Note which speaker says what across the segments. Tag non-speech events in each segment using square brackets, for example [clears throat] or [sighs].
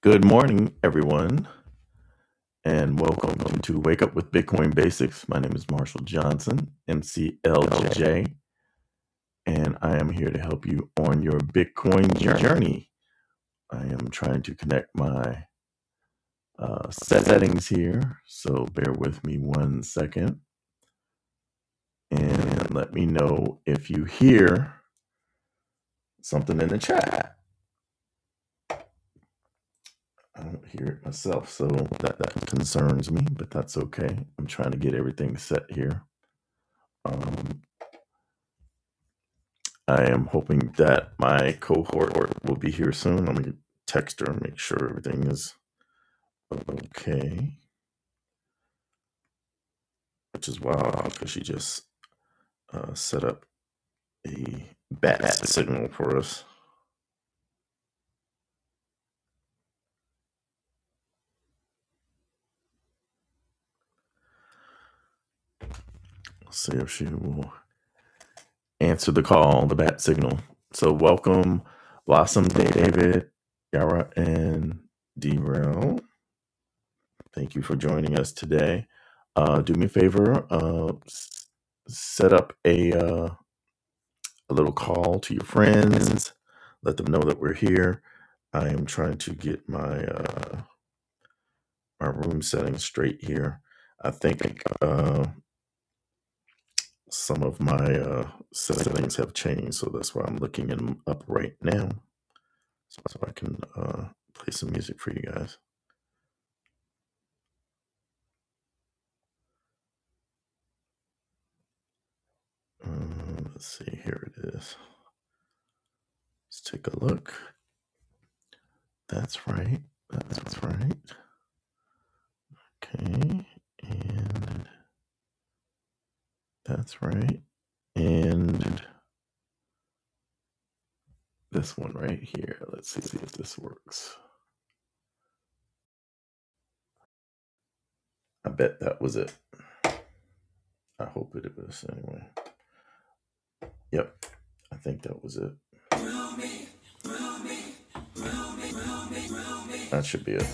Speaker 1: Good morning, everyone, and welcome to Wake Up with Bitcoin Basics. My name is Marshall Johnson, MCLJ, and I am here to help you on your Bitcoin journey. I am trying to connect my uh, settings here, so bear with me one second and let me know if you hear something in the chat. I don't hear it myself, so that, that concerns me, but that's okay. I'm trying to get everything set here. Um, I am hoping that my cohort will be here soon. Let me text her and make sure everything is okay. Which is wild because she just uh, set up a bat signal for us. Let's see if she will answer the call, the bat signal. So, welcome, Blossom, David, Yara, and Derel. Thank you for joining us today. Uh, do me a favor, uh, s- set up a. uh, a little call to your friends. Let them know that we're here. I am trying to get my uh, my room settings straight here. I think uh, some of my uh, settings have changed, so that's why I'm looking them up right now, so, so I can uh, play some music for you guys. Um, let's see, here it is. Let's take a look. That's right. That's right. Okay, and that's right. And this one right here. Let's see if this works. I bet that was it. I hope it was anyway. Yep, I think that was it. That should be it.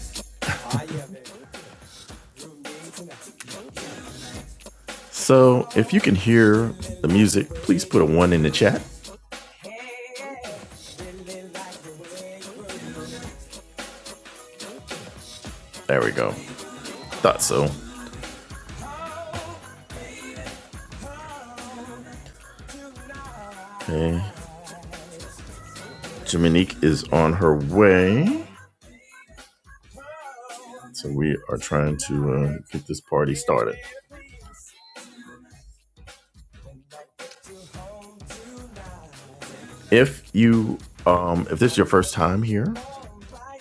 Speaker 1: So, if you can hear the music, please put a one in the chat. There we go. Thought so. Okay, Jiminique is on her way. So we are trying to uh, get this party started. If you, um, if this is your first time here,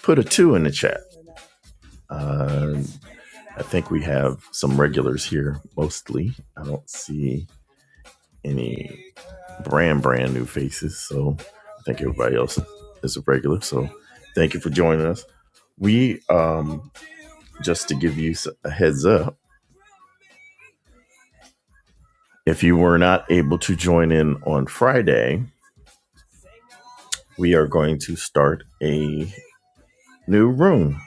Speaker 1: put a two in the chat. Uh. I think we have some regulars here mostly. I don't see any brand brand new faces, so I think everybody else is a regular. So thank you for joining us. We um just to give you s- a heads up, if you were not able to join in on Friday, we are going to start a new room,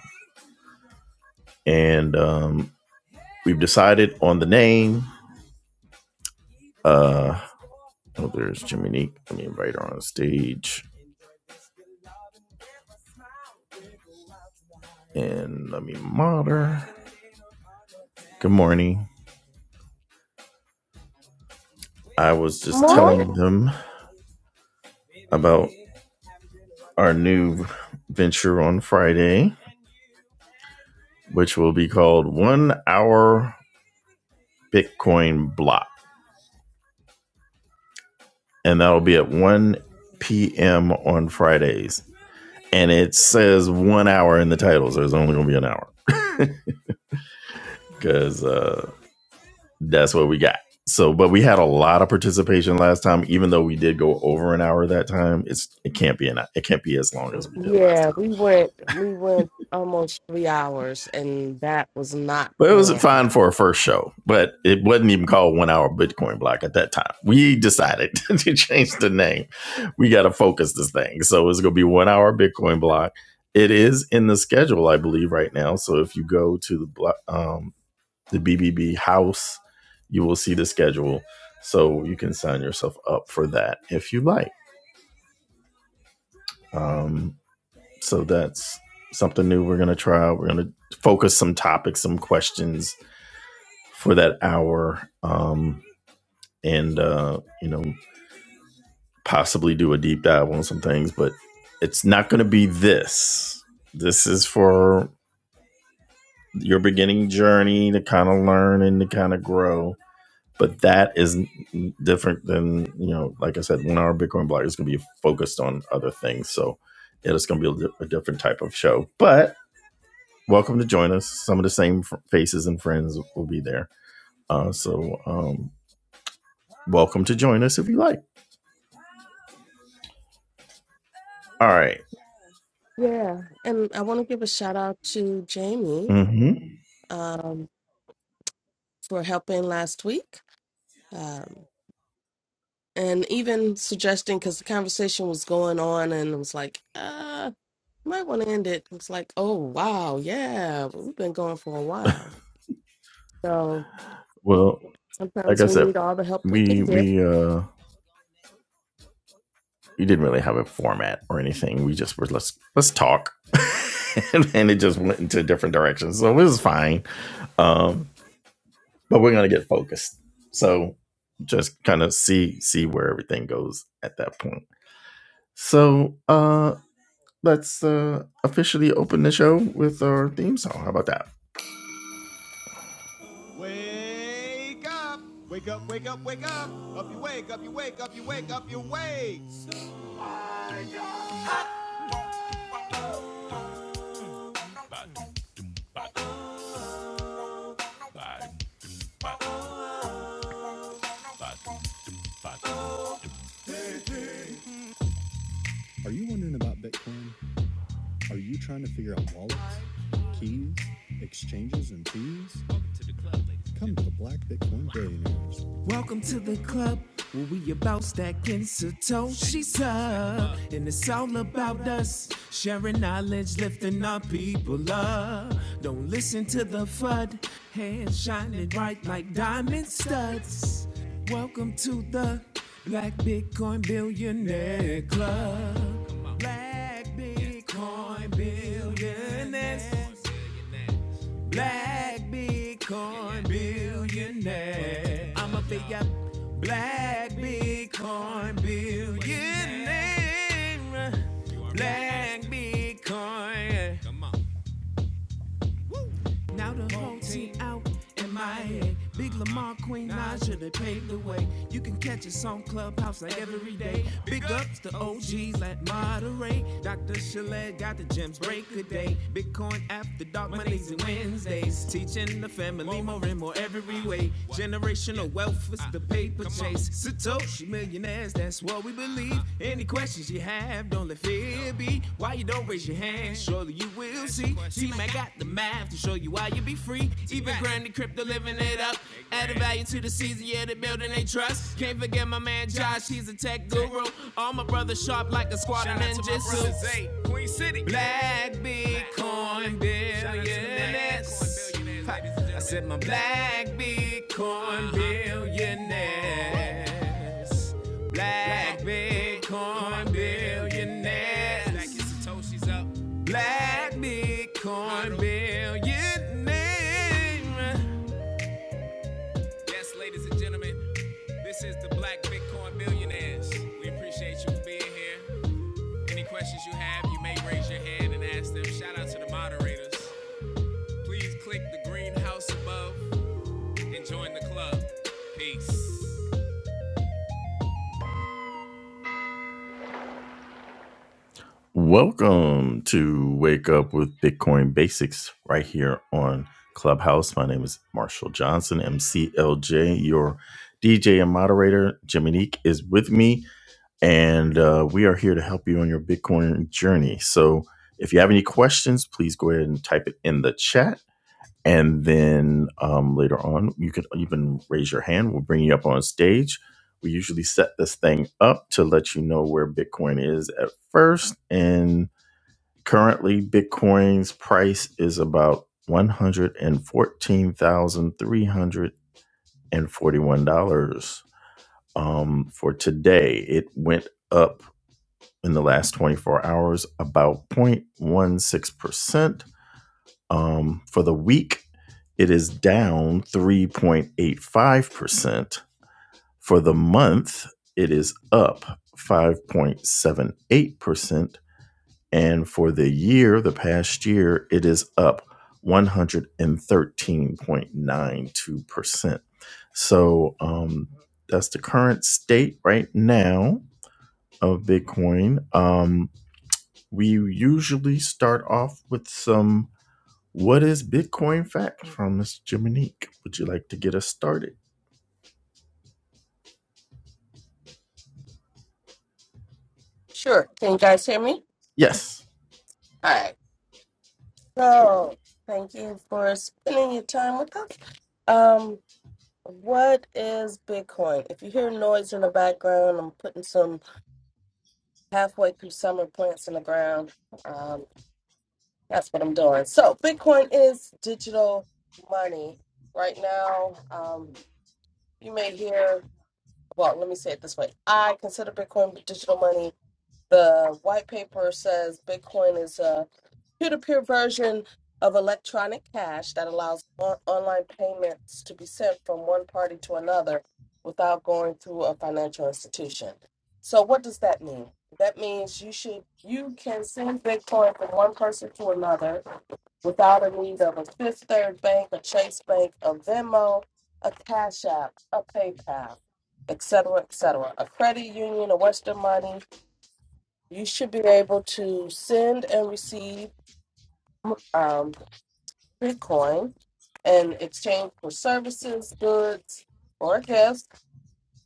Speaker 1: and um, we've decided on the name. Uh, oh, there's Jimmy Neek. Let me invite her on stage. and let me mod her. Good morning. I was just
Speaker 2: Morning.
Speaker 1: telling them about our new venture on Friday, which will be called One Hour Bitcoin Block. And that'll be at 1 p.m. on Fridays. And it says one hour in the title, so it's only going to be an hour because uh, that's what we got. So, but we had a lot of participation last time, even though we did go over an hour that time. It's it can't be an it can't be as long as we did last.
Speaker 2: Yeah, we went we went almost three hours and that was not
Speaker 1: But it was fine
Speaker 2: planned.
Speaker 1: for a first show, but it wasn't even called One Hour Bitcoin Block at that time. We decided [laughs] to change the name. We got to focus this thing. So it's going to be One Hour Bitcoin Block. It is in the schedule, I believe, right now. So if you go to the blo- um, the BBB house, you will see the schedule. So you can sign yourself up for that if you like. Um, so that's something new we're going to try. We're going to focus some topics, some questions for that hour um, and uh, you know possibly do a deep dive on some things but it's not going to be this this is for your beginning journey to kind of learn and to kind of grow but that is n- different than you know like i said one hour bitcoin block is going to be focused on other things so it is going to be a, di- a different type of show but welcome to join us some of the same f- faces and friends will be there uh, so um, welcome to join us if you like All right.
Speaker 2: Yeah. And I want to give a shout out to Jamie
Speaker 1: Mm-hmm.
Speaker 2: um for helping last week. Um and even suggesting because the conversation was going on and it was like, uh, might want to end it. It's like, oh wow, yeah, we've been going for a while. So
Speaker 1: Well, like
Speaker 2: sometimes
Speaker 1: I
Speaker 2: we
Speaker 1: said,
Speaker 2: need all the help we can
Speaker 1: we
Speaker 2: get.
Speaker 1: we uh we didn't really have a format or anything. We just were let's let's talk, [laughs] and, and it just went into different directions. So it was fine. Um, but we're gonna get focused. So just kind of see see where everything goes at that point. So uh, let's uh officially open the show with our theme song. How about that? Wake up! Wake up, wake up, wake up! Up you wake, up you wake, up you wake, up you wake! Welcome to the club where we about stacking Satoshi's up. And it's all about us sharing knowledge, lifting our people up. Don't listen to the FUD, hands shining bright like diamond studs. Welcome to the Black Bitcoin Billionaire Club. Black Bitcoin Billionaires. Black Bitcoin billionaire. I'm a big up black Bitcoin billionaire. Black Bitcoin now the whole team out in my head. Big Lamar, Queen Naja, they paved the way. You can catch us on Clubhouse like every day. Big ups to OGs like Monterey. Dr. Chalet got the gems break a day. Bitcoin after dark Mondays and Wednesdays. Teaching the family more and more every way. Generational wealth is the paper chase. Satoshi millionaires, that's what we believe. Any questions you have, don't let fear be. Why you don't raise your hand, surely you will see. T Mac got the math to show you why you be free. Even grinding crypto, living it up. Adding value to the season, yeah, they building they trust. Can't forget my man Josh, he's a tech guru. All my brothers sharp like a squad of ninjas. Black Bitcoin billionaires. I said my black Bitcoin billionaires. Black Bitcoin billionaires. Black Satoshi's up. Black Bitcoin billionaires. Yes, ladies and gentlemen, this is the Black Bitcoin Billionaires. We appreciate you being here. Any questions you have, you may raise your hand and ask them. Shout out to the moderators. Please click the green house above Enjoying the club. Peace. Welcome to Wake Up with Bitcoin Basics right here on Clubhouse. My name is Marshall Johnson, MCLJ, your DJ and moderator. Jiminique is with me, and uh, we are here to help you on your Bitcoin journey. So if you have any questions, please go ahead and type it in the chat. and then um, later on you can even raise your hand we'll bring you up on stage we usually set this thing up to let you know where bitcoin is at first and currently bitcoin's price is about $114341 um, for today it went up in the last 24 hours about 0.16% um, for the week, it is down 3.85%. For the month, it is up 5.78%. And for the year, the past year, it is up 113.92%. So um, that's the current state right now of Bitcoin. Um, we usually start off with some what is Bitcoin fact from Miss Jiminique? Would you like to get us started?
Speaker 2: Sure. Can you guys hear me?
Speaker 1: Yes,
Speaker 2: All right. So, thank you for spending your time with us. Um, what is Bitcoin? If you hear noise in the background, I'm putting some halfway through summer plants in the ground. Um, that's what I'm doing. So, Bitcoin is digital money. Right now, um, you may hear, well, let me say it this way I consider Bitcoin digital money The white paper says Bitcoin is a peer to peer version of electronic cash that allows on- online payments to be sent from one party to another without going through a financial institution. So, what does that mean? That means you should you can send Bitcoin from one person to another without a need of a Fifth Third Bank, a Chase Bank, a Venmo, a Cash App, a PayPal, etc., etc. A credit union, a Western Money, you should be able to send and receive um, Bitcoin in exchange for services, goods, or gifts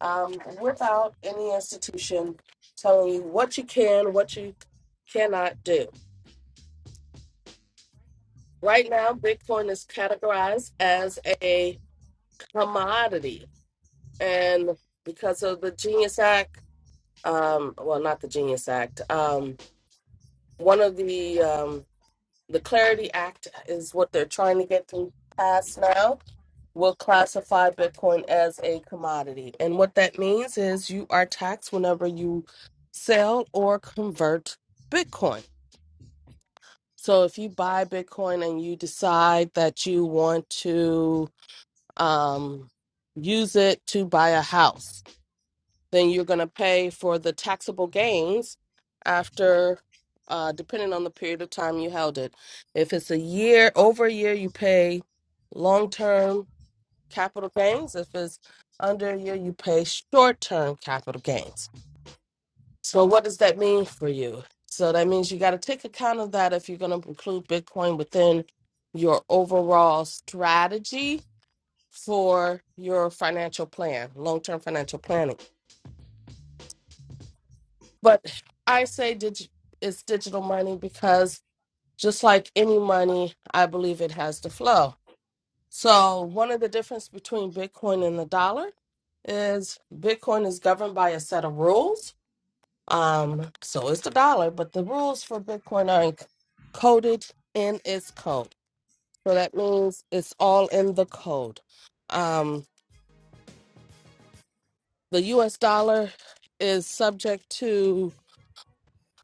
Speaker 2: um, without any institution telling you what you can, what you cannot do. Right now, Bitcoin is categorized as a commodity. And because of the Genius Act, um, well, not the Genius Act, um, one of the um, The Clarity Act is what they're trying to get through pass now. Will classify Bitcoin as a commodity. And what that means is you are taxed whenever you sell or convert Bitcoin. So if you buy Bitcoin and you decide that you want to um, use it to buy a house, then you're going to pay for the taxable gains after uh depending on the period of time you held it if it's a year over a year you pay long-term capital gains if it's under a year you pay short-term capital gains so what does that mean for you so that means you got to take account of that if you're going to include bitcoin within your overall strategy for your financial plan long-term financial planning But I say dig- it's digital money because just like any money, I believe it has to flow. So one of the difference between Bitcoin and the dollar is Bitcoin is governed by a set of rules. Um, so is the dollar, but the rules for Bitcoin are encoded in its code. So that means it's all in the code. Um, the U.S. dollar is subject to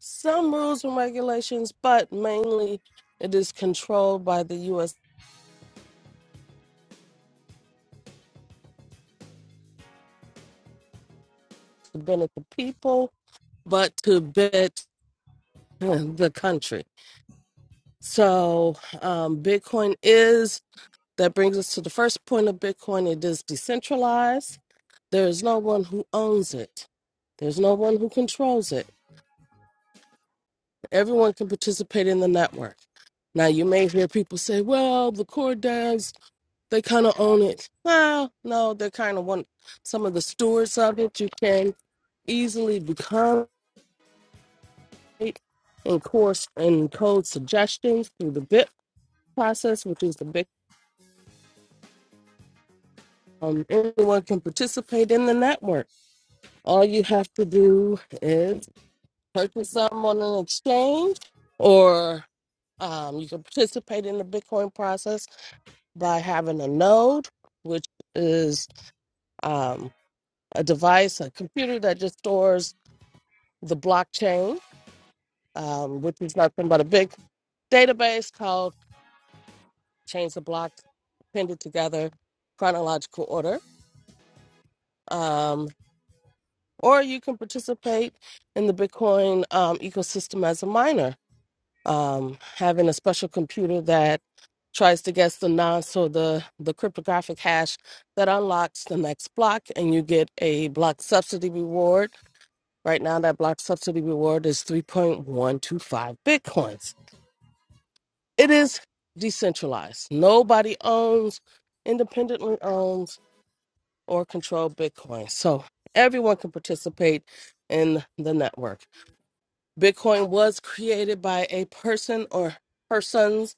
Speaker 2: some rules and regulations, but mainly it is controlled by the U.S. to benefit the people, but to benefit [laughs] the country. So um, Bitcoin is, that brings us to the first point of Bitcoin, it is decentralized. There is no one who owns it. There's no one who controls it. Everyone can participate in the network. Now, you may hear people say, well, the core They kind of own it. Well, no, they're kind of one. Some of the stewards of it. You can easily become it in course and code suggestions through the BIP process, which is the big. Um, anyone can participate in the network. All you have to do is purchase something on an exchange, or um, you can participate in the Bitcoin process by having a node, which is um, a device, a computer that just stores the blockchain, um, which is nothing but a big database called Change the Block, appended together chronological order. Um, or you can participate in the Bitcoin um, ecosystem as a miner, um, having a special computer that tries to guess the nonce or the, the cryptographic hash that unlocks the next block, and you get a block subsidy reward. Right now, that block subsidy reward is 3.125 Bitcoins. it is decentralized. Nobody owns, independently owns, or control Bitcoin. So everyone can participate in the network. Bitcoin was created by a person or persons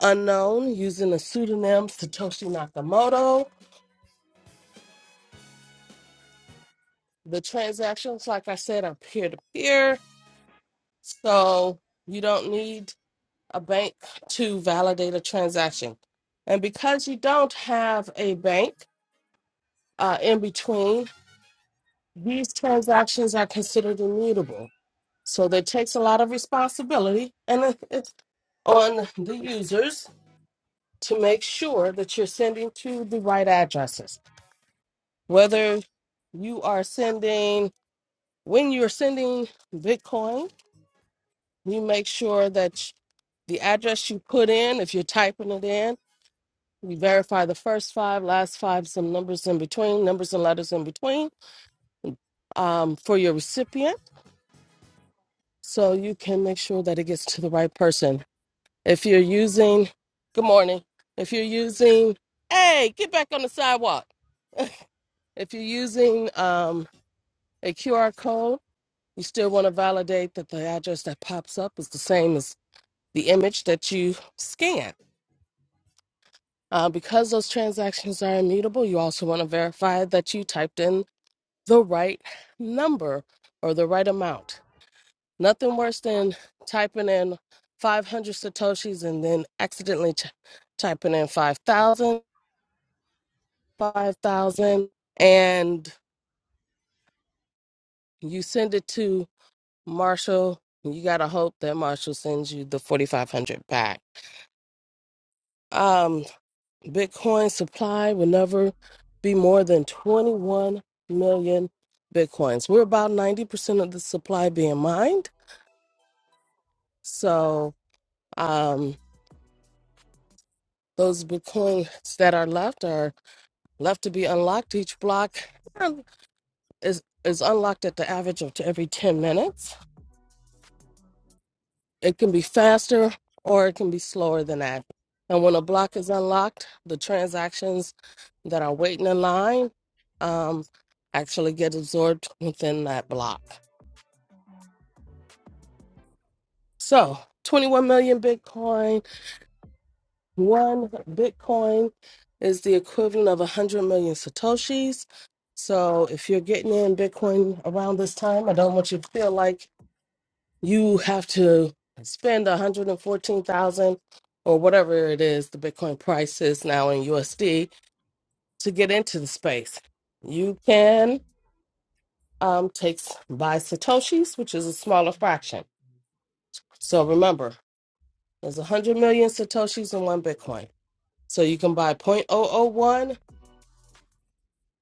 Speaker 2: unknown using the pseudonym Satoshi Nakamoto. The transactions, like I said, are peer to peer. So you don't need a bank to validate a transaction. And because you don't have a bank, uh, in between, these transactions are considered immutable. So that takes a lot of responsibility and it- it's on the users to make sure that you're sending to the right addresses. Whether you are sending, when you're sending Bitcoin, you make sure that the address you put in, if you're typing it in, you verify the first five, last five, some numbers in between, numbers and letters in between um, for your recipient so you can make sure that it gets to the right person. If you're using, good morning. If you're using, hey, get back on the sidewalk. If you're using um, a QR code, you still want to validate that the address that pops up is the same as the image that you scan. Uh, because those transactions are immutable, you also want to verify that you typed in the right number or the right amount. Nothing worse than typing in 500 Satoshis and then accidentally ch- typing in 5,000, 5,000, and you send it to Marshall. You got to hope that Marshall sends you the 4,500 back. Um, Bitcoin supply will never be more than 21 million Bitcoins. We're about 90% of the supply being mined. So um, those Bitcoins that are left are Left to be unlocked. Each block is is unlocked at the average of t- every 10 minutes. It can be faster or it can be slower than that. And when a block is unlocked, the transactions that are waiting in line um, actually get absorbed within that block. So 21 million Bitcoin, one Bitcoin is the equivalent of 100 million Satoshis. So if you're getting in Bitcoin around this time, I don't want you to feel like you have to spend 114,000 or whatever it is the Bitcoin price is now in USD to get into the space. You can um, take s- buy satoshis, which is a smaller fraction. So remember, there's 100 million satoshis in one Bitcoin. So you can buy zero point zero zero 0.001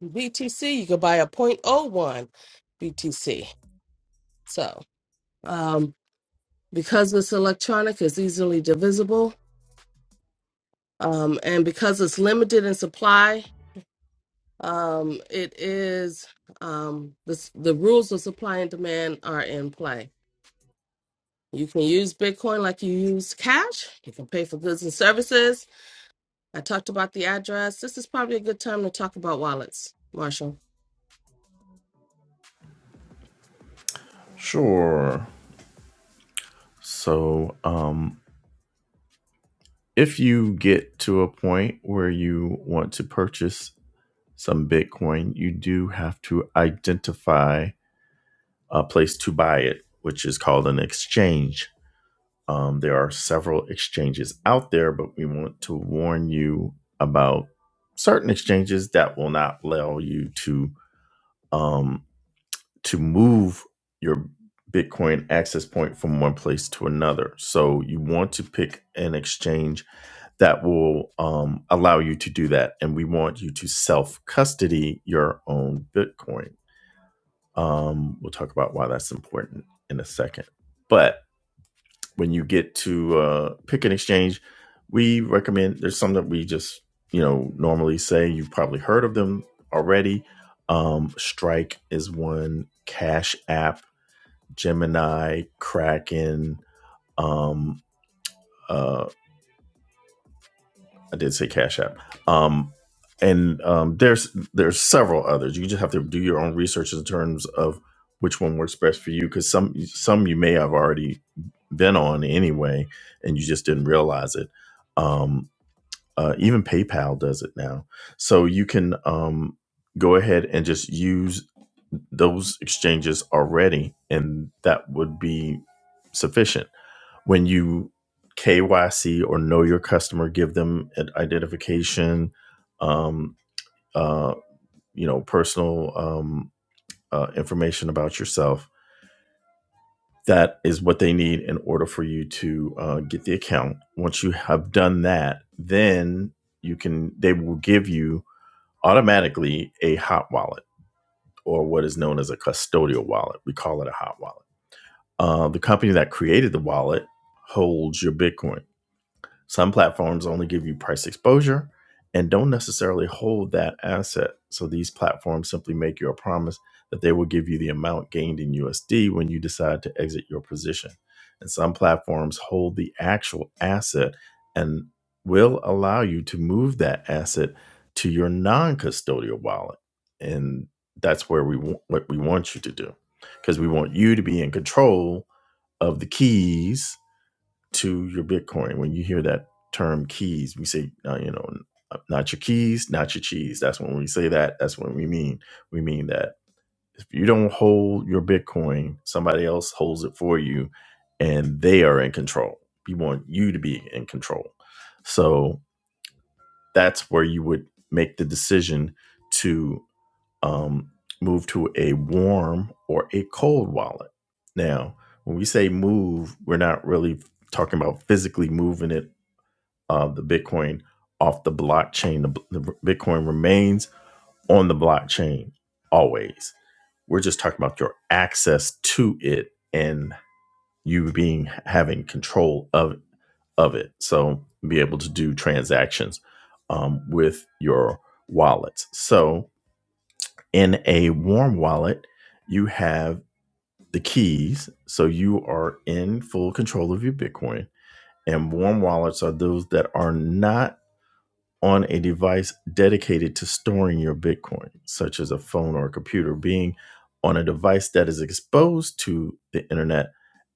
Speaker 2: BTC. You can buy a zero point zero 0.01 BTC. So um, because it's electronic, it's easily divisible um, and because it's limited in supply, um, it is um, this, the rules of supply and demand are in play. You can use Bitcoin like you use cash. You can pay for goods and services. I talked about the address. This is probably a good time to talk about wallets, Marshall.
Speaker 1: sure. So, um, if you get to a point where you want to purchase some Bitcoin, you do have to identify a place to buy it, which is called an exchange. Um, there are several exchanges out there, but we want to warn you about certain exchanges that will not allow you to um. to move your Bitcoin access point from one place to another. So you want to pick an exchange that will um, allow you to do that. And we want you to self custody your own Bitcoin. Um, we'll talk about why that's important in a second. But when you get to uh, pick an exchange, we recommend there's some that we just, you know, normally say. You've probably heard of them already. Um, Strike is one, Cash App Gemini, Kraken. Um, uh, I did say Cash App. Um, and um, there's there's several others. You just have to do your own research in terms of which one works best for you, because some some you may have already been on anyway, and you just didn't realize it. Um, uh, even PayPal does it now, so you can um, go ahead and just use those exchanges already, and that would be sufficient when you KYC or know your customer, give them an identification, um, uh, you know, personal um, uh, information about yourself. That is what they need in order for you to uh, get the account. Once you have done that, then you can. They will give you automatically a hot wallet or what is known as a custodial wallet. We call it a hot wallet. Uh, the company that created the wallet holds your Bitcoin Some platforms only give you price exposure and don't necessarily hold that asset. So these platforms simply make you a promise that they will give you the amount gained in USD when you decide to exit your position. And some platforms hold the actual asset and will allow you to move that asset to your non-custodial wallet. And that's where we want what we want you to do because we want you to be in control of the keys to your Bitcoin. When you hear that term keys, we say, uh, you know, not your keys, not your cheese. That's when we say that. That's what we mean. We mean that if you don't hold your Bitcoin, somebody else holds it for you and they are in control. We want you to be in control. So that's where you would make the decision to um, move to a warm or a cold wallet. Now, when we say move, we're not really talking about physically moving it, uh, the Bitcoin off the blockchain. The, the Bitcoin remains on the blockchain always. We're just talking about your access to it and you being having control of of it. So be able to do transactions um, with your wallets. So in a warm wallet, you have the keys, so you are in full control of your Bitcoin. And warm wallets are those that are not on a device dedicated to storing your Bitcoin, such as a phone or a computer, being on a device that is exposed to the internet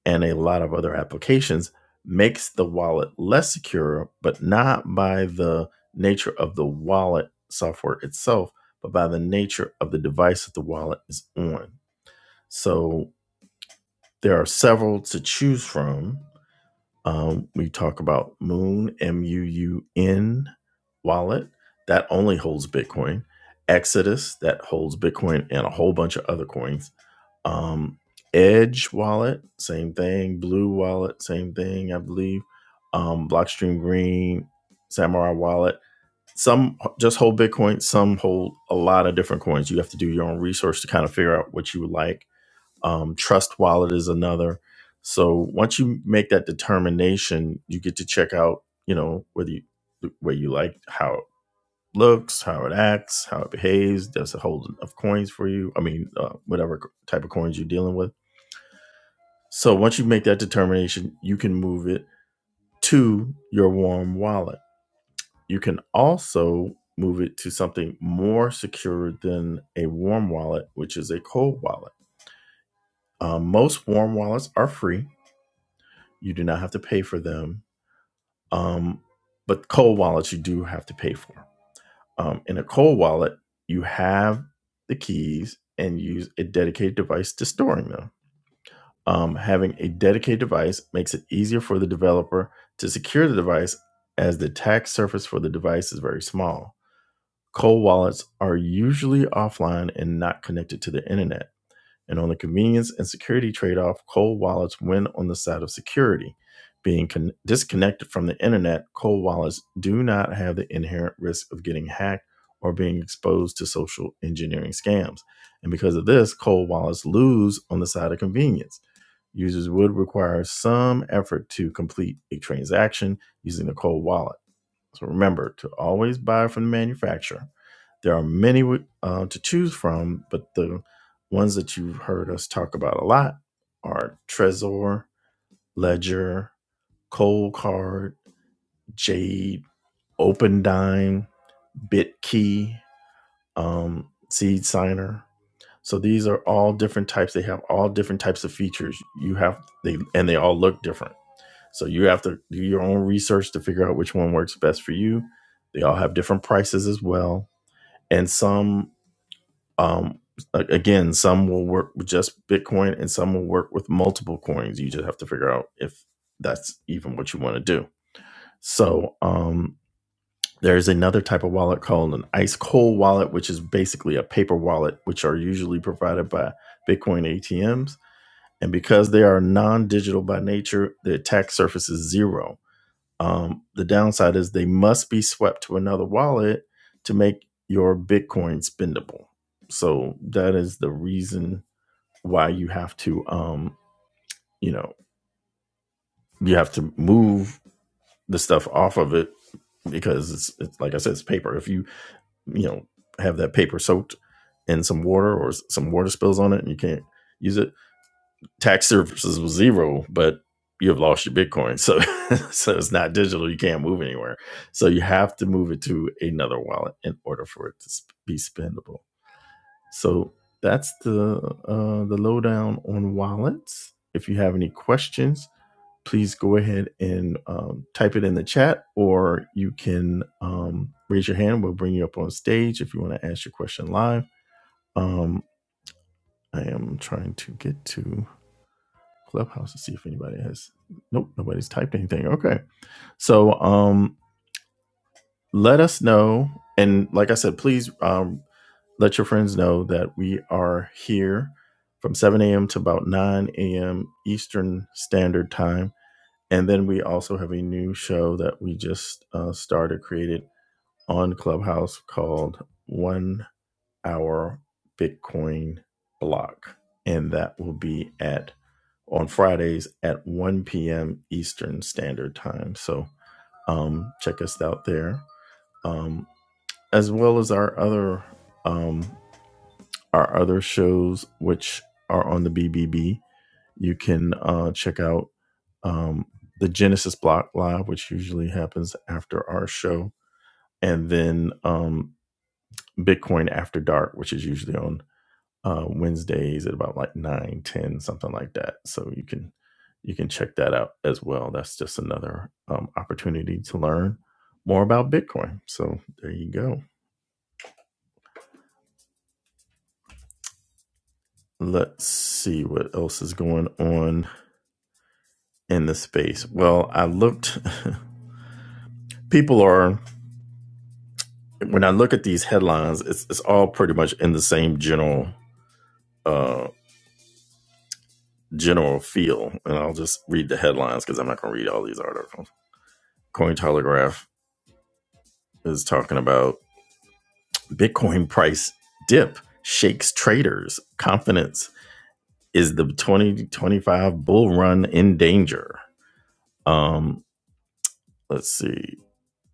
Speaker 1: and a lot of other applications makes the wallet less secure, but not by the nature of the wallet software itself, but by the nature of the device that the wallet is on. So there are several to choose from um, we talk about Moon, M U U N wallet that only holds Bitcoin, Exodus that holds Bitcoin and a whole bunch of other coins, um, Edge wallet, same thing, Blue wallet, same thing, I believe, um, Blockstream Green, Samurai wallet. Some just hold Bitcoin, some hold a lot of different coins. You have to do your own research to kind of figure out what you would like um, Trust Wallet is another. So once you make that determination, you get to check out, you know, whether you where you like how it looks, how it acts, how it behaves. There's a whole of coins for you. I mean, uh, whatever type of coins you're dealing with. So once you make that determination, you can move it to your warm wallet. You can also move it to something more secure than a warm wallet, which is a cold wallet. Um, most warm wallets are free You do not have to pay for them. Um, but cold wallets you do have to pay for. Um, in a cold wallet, you have the keys and use a dedicated device to storing them. Um, having a dedicated device makes it easier for the developer to secure the device as the attack surface for the device is very small. Cold wallets are usually offline and not connected to the internet. And on the convenience and security trade off, cold wallets win on the side of security. Being con- disconnected from the internet, cold wallets do not have the inherent risk of getting hacked or being exposed to social engineering scams. And because of this, cold wallets lose on the side of convenience. Users would require some effort to complete a transaction using a cold wallet. So remember to always buy from the manufacturer. There are many uh, to choose from, but the ones that you've heard us talk about a lot are Trezor, Ledger, Cold Card, Jade, OpenDime, BitKey, um, Seed Signer. So these are all different types. They have all different types of features. You have they and they all look different. So you have to do your own research to figure out which one works best for you. They all have different prices as well and some um again some will work with just bitcoin and some will work with multiple coins you just have to figure out if that's even what you want to do so um there's another type of wallet called an ice cold wallet which is basically a paper wallet which are usually provided by bitcoin atms and because they are non-digital by nature the attack surface is zero um, the downside is they must be swept to another wallet to make your Bitcoin spendable. So that is the reason why you have to, um, you know, you have to move the stuff off of it because it's, it's like I said, it's paper. If you, you know, have that paper soaked in some water or some water spills on it and you can't use it, tax services was zero, but you have lost your Bitcoin. So, [laughs] so it's not digital. You can't move anywhere. So you have to move it to another wallet in order for it to be spendable. So that's the uh, the lowdown on wallets. If you have any questions, please go ahead and um, type it in the chat, or you can um, raise your hand. We'll bring you up on stage if you want to ask your question live. Um, I am trying to get to Clubhouse to see if anybody has. Nope, nobody's typed anything. Okay. So um, let us know. And like I said, please um, let your friends know that we are here from 7 a.m. to about 9 a.m. Eastern Standard Time. And then we also have a new show that we just uh, started, created on Clubhouse called One our Bitcoin block. And that will be at on Fridays at 1 p.m. Eastern Standard Time. So um, check us out there, um, as well as our other um, our other shows, which are on the BBB. You can uh, check out um, the Genesis Block Live, which usually happens after our show, and then um, Bitcoin After Dark, which is usually on uh, Wednesdays at about like 9 10 something like that. So you can you can check that out as well. That's just another um, opportunity to learn more about Bitcoin. So there you go. Let's see what else is going on in the space. Well, I looked. [laughs] People are when I look at these headlines, it's it's all pretty much in the same general uh, general feel. And I'll just read the headlines because I'm not going to read all these articles. Cointelegraph is talking about Bitcoin price dip shakes traders' confidence. Is the 2025 bull run in danger? Um, let's see.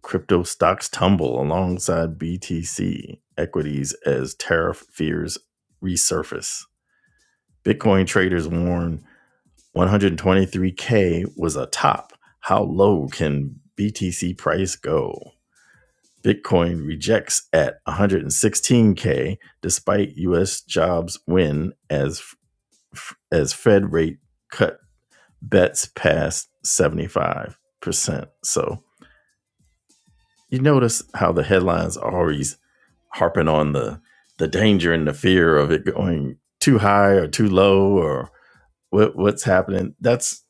Speaker 1: Crypto stocks tumble alongside BTC equities as tariff fears resurface. Bitcoin traders warn 123K was a top. How low can BTC price go? Bitcoin rejects at 116k despite U.S. jobs win as as Fed rate cut bets past 75 percent. So you notice how the headlines are always harping on the the danger and the fear of it going too high or too low or what, what's happening. That's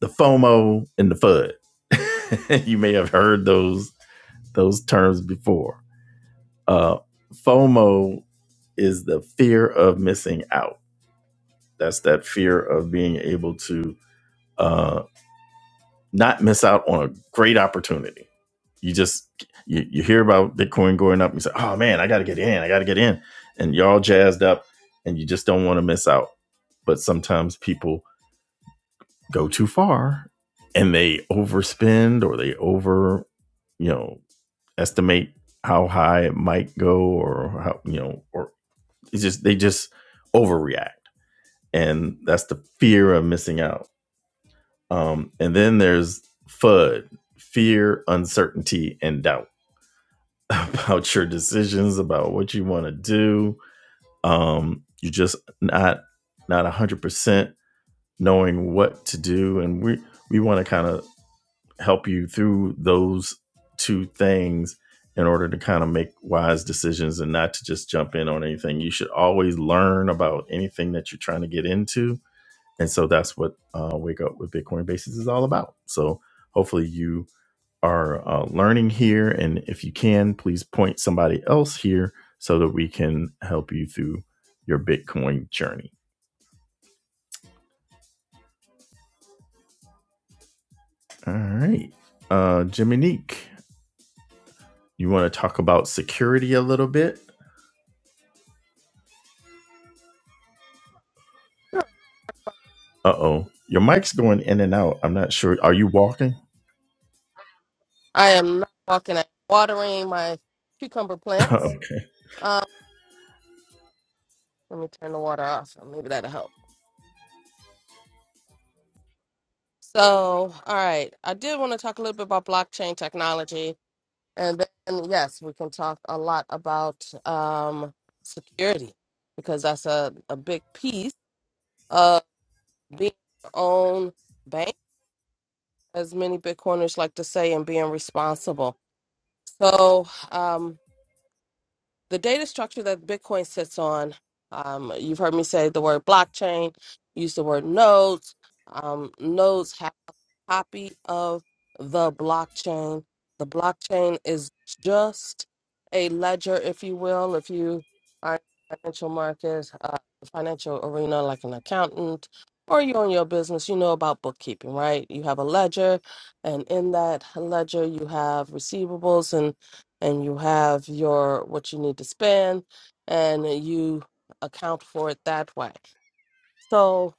Speaker 1: the FOMO and the FUD. [laughs] you may have heard those those terms before Uh, FOMO is the fear of missing out. That's that fear of being able to uh, not miss out on a great opportunity. You just you, you hear about Bitcoin going up, and you say, "Oh man, I got to get in! I got to get in!" And you're all jazzed up, and you just don't want to miss out. But sometimes people go too far, and they overspend or they over, you know, estimate how high it might go, or how you know, or it's just they just overreact, and that's the fear of missing out. Um, and then there's FUD, fear, uncertainty, and doubt [laughs] about your decisions, about what you want to do. Um, you're just not not one hundred percent knowing what to do, and we we want to kind of help you through those two things in order to kind of make wise decisions and not to just jump in on anything. You should always learn about anything that you're trying to get into And so that's what uh, Wake Up with Bitcoin Basics is all about. So hopefully you are uh, learning here. And if you can, please point somebody else here so that we can help you through your Bitcoin journey. All right. Uh, Jiminique, you want to talk about security a little bit? Uh oh. Your mic's going in and out. I'm not sure. Are you walking?
Speaker 2: I am not walking. I'm watering my cucumber
Speaker 1: [laughs]
Speaker 2: plants.
Speaker 1: okay.
Speaker 2: Um, let me turn the water off. Maybe that'll help. So, all right. I did want to talk a little bit about blockchain technology And then, yes, we can talk a lot about um, security because that's a, a big piece of being your own bank, as many Bitcoiners like to say, and being responsible. So, um, the data structure that Bitcoin sits on, um, you've heard me say the word blockchain, use the word nodes. Um, nodes have a copy of the blockchain. The blockchain is just a ledger, if you will, if you are in the financial markets, uh, the financial arena, like an accountant, or you own your business, you know about bookkeeping, right? You have a ledger, and in that ledger, you have receivables and and you have your what you need to spend and you account for it that way. So,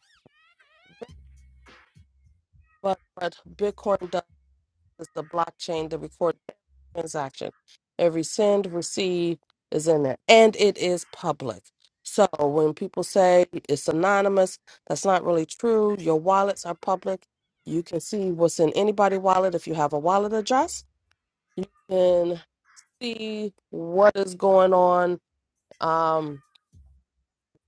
Speaker 2: but what Bitcoin does is the blockchain that records every transaction. Every send, receive is in there and it is public. So when people say it's anonymous, that's not really true. Your wallets are public. You can see what's in anybody's wallet if you have a wallet address. You can see what is going on. Um,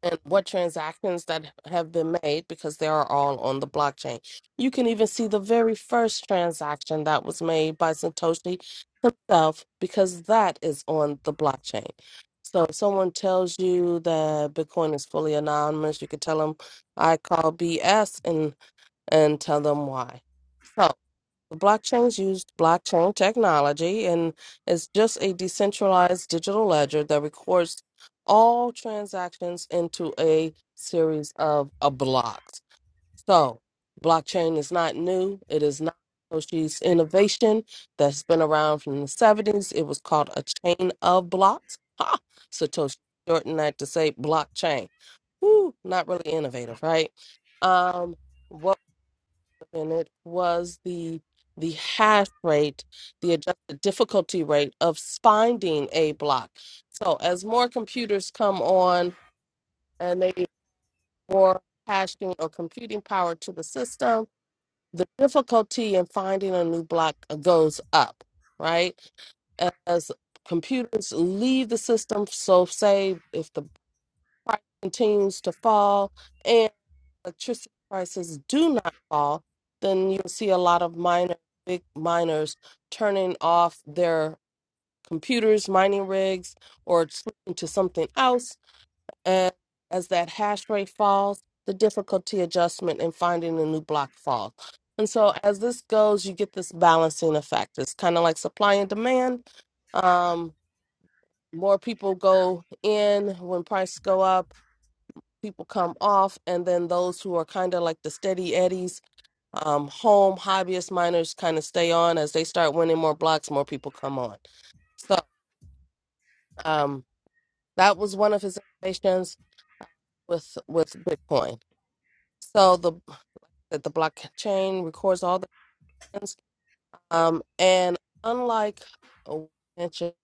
Speaker 2: and what transactions that have been made because they are all on the blockchain. You can even see the very first transaction that was made by Satoshi himself because that is on the blockchain. So if someone tells you that Bitcoin is fully anonymous, you could tell them I call BS And and tell them why. So the blockchains used blockchain technology and it's just a decentralized digital ledger that records all transactions into a series of uh, blocks. So blockchain is not new. It is not Satoshi's innovation that's been around from the 70s. It was called a chain of blocks. Ha! Satoshi shortened that to say blockchain. Woo, not really innovative, right? Um, and it was the the hash rate, the adjusted difficulty rate of finding a block. So as more computers come on and they need more hashing or computing power to the system, the difficulty in finding a new block goes up, right? As computers leave the system, so say if the price continues to fall electricity prices do not fall, then you'll see a lot of miners, big miners, turning off their computers, mining rigs, or switching to something else. And as that hash rate falls, the difficulty adjustment in finding a new block falls. And so as this goes, you get this balancing effect. It's kind of like supply and demand. Um, more people go in when prices go up, people come off, and then those who are kind of like the steady eddies um, home hobbyist miners kind of stay on as they start winning more blocks, more people come on. So um, that was one of his innovations uh, with with Bitcoin. So the that the blockchain records all the things, um, and unlike uh, mentioned,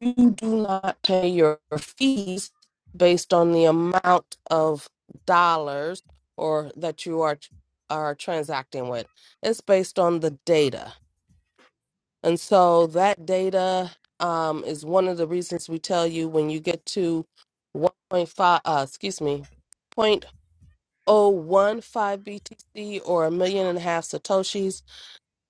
Speaker 2: you do not pay your fees based on the amount of dollars or that you are are transacting with. It's based on the data. And so that data um, is one of the reasons we tell you when you get to 1.5, uh, excuse me, 0.015 BTC or a million and a half Satoshis.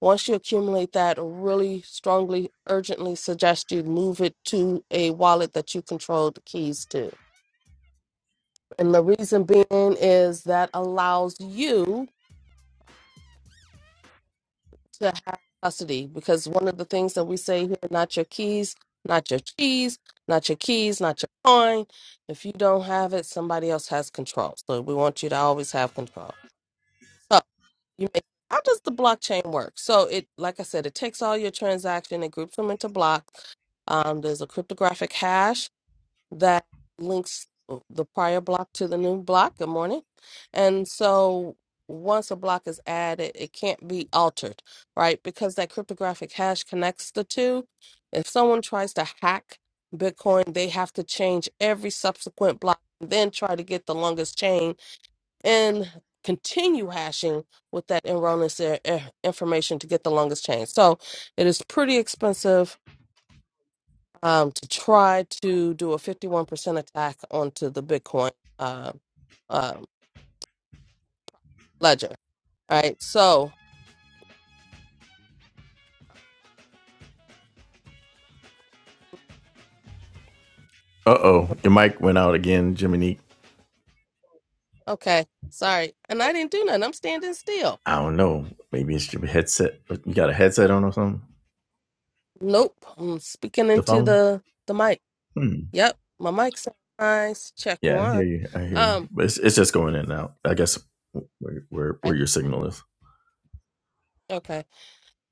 Speaker 2: Once you accumulate that, really strongly, urgently suggest you move it to a wallet that you control the keys to. And the reason being is that allows you to have custody because one of the things that we say here not your keys not your cheese not your keys not your coin if you don't have it somebody else has control so we want you to always have control so you make how does the blockchain work so it like i said it takes all your transaction it groups them into blocks um, there's a cryptographic hash that links the prior block to the new block. Good morning. And so once a block is added, it can't be altered, right? Because that cryptographic hash connects the two. If someone tries to hack Bitcoin, they have to change every subsequent block and then try to get the longest chain and continue hashing with that erroneous uh, uh, information to get the longest chain. So it is pretty expensive um, to try to do a 51% attack onto the Bitcoin uh, um, ledger. All right. So,
Speaker 1: Uh oh. Your mic went out again, Jiminique.
Speaker 2: okay. Sorry. And I didn't do nothing. I'm standing still.
Speaker 1: I don't know. Maybe it's your headset. You got a headset on or something?
Speaker 2: Nope. I'm speaking
Speaker 1: The
Speaker 2: into
Speaker 1: phone?
Speaker 2: the, the mic.
Speaker 1: Hmm.
Speaker 2: Yep. My mic's nice. Check
Speaker 1: Yeah, I hear
Speaker 2: one.
Speaker 1: you. I hear you.
Speaker 2: Um,
Speaker 1: But it's, it's just going in and out. I guess where where, where
Speaker 2: okay.
Speaker 1: your signal is.
Speaker 2: okay.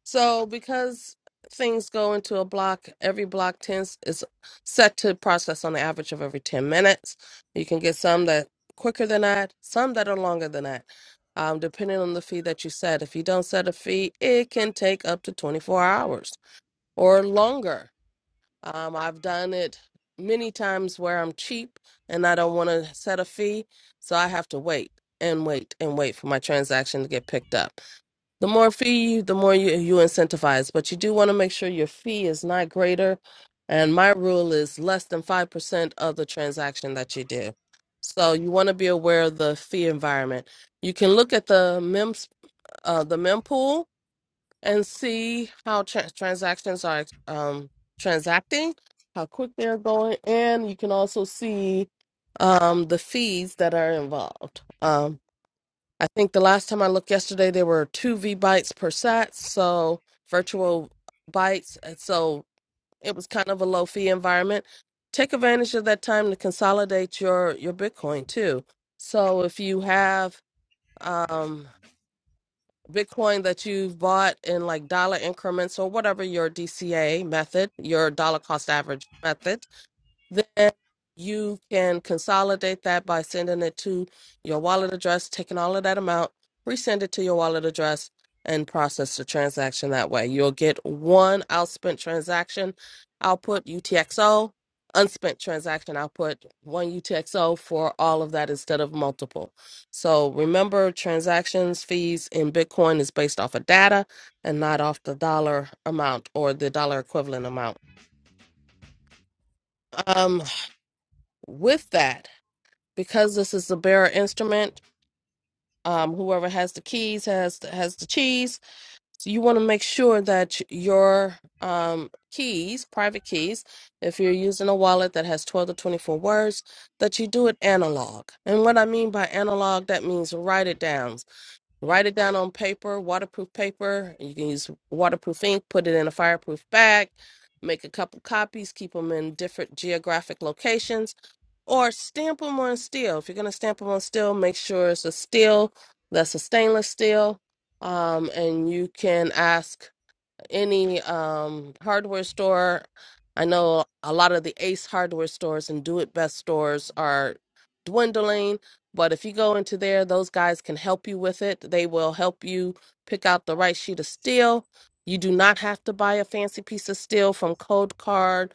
Speaker 2: So because things go into a block, every block tends is set to process on the average of every 10 minutes. You can get some that quicker than that, some that are longer than that. Um, depending on the fee that you set. If you don't set a fee, it can take up to 24 hours or longer. Um, I've done it many times where I'm cheap and I don't want to set a fee, so I have to wait and wait and wait for my transaction to get picked up. The more fee, you- the more you, you incentivize, but you do want to make sure your fee is not greater. And my rule is less than 5% of the transaction that you do. So you want to be aware of the fee environment. You can look at the MEMS, uh, the mempool and see how tra- transactions are um, transacting, how quick they're going, and you can also see um, the fees that are involved. Um, I think the last time I looked yesterday, there were two V bytes per sat, so virtual bytes. And so it was kind of a low fee environment. Take advantage of that time to consolidate your, your Bitcoin too. So if you have um, Bitcoin that you've bought in like dollar increments or whatever your DCA method, your dollar cost average method, then you can consolidate that by sending it to your wallet address, taking all of that amount, resend it to your wallet address, and process the transaction that way. You'll get one outspent transaction output UTXO, unspent transaction output one UTXO for all of that instead of multiple. So remember, transactions fees in Bitcoin is based off of data and not off the dollar amount or the dollar equivalent amount. Um, with that. because this is a bearer instrument um, whoever has the keys has has the cheese so you want to make sure that your um, keys private keys if you're using a wallet that has 12 to 24 words that you do it analog and what i mean by analog that means write it down write it down on paper waterproof paper you can use waterproof ink put it in a fireproof bag make a couple copies keep them in different geographic locations or stamp them on steel. If you're going to stamp them on steel, make sure it's a steel that's a stainless steel. Um, and you can ask any um, hardware store. I know a lot of the Ace hardware stores and Do It Best stores are dwindling, but if you go into there, those guys can help you with it. They will help you pick out the right sheet of steel. You do not have to buy a fancy piece of steel from Cold Card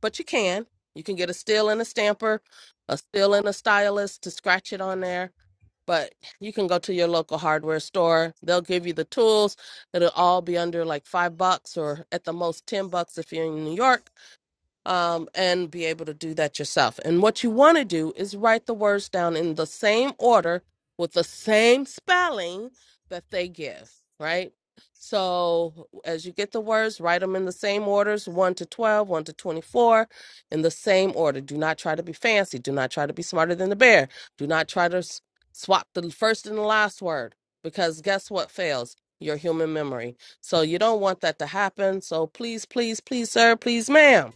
Speaker 2: but you can. You can get a still and a stamper, a still and a stylus to scratch it on there. But you can go to your local hardware store. They'll give you the tools. It'll all be under like five bucks or at the most ten bucks if you're in New York um, and be able to do that yourself. And what you want to do is write the words down in the same order with the same spelling that they give, right? So as you get the words, write them in the same orders 1 to twelve, one to 24, in the same order. Do not try to be fancy. Do not try to be smarter than the bear. Do not try to s- swap the first and the last word because guess what fails? Your human memory. So you don't want that to happen. So please, please, please, sir, please, ma'am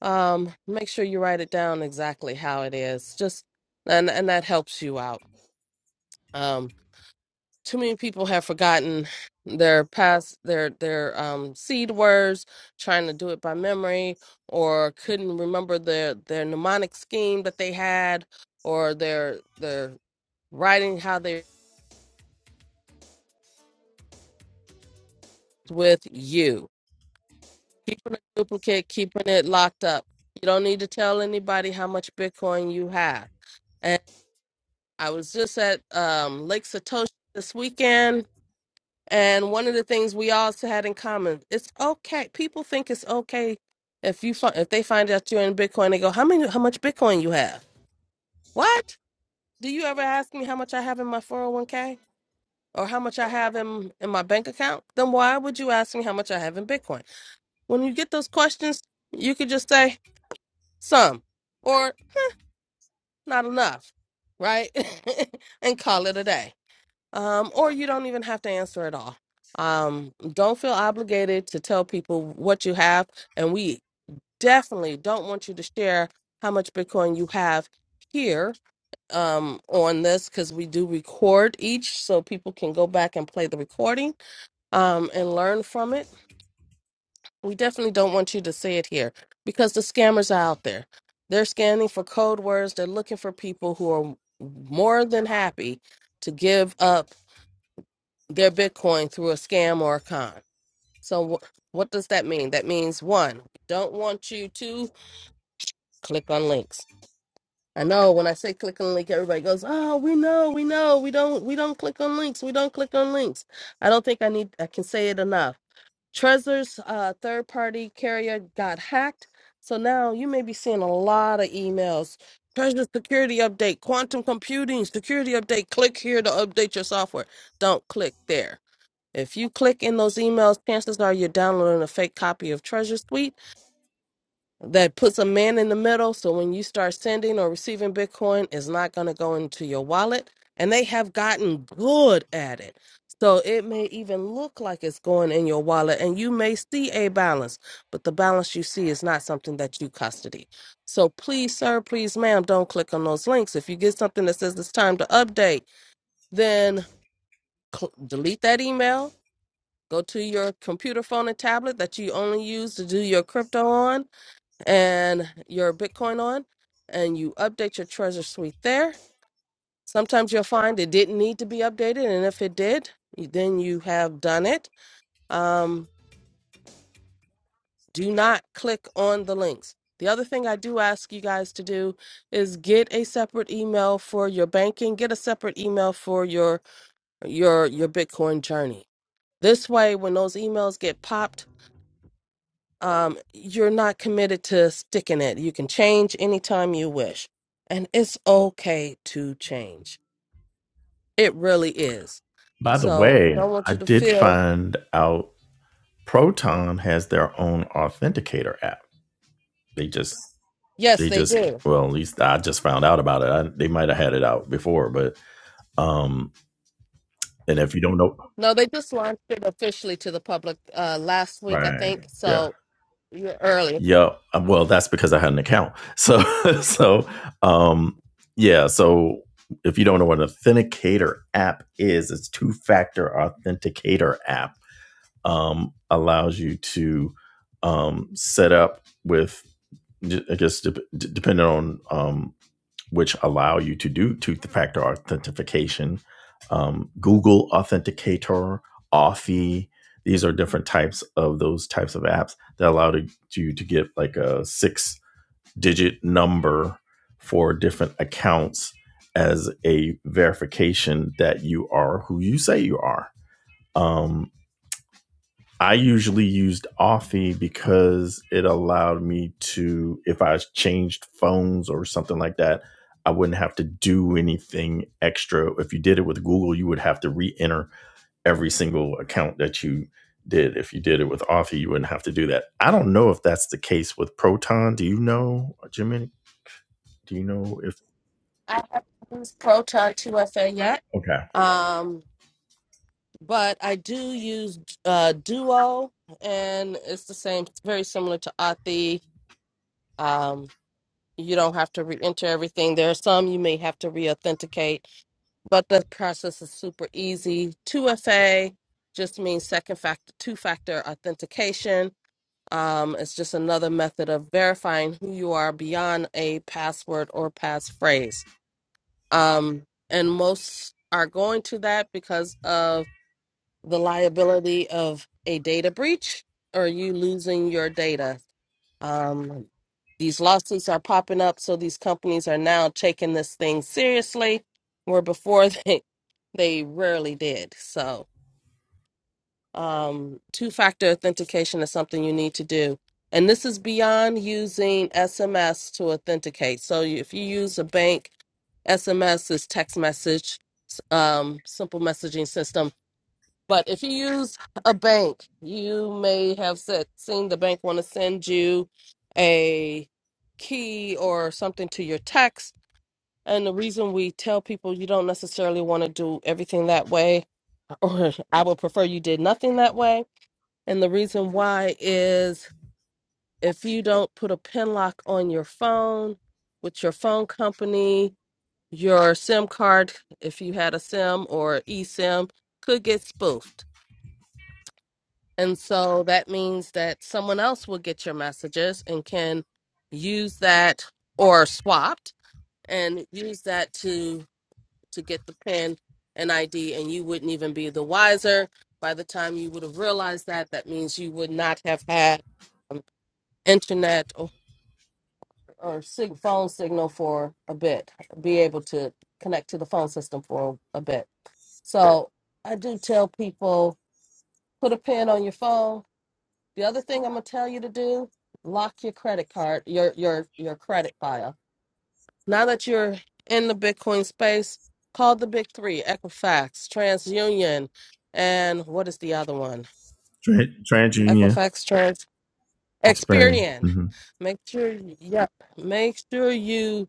Speaker 2: um, make sure you write it down exactly how it is. Just and and that helps you out. Um, too many people have forgotten their past their their um seed words, trying to do it by memory, or couldn't remember their their mnemonic scheme that they had, or their their writing how they with you. Keeping a duplicate, keeping it locked up. You don't need to tell anybody how much Bitcoin you have I was just at um, Lake Satoshi this weekend, and one of the things we all had in common: it's okay. People think it's okay if you fi- if they find out you're in Bitcoin, they go, "How many? How much Bitcoin you have? What? Do you ever ask me how much I have in my 401k or how much I have in in my bank account? Then why would you ask me how much I have in Bitcoin? When you get those questions, you could just say some or not enough, right? [laughs] and call it a day um, or you don't even have to answer at all. Um, don't feel obligated to tell people what you have, and we definitely don't want you to share how much Bitcoin you have here um, on this because we do record each, so people can go back and play the recording um, and learn from it. We definitely don't want you to say it here because the scammers are out there. They're scanning for code words. They're looking for people who are more than happy to give up their Bitcoin through a scam or a con. So, wh- what does that mean? That means one, we don't want you to click on links. I know when I say click on link, everybody goes, "Oh, we know, we know, we don't, we don't click on links, we don't click on links." I don't think I need, I can say it enough. Trezor's uh, third-party carrier got hacked, so now you may be seeing a lot of emails. Trezor security update, quantum computing security update. Click here to update your software. Don't click there if you click in those emails, chances are you're downloading a fake copy of Treasure Suite that puts a man in the middle. So when you start sending or receiving Bitcoin, it's not going to go into your wallet. And they have gotten good at it. So it may even look like it's going in your wallet and you may see a balance, but the balance you see is not something that you custody. So please, sir, please, ma'am, don't click on those links. If you get something that says it's time to update, then cl- delete that email Go to your computer, phone, and tablet that you only use to do your crypto on and your Bitcoin on, and you update your Treasure Suite there. Sometimes you'll find it didn't need to be updated, and if it did, you- then you have done it. Um, do not click on the links. The other thing I do ask you guys to do is get a separate email for your banking, get a separate email for your your your Bitcoin journey. This way, when those emails get popped um, you're not committed to sticking it. You can change anytime you wish. And it's okay to change. It really is.
Speaker 1: By the
Speaker 2: So
Speaker 1: way,
Speaker 2: don't want
Speaker 1: I
Speaker 2: you to
Speaker 1: did
Speaker 2: feel,
Speaker 1: find out Proton has their own authenticator app. They just
Speaker 2: yes,
Speaker 1: they
Speaker 2: they
Speaker 1: just
Speaker 2: do.
Speaker 1: well, at least I just found out about it. I, they might have had it out before, but um and if you don't know
Speaker 2: No, they just launched it officially to the public uh, last week, I
Speaker 1: Right.
Speaker 2: think.
Speaker 1: Yeah.
Speaker 2: So you're early.
Speaker 1: Yeah. Well, that's because I had an account. So, [laughs] so, um, yeah. So, if you don't know what an authenticator app is, it's two factor authenticator app. Um, allows you to um, set up with, I guess, dep depending on um, which allow you to do two-factor authentication. Um, Google Authenticator, Authy. These are different types of those types of apps that allow to- you to get like a six-digit number for different accounts as a verification that you are who you say you are. Um, I usually used Authy because it allowed me to, if I changed phones or something like that, I wouldn't have to do anything extra. If you did it with Google, you would have to re enter every single account that you did. If you did it with Authy, you wouldn't have to do that. I don't know if that's the case with Proton. Do you know, Jimmy? Do you know if,
Speaker 2: I haven't used Proton 2FA yet.
Speaker 1: okay,
Speaker 2: Um, but I do use uh, Duo, and it's the same, it's very similar to Authy. Um. You don't have to re-enter everything. There are some you may have to re-authenticate, but the process is super easy. 2FA just means second factor, two-factor authentication. Um, it's just another method of verifying who you are beyond a password or passphrase. Um, and most are going to that because of the liability of a data breach or you losing your data. Um, these lawsuits are popping up, so these companies are now taking this thing seriously, where before [laughs] they they rarely did. So, um, two-factor authentication is something you need to do, and this is beyond using SMS to authenticate. So, you- if you use a bank, SMS is text message, s- um, simple messaging system but if you use a bank, you may have said, seen the bank want to send you a key or something to your text. And the reason we tell people you don't necessarily want to do everything that way, [laughs] or I would prefer you did nothing that way. And the reason why is if you don't put a pin lock on your phone with your phone company, your SIM card, if you had a SIM or eSIM, could get spoofed And so that means that someone else will get your messages and can use that or swapped and use that to to get the pin and ID and you wouldn't even be the wiser. By the time you would have realized that, that means you would not have had um, internet or, or sig- phone signal for a bit, be able to connect to the phone system for a bit. So I do tell people put a pin on your phone The other thing I'm gonna tell you to do, lock your credit card, your your your credit file. Now that you're in the Bitcoin space, call the big three, Equifax, TransUnion, and what is the other one?
Speaker 1: Tran- TransUnion,
Speaker 2: Equifax Trans
Speaker 1: Experian.
Speaker 2: Experian.
Speaker 1: hmm
Speaker 2: Make sure yep. Make sure you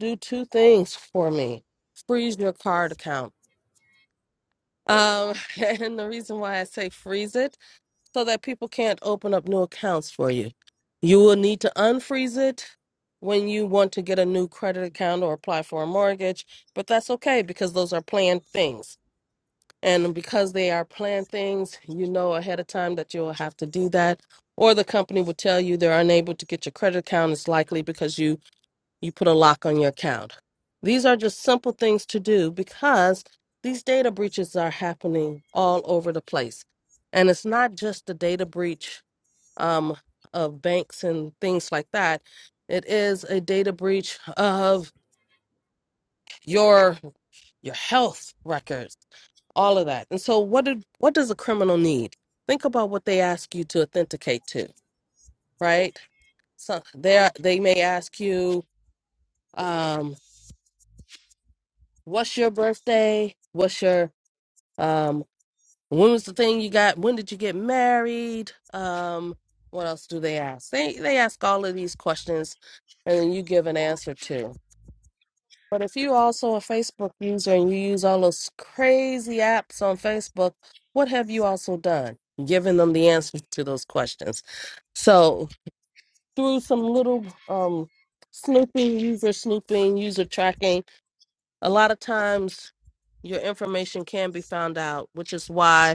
Speaker 2: do two things for me. Freeze your card account. Um, [laughs] and the reason why I say freeze it so that people can't open up new accounts for you. You will need to unfreeze it when you want to get a new credit account or apply for a mortgage, but that's okay because those are planned things. And because they are planned things, you know ahead of time that you'll have to do that. Or the company will tell you they're unable to get your credit account. It's likely because you you put a lock on your account. These are just simple things to do because these data breaches are happening all over the place. And it's not just the data breach um, of banks and things like that. It is a data breach of your your health records, all of that. And so what did what does a criminal need? Think about what they ask you to authenticate to, right? So they they may ask you um, what's your birthday? What's your Um, when was the thing you got? When did you get married? Um, what else do they ask? They they ask all of these questions, and then you give an answer to. But if you also a Facebook user and you use all those crazy apps on Facebook, what have you also done? Giving them the answers to those questions. So through some little um snooping, user snooping, user tracking, a lot of times your information can be found out, which is why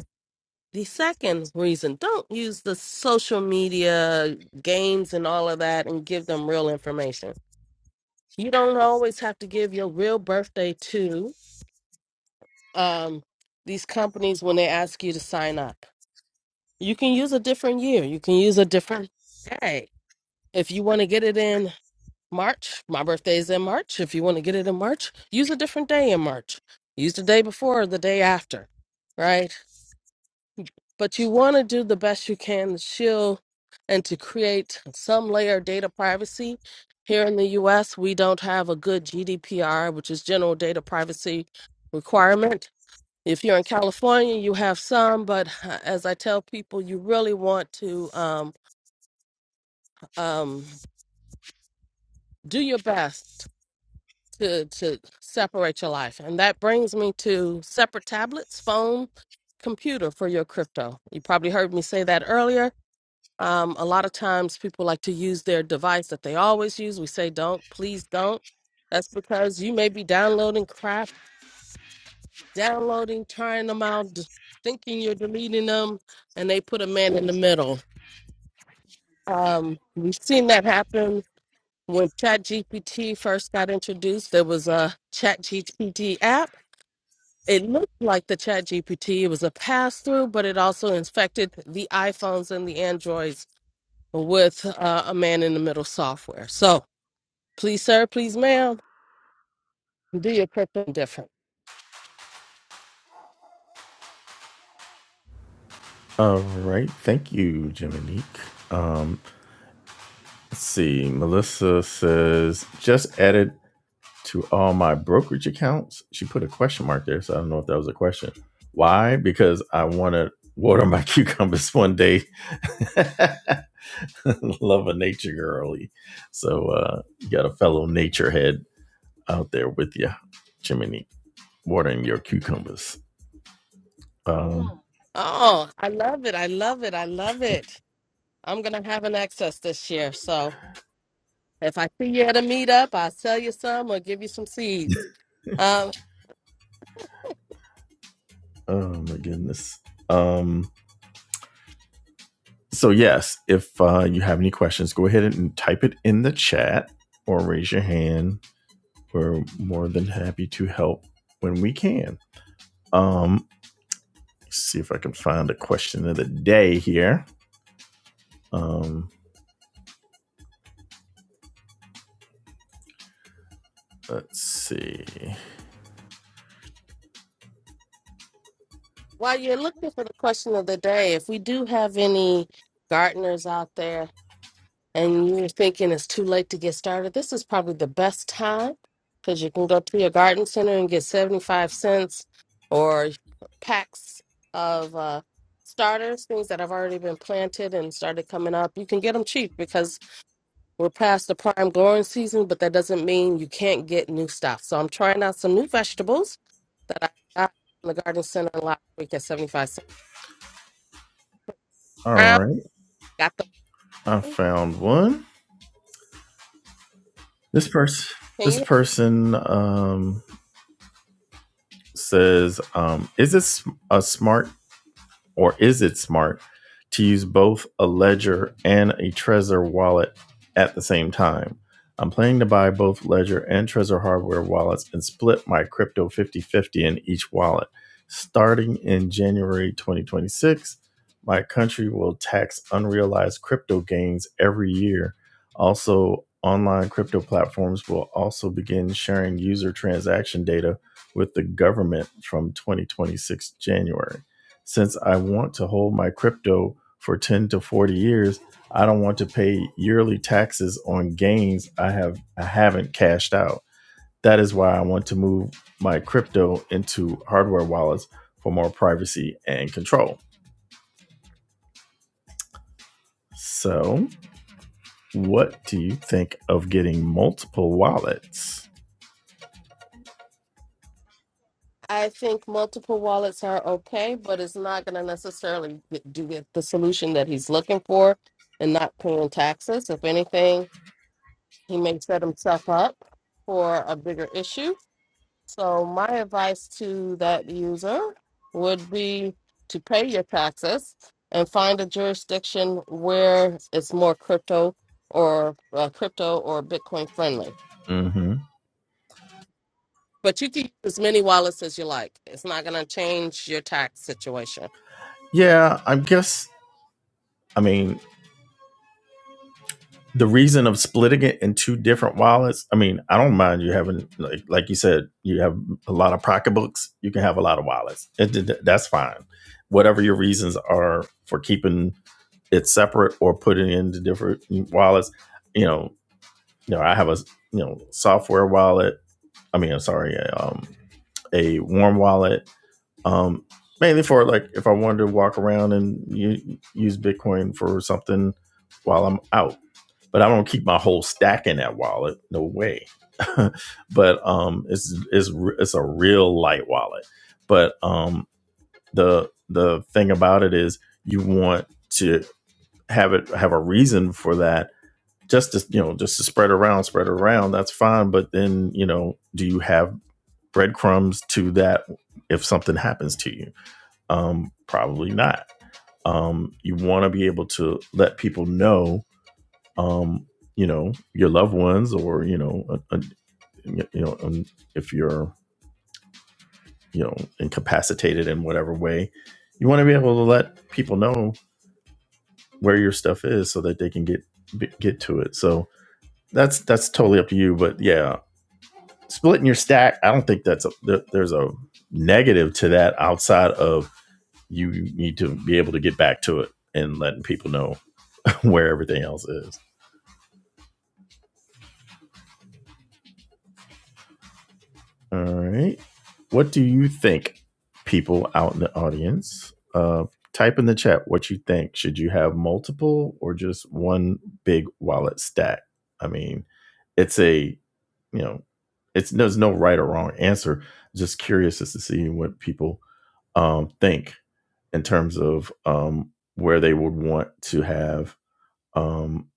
Speaker 2: The second reason, don't use the social media games and all of that and give them real information. You don't always have to give your real birthday to um, these companies when they ask you to sign up. You can use a different year, you can use a different day. If you want to get it in March, my birthday is in March. If you want to get it in March, use a different day in March. Use the day before or the day after, right? but you want to do the best you can to shield and to create some layer of data privacy. Here in the US, we don't have a good GDPR, which is general data privacy requirement. If you're in California, you have some, but uh, as I tell people, you really want to um, um, do your best to, to separate your life. And that brings me to separate tablets, phone, computer for your crypto. You probably heard me say that earlier Um, a lot of times people like to use their device that they always use. We say, don't, please don't. That's because you may be downloading crap, downloading, trying them out, d- thinking you're deleting them, and they put a man in the middle. Um, we've seen that happen when ChatGPT first got introduced. There was a ChatGPT app. It looked like the ChatGPT. It was a pass through, but it also infected the iPhones and the Androids with uh, a man in the middle software. So, Please, sir. Please, ma'am. Do your crypto different.
Speaker 1: All right. Thank you, Jiminique. Um, Let's see. Melissa says, just added to all my brokerage accounts. She put a question mark there, so I don't know if that was a question. Why? Because I want to water my [laughs] cucumbers one day. [laughs] Love a nature girly. So uh, you got a fellow nature head out there with you, Jiminy, watering your cucumbers. Um,
Speaker 2: Oh, I love it. I love it. I love it. I'm going to have an access this year. So if I see you at a meetup, I'll sell you some or give you some seeds. Um,
Speaker 1: oh my goodness. Um, So, yes, if uh, you have any questions, go ahead and type it in the chat or raise your hand. We're more than happy to help when we can. Um, let's see if I can find a question of the day here. Um, let's see.
Speaker 2: while you're looking for the question of the day, if we do have any gardeners out there and you're thinking it's too late to get started, this is probably the best time because you can go to your garden center and get 75 cents or packs of uh, starters, things that have already been planted and started coming up. You can get them cheap because we're past the prime growing season, but that doesn't mean you can't get new stuff. So I'm trying out some new vegetables that I got from the garden center last week at 75 cents.
Speaker 1: All
Speaker 2: Brown,
Speaker 1: right,
Speaker 2: got
Speaker 1: I
Speaker 2: them.
Speaker 1: found one. This person,
Speaker 2: Can
Speaker 1: this
Speaker 2: you?
Speaker 1: person um, says, um, "Is this a smart or is it smart to use both a Ledger and a Trezor wallet at the same time? I'm planning to buy both Ledger and Trezor hardware wallets and split my crypto 50 50 in each wallet. Starting in January 2026, my country will tax unrealized crypto gains every year. Also, online crypto platforms will also begin sharing user transaction data with the government from 2026 January. Since I want to hold my crypto for 10 to 40 years, I don't want to pay yearly taxes on gains I have I haven't cashed out. That is why I want to move my crypto into hardware wallets for more privacy and control. So, what do you think of getting multiple wallets?
Speaker 2: I think multiple wallets are okay, but it's not going to necessarily get- do get the solution that he's looking for and not paying taxes. If anything, he may set himself up for a bigger issue. So, my advice to that user would be to pay your taxes and find a jurisdiction where it's more crypto or uh, crypto or Bitcoin friendly.
Speaker 1: Mhm.
Speaker 2: But you can use as many wallets as you like. It's not going to change your tax situation.
Speaker 1: Yeah, I guess I mean the reason of splitting it in two different wallets i mean i don't mind you having like like you said you have a lot of pocketbooks you can have a lot of wallets it, that's fine whatever your reasons are for keeping it separate or putting it into different wallets you know you know i have a you know software wallet i mean i'm sorry um a warm wallet um mainly for like if i wanted to walk around and u- use bitcoin for something while i'm out but I don't keep my whole stack in that wallet. No way. [laughs] but um, it's it's it's a real light wallet. But um, the the thing about it is you want to have it have a reason for that. Just to you know, just to spread around, spread around. That's fine. But then you know, do you have breadcrumbs to that if something happens to you? Um, probably not. Um, you want to be able to let people know um, you know, your loved ones or, you know, a, a, you know, um, if you're, you know, incapacitated in whatever way, you want to be able to let people know where your stuff is so that they can get be- get to it. So that's that's totally up to you, but yeah, splitting your stack, I don't think that's a there, there's a negative to that outside of you need to be able to get back to it and letting people know [laughs] where everything else is. All right. What do you think, people out in the audience? Uh, type in the chat what you think. Should you have multiple or just one big wallet stack? I mean, it's a, you know, it's there's no right or wrong answer. Just curious as to see what people um, think in terms of um, where they would want to have, um,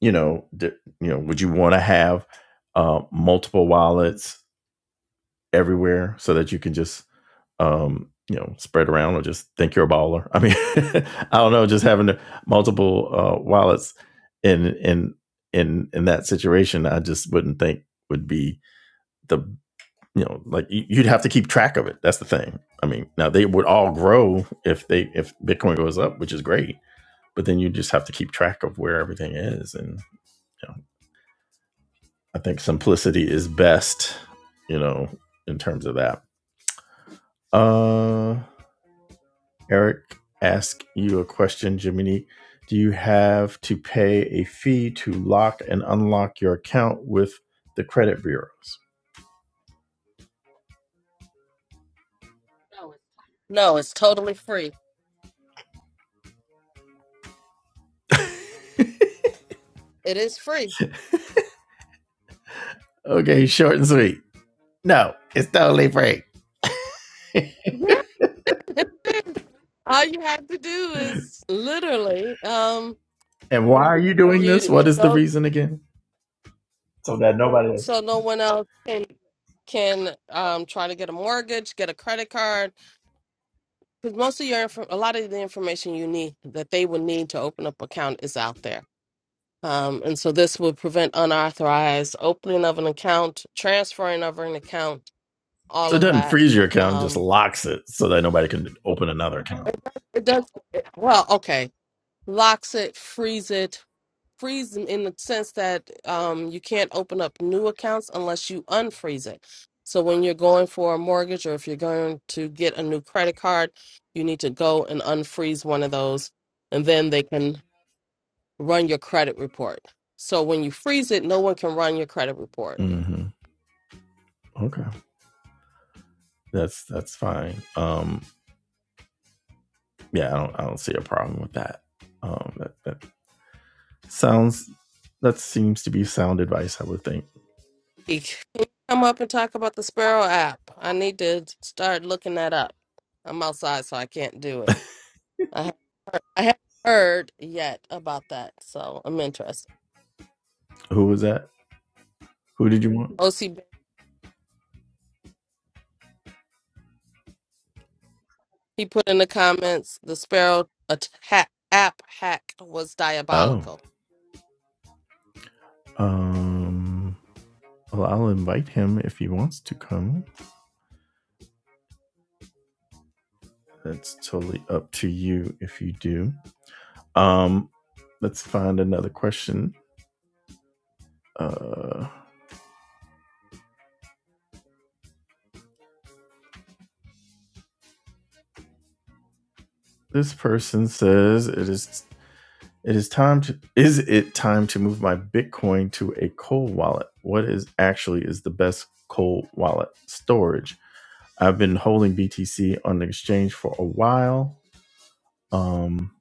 Speaker 1: you know, d- you know, would you want to have uh, multiple wallets? everywhere so that you can just um, you know spread around or just think you're a baller. I mean, [laughs] I don't know, just having multiple uh, wallets in in in in that situation, I just wouldn't think would be the you know like you- you'd have to keep track of it. That's the thing. I mean, now they would all grow if they if Bitcoin goes up, which is great, but then you just have to keep track of where everything is, and you know, I think simplicity is best. You know, in terms of that. Uh, Eric ask you a question, Jiminy. Do you have to pay a fee to lock and unlock your account with the credit bureaus?
Speaker 2: No, it's totally free. It is free.
Speaker 1: Okay, short and sweet. No, it's totally free. [laughs]
Speaker 2: Yeah. All you have to do is literally, um,
Speaker 1: And why are you doing
Speaker 2: you
Speaker 1: this? What
Speaker 2: you
Speaker 1: is the
Speaker 2: go
Speaker 1: reason again? So that nobody is.
Speaker 2: so no one else can can um try to get a mortgage, get a credit card, because most of your infor- a lot of the information you need that they would need to open up account is out there. Um, and so this would prevent unauthorized opening of an account, transferring of an account, all
Speaker 1: So it
Speaker 2: of
Speaker 1: doesn't
Speaker 2: that.
Speaker 1: freeze your account, it just
Speaker 2: Um,
Speaker 1: locks it so that nobody can open another account.
Speaker 2: it does. Well, okay, locks it, frees it, freeze them in the sense that um, you can't open up new accounts unless you unfreeze it. So when you're going for a mortgage or if you're going to get a new credit card, you need to go and unfreeze one of those, and then they can run your credit report. So when you freeze it, no one can run your credit report.
Speaker 1: hmm Okay, that's that's fine. Um, yeah, I don't I don't see a problem with that. Um, that, that Sounds that seems to be sound advice, I would think.
Speaker 2: Can you come up and talk about the Sparrow app? I need to start looking that up. I'm outside, so I can't do it. I haven't heard, I haven't heard yet about that, so I'm interested.
Speaker 1: Who was that? Who did you want?
Speaker 2: O C He put in the comments the Sparrow attack, app hack was
Speaker 1: Oh.
Speaker 2: diabolical.
Speaker 1: Um well I'll invite him if he wants to come. That's totally up to you if you do. Um let's find another question. Uh this person says it is it is time to is it time to move my Bitcoin to a cold wallet? What is actually is the best cold wallet storage? I've been holding BTC on the exchange for a while. Um,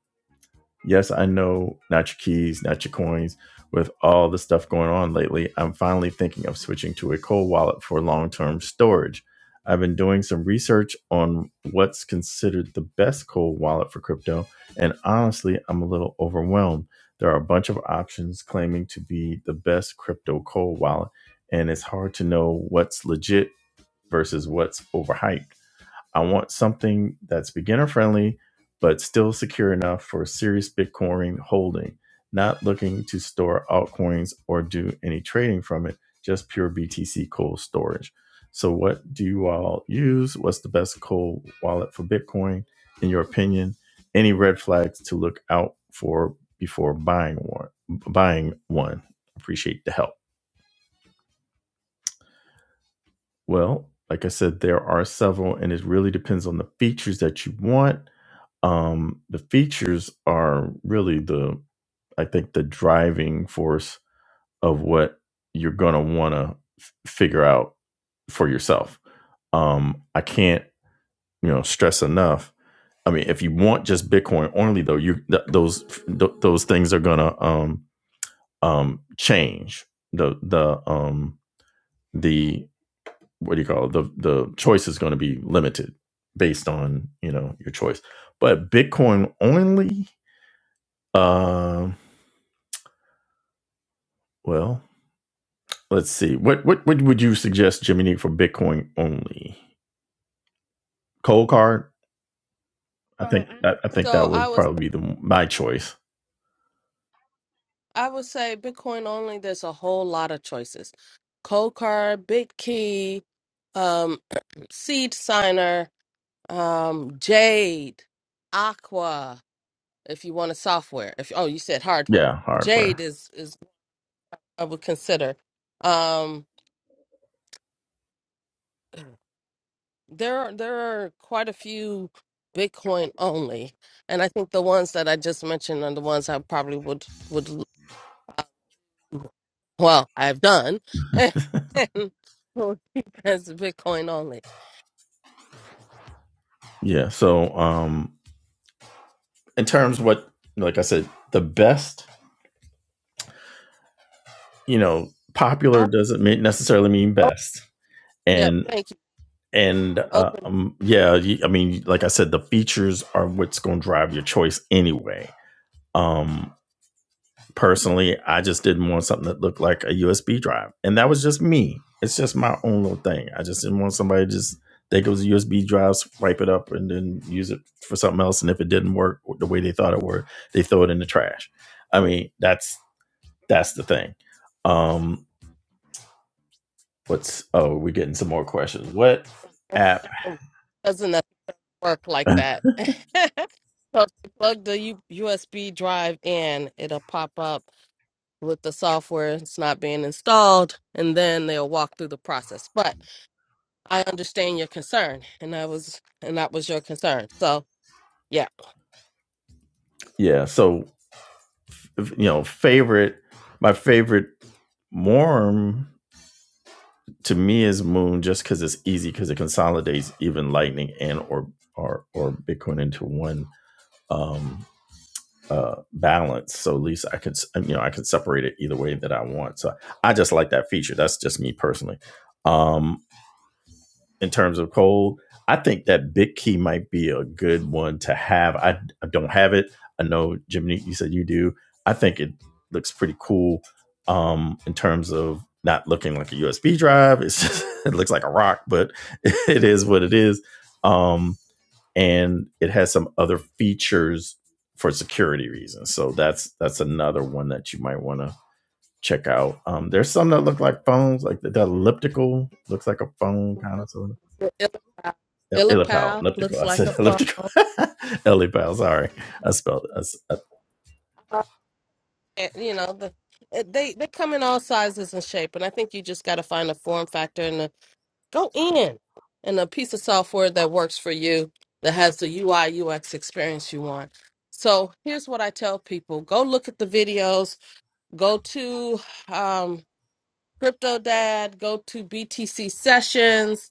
Speaker 1: yes, I know not your keys, not your coins. With all the stuff going on lately, I'm finally thinking of switching to a cold wallet for long term storage. I've been doing some research on what's considered the best cold wallet for crypto, and honestly, I'm a little overwhelmed. There are a bunch of options claiming to be the best crypto cold wallet, and it's hard to know what's legit versus what's overhyped. I want something that's beginner friendly, but still secure enough for serious Bitcoin holding. Not looking to store altcoins or do any trading from it, just pure BTC cold storage. So, what do you all use? What's the best cold wallet for Bitcoin, in your opinion? Any red flags to look out for before buying one? Buying one. Appreciate the help. Well, like I said, there are several, and it really depends on the features that you want um, the features are really the i think the driving force of what you're going to want to f- figure out for yourself um, i can't you know stress enough i mean if you want just bitcoin only though you th- those th- those things are going to um, um, change the the um, the what do you call it? the the choice is going to be limited based on you know your choice but bitcoin only uh, Well, let's see. What what what would you suggest, Jiminy, for Bitcoin only? Cold card. I think I, I think that
Speaker 2: So I
Speaker 1: would
Speaker 2: was
Speaker 1: probably be the my choice.
Speaker 2: I would say Bitcoin only. There's a whole lot of choices: cold card, Bitkey, um, [clears throat] Seed Signer, um, Jade, Aqua. If you want a software, if oh you said hardware,
Speaker 1: Yeah, hardware.
Speaker 2: Jade is is what I would consider. Um, There are there are quite a few Bitcoin only, and I think the ones that I just mentioned are the ones I probably would would l- well I've done [laughs] and will keep as Bitcoin only.
Speaker 1: Yeah. So, um, in terms of what, like I said, the best, you know, popular
Speaker 2: I
Speaker 1: doesn't mean necessarily mean
Speaker 2: oh,
Speaker 1: best,
Speaker 2: yep,
Speaker 1: and
Speaker 2: thank you.
Speaker 1: and uh,
Speaker 2: Open
Speaker 1: um, yeah, you, I mean, like I said, the features are what's going to drive your choice anyway. Um, personally, I just didn't want something that looked like a USB drive, and that was just me. It's just my own little thing. I just didn't want somebody to just think it was a USB drive, swipe it up, and then use it for something else. And if it didn't work the way they thought it would, they throw it in the trash. I mean, that's that's the thing. Um, what's oh, we're getting some more questions. What app?
Speaker 2: oh, doesn't that work
Speaker 1: [clears throat]
Speaker 2: like that? [laughs] so if you plug the U- USB drive in, it'll pop up with the software it's not being installed, and then they'll walk through the process. But I understand your concern, and I was and that was your concern. So yeah,
Speaker 1: [laughs] yeah, so you know, favorite, my favorite Warm to me is Moon just because it's easy because it consolidates even Lightning and or or or Bitcoin into one um, uh, balance. So at least I could you know I could separate it either way that I want. So I just like that feature. That's just me personally. Um, in terms of cold. I think that big key might be a good one to have. I, I don't have it. I know Jimmy, you said you do. I think it looks pretty cool um, in terms of not looking like a USB drive. It's just, [laughs] it looks like a rock, but [laughs] it is what it is. Um, and it has some other features for security reasons. So that's that's another one that you might want to check out. Um, there's some that look like phones, like the, the elliptical looks like a phone kind of. So
Speaker 2: Il-
Speaker 1: El- Elipal,
Speaker 2: Illapel
Speaker 1: elliptical. [laughs]
Speaker 2: looks
Speaker 1: I
Speaker 2: like a
Speaker 1: said
Speaker 2: fun.
Speaker 1: elliptical. [laughs] Elipal, sorry. I spelled it. I s- I-
Speaker 2: eh, You know, the, it- they they come in all sizes and shape, and I think you just got to find a form factor and a, go in and a piece of software that works for you that has the UI UX experience you want. So here's what I tell people: go look at the videos, go to um, Crypto Dad, go to BTC sessions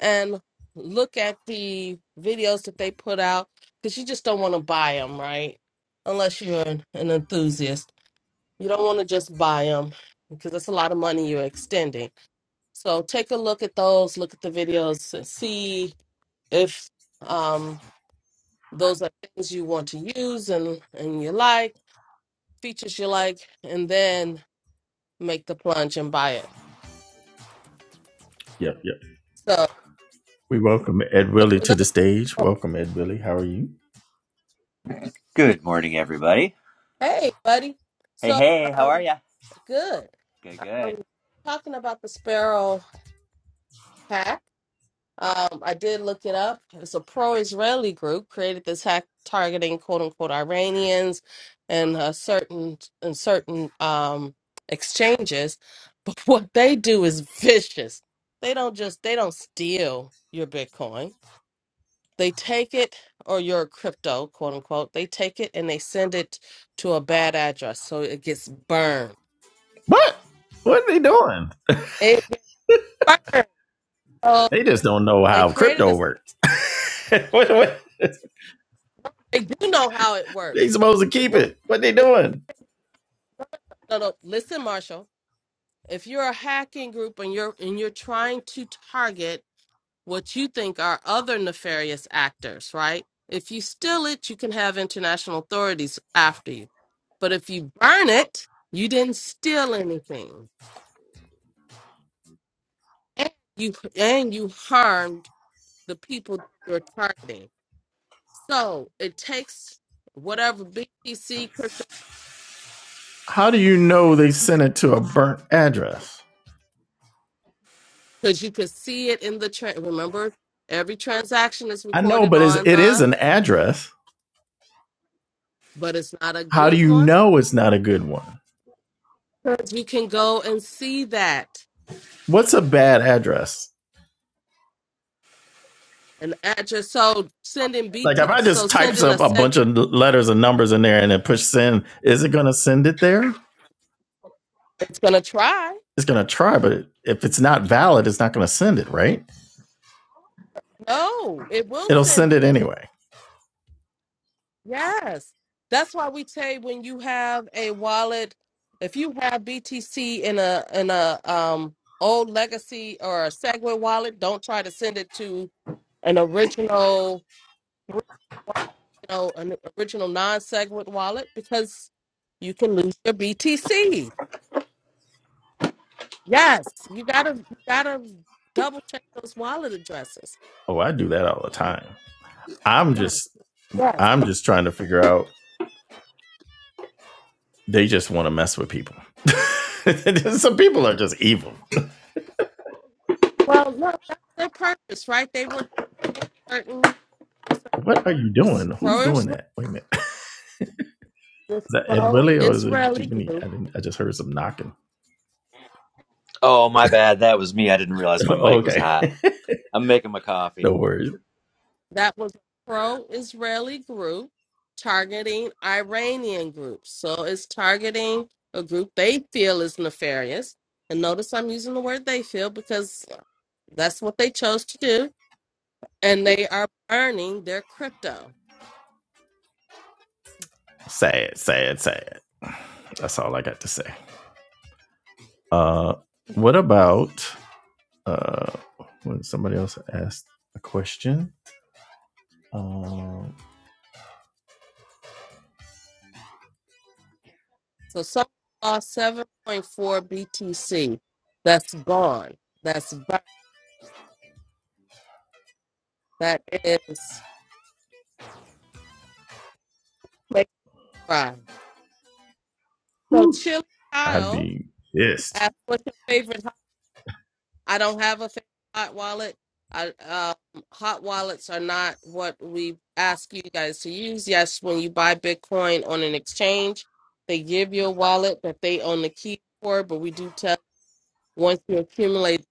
Speaker 2: and look at the videos that they put out because you just don't want to buy them, right? Unless you're an, an enthusiast, you don't want to just buy them because that's a lot of money you're extending. So take a look at those, look at the videos, and see if um, those are things you want to use and and you like features you like, and then make the plunge and buy it.
Speaker 1: yep, yep.
Speaker 2: So,
Speaker 1: We welcome Ed
Speaker 2: so
Speaker 1: Willie
Speaker 2: for
Speaker 1: to the
Speaker 2: those.
Speaker 1: stage. Welcome, Ed Willie. How are you?
Speaker 3: Good morning, everybody.
Speaker 2: Hey, buddy.
Speaker 3: Hey,
Speaker 2: So,
Speaker 3: hey, how are
Speaker 2: um,
Speaker 3: ya?
Speaker 2: good.
Speaker 3: Good, good.
Speaker 2: Um, talking about the Sparrow hack, um, I did look it up. It's a pro-Israeli group created this hack targeting "quote unquote" Iranians and uh, certain and certain um, exchanges. [laughs] But what they do is vicious. They don't just they don't steal your Bitcoin they take it or your crypto quote unquote they take it and they send it to a bad address so it gets burned
Speaker 1: What? What are they doing?
Speaker 2: it gets burned. So
Speaker 1: They just don't know
Speaker 2: they
Speaker 1: how
Speaker 2: created
Speaker 1: crypto
Speaker 2: a
Speaker 1: works. [laughs] what, what?
Speaker 2: they do know how it
Speaker 1: They
Speaker 2: works
Speaker 1: supposed to keep
Speaker 2: what
Speaker 1: it. What they
Speaker 2: if,
Speaker 1: doing?
Speaker 2: no no listen marshall if you're a hacking group and you're and you're trying to target what you think are other nefarious actors right if you steal it you can have international authorities after you but if you burn it you didn't steal anything and you and you harmed the people that you're targeting. So it takes whatever BTC
Speaker 1: How do you know they sent it to a burnt address?
Speaker 2: because you can see it in the tra- remember every transaction is
Speaker 1: I know,
Speaker 2: recorded
Speaker 1: but it's,
Speaker 2: on
Speaker 1: it is
Speaker 2: the
Speaker 1: an address.
Speaker 2: but it's not a
Speaker 1: How do
Speaker 2: good
Speaker 1: you
Speaker 2: one
Speaker 1: know it's not a good one?
Speaker 2: because you can go and see that
Speaker 1: What's a bad address?
Speaker 2: and address. So sending
Speaker 1: Like if
Speaker 2: BT
Speaker 1: I
Speaker 2: so
Speaker 1: just types
Speaker 2: sending a
Speaker 1: up a bunch
Speaker 2: segment
Speaker 1: of letters and numbers in there and then push send, is it going to send it there?
Speaker 2: it's gonna try.
Speaker 1: It's going to try, but if it's not valid, it's not going to send it, right?
Speaker 2: No, it will
Speaker 1: It'll
Speaker 2: send it.
Speaker 1: send it anyway.
Speaker 2: Yes. That's why we say when you have a wallet, if you have BTC in a in a um old legacy or a Segway wallet, don't try to send it to an original you know, an original non segway wallet because you can lose your BTC. Yes, you gotta you gotta double check those wallet addresses.
Speaker 1: Oh, I do that all the time. I'm just
Speaker 2: Yes.
Speaker 1: I'm just trying to figure out they just want to mess with people. [laughs] Some people are just evil.
Speaker 2: Well, no, that's their purpose, right? They were targeting
Speaker 1: What are you
Speaker 2: certain
Speaker 1: doing? Who's
Speaker 2: services.
Speaker 1: doing that? Wait a minute. [laughs] Is
Speaker 2: this
Speaker 1: that Ed Willie or is it
Speaker 2: pro-Israeli
Speaker 1: Jiminy?
Speaker 2: group
Speaker 1: I didn't I just heard some knocking.
Speaker 3: Oh, my bad. That was me. I didn't realize
Speaker 1: [laughs]
Speaker 3: my mic was
Speaker 1: okay.
Speaker 3: hot. I'm making my
Speaker 1: [laughs]
Speaker 3: coffee.
Speaker 1: no worries.
Speaker 2: that was a pro-Israeli group targeting Iranian groups. So it's targeting a group they feel is nefarious. And notice I'm using the word they feel because that's what they chose to do. And they are burning their crypto.
Speaker 1: Sad, sad, sad. That's all I got to say. Uh, what about uh, when somebody else asked a question? Um,
Speaker 2: So someone lost 7.4 BTC. That's gone. That's burnt. That is make it cry. So Chili
Speaker 1: I'd
Speaker 2: Kyle
Speaker 1: be pissed.
Speaker 2: asked, "What's your favorite I don't have a fa- hot wallet. I, um, hot wallets are not what we ask you guys to use. Yes, when you buy Bitcoin on an exchange, they give you a wallet that they own the key for. But we do tell once you accumulate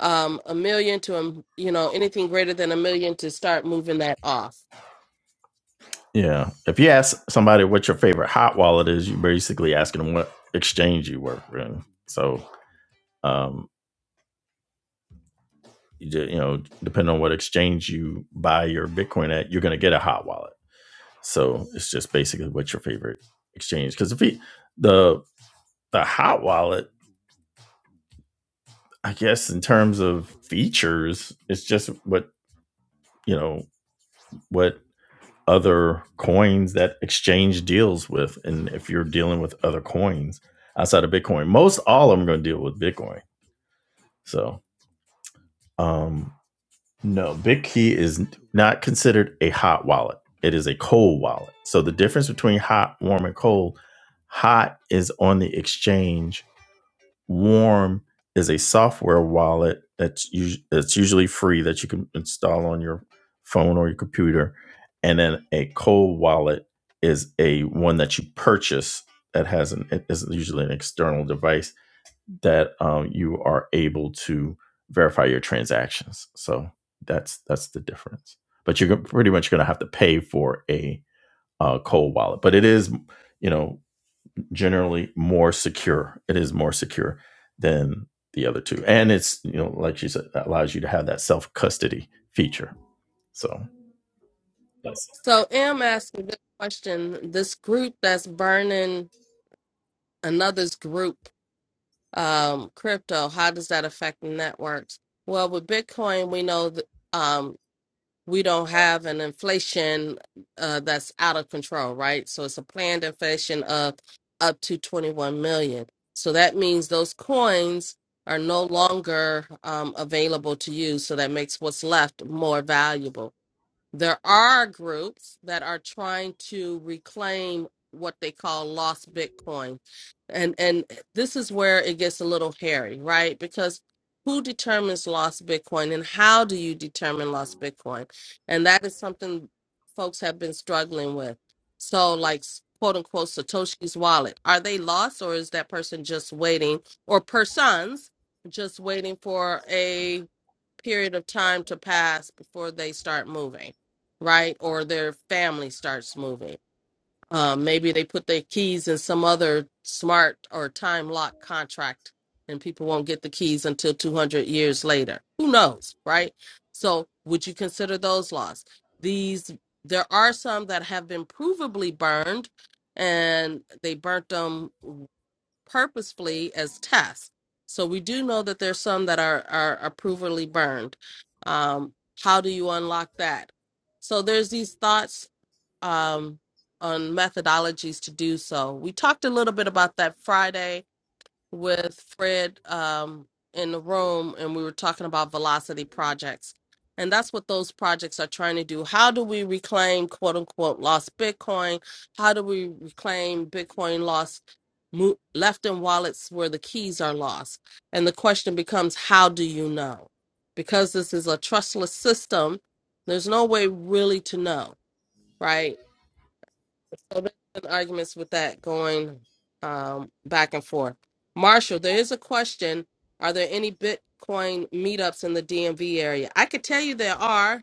Speaker 2: um, a million to um, you know anything greater than a million to start moving that off.
Speaker 1: Yeah, if you ask somebody what your favorite hot wallet is, you're basically asking them what exchange you work in. So, um, you, ju- you know, depending on what exchange you buy your Bitcoin at, you're going to get a hot wallet. So it's just basically what's your favorite exchange? Because if he, the the hot wallet I guess in terms of features, it's just what you know what other coins that exchange deals with and if you're dealing with other coins outside of bitcoin most all of them are going to deal with bitcoin so um no bitkey is not considered a hot wallet it is a cold wallet so the difference between hot warm and cold hot is on the exchange Warm is a software wallet that's us- that's usually free that you can install on your phone or your computer, and then a cold wallet is a one that you purchase that has an it is usually an external device that um, you are able to verify your transactions. So that's that's the difference. But you're pretty much going to have to pay for a uh, cold wallet, but it is you know generally more secure. It is more secure than the other two. And it's, you know, like she said, that allows you to have that self custody feature. So Yes.
Speaker 2: So, am asking this question: This group that's burning another's group um, crypto, how does that affect networks? Well, with Bitcoin, we know that um, we don't have an inflation uh, that's out of control, right? So it's a planned inflation of up to 21 million. So that means those coins are no longer um, available to you. So that makes what's left more valuable. There are groups that are trying to reclaim what they call lost Bitcoin. And and this is where it gets a little hairy, right? Because who determines lost Bitcoin and how do you determine lost Bitcoin? And that is something folks have been struggling with. So like quote unquote Satoshi's wallet, are they lost or is that person just waiting or persons just waiting for a period of time to pass before they start moving, right? Or their family starts moving. Um, maybe they put their keys in some other smart or time lock contract and people won't get the keys until 200 years later. Who knows, right? So, would you consider those laws? These, there are some that have been provably burned and they burnt them purposefully as tests. So we do know that there's some that are are, are provably burned. Um, how do you unlock that? So there's these thoughts um, on methodologies to do so. We talked a little bit about that Friday with Fred um, in the room, and we were talking about velocity projects. And that's what those projects are trying to do. How do we reclaim quote unquote lost Bitcoin? How do we reclaim Bitcoin lost mo- left in wallets where the keys are lost? And the question becomes, how do you know? Because this is a trustless system, there's no way really to know, right? So there's been arguments with that going um, back and forth. Marshall, there is a question. Are there any Bitcoin meetups in the DMV area? I could tell you there are,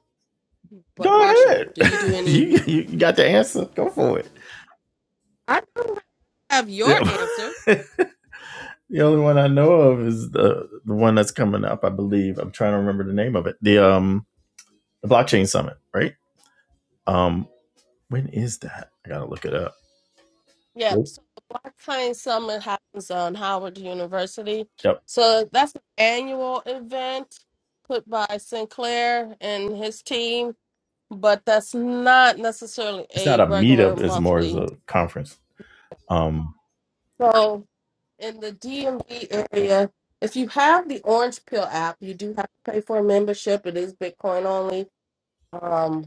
Speaker 2: but
Speaker 1: go
Speaker 2: Marshall,
Speaker 1: ahead.
Speaker 2: do you do
Speaker 1: [laughs] you,
Speaker 2: any?
Speaker 1: you got the answer. Go for it.
Speaker 2: I don't have your
Speaker 1: Yeah.
Speaker 2: answer.
Speaker 1: [laughs] the only one I know of is the, the one that's coming up, I believe. I'm trying to remember the name of it. The um the blockchain summit, right? Um when is that? I gotta look it up.
Speaker 2: Yeah,
Speaker 1: Nope.
Speaker 2: so the Blockchain Summit happens on Howard University.
Speaker 1: Yep.
Speaker 2: So that's an annual event put by Sinclair and his team, but that's not necessarily
Speaker 1: It's not
Speaker 2: a
Speaker 1: a
Speaker 2: regular
Speaker 1: meetup, it's more as
Speaker 2: monthly.
Speaker 1: a conference. Um
Speaker 2: So in the DMV area, if you have the Orange Pill app, you do have to pay for a membership. It is Bitcoin only. Um,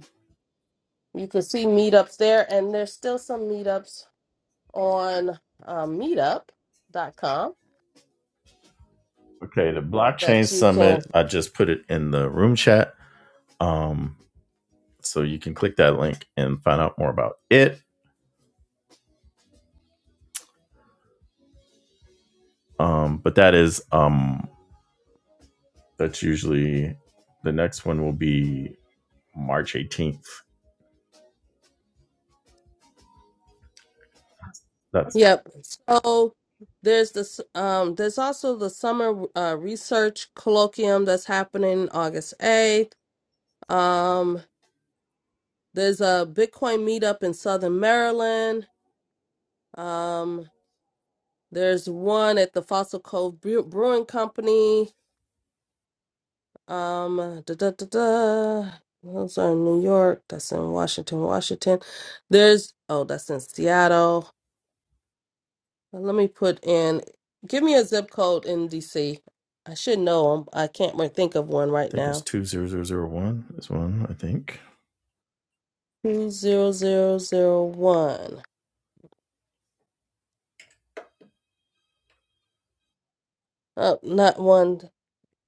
Speaker 2: you can see meetups there, and there's still some meetups on um, meetup.com
Speaker 1: Okay, the blockchain
Speaker 2: that you can.
Speaker 1: summit. I just put it in the room chat, um, so you can click that link and find out more about it. Um, but that is um, that's usually the next one will be March eighteenth. That's I
Speaker 2: Yep. So there's this. Um, there's also the summer uh, research colloquium that's happening August 8th. Um, there's a Bitcoin meetup in Southern Maryland. Um, There's one at the Fossil Cove Brew- Brewing Company. Um, da, da, da, da. Those are in New York. That's in Washington, Washington. There's, oh, that's in Seattle. Let me put in, give me a zip code in DC. I should know them. I can't re- think of one right
Speaker 1: think it's
Speaker 2: now.
Speaker 1: two zero zero zero one. This one I think
Speaker 2: 20001. Oh, not one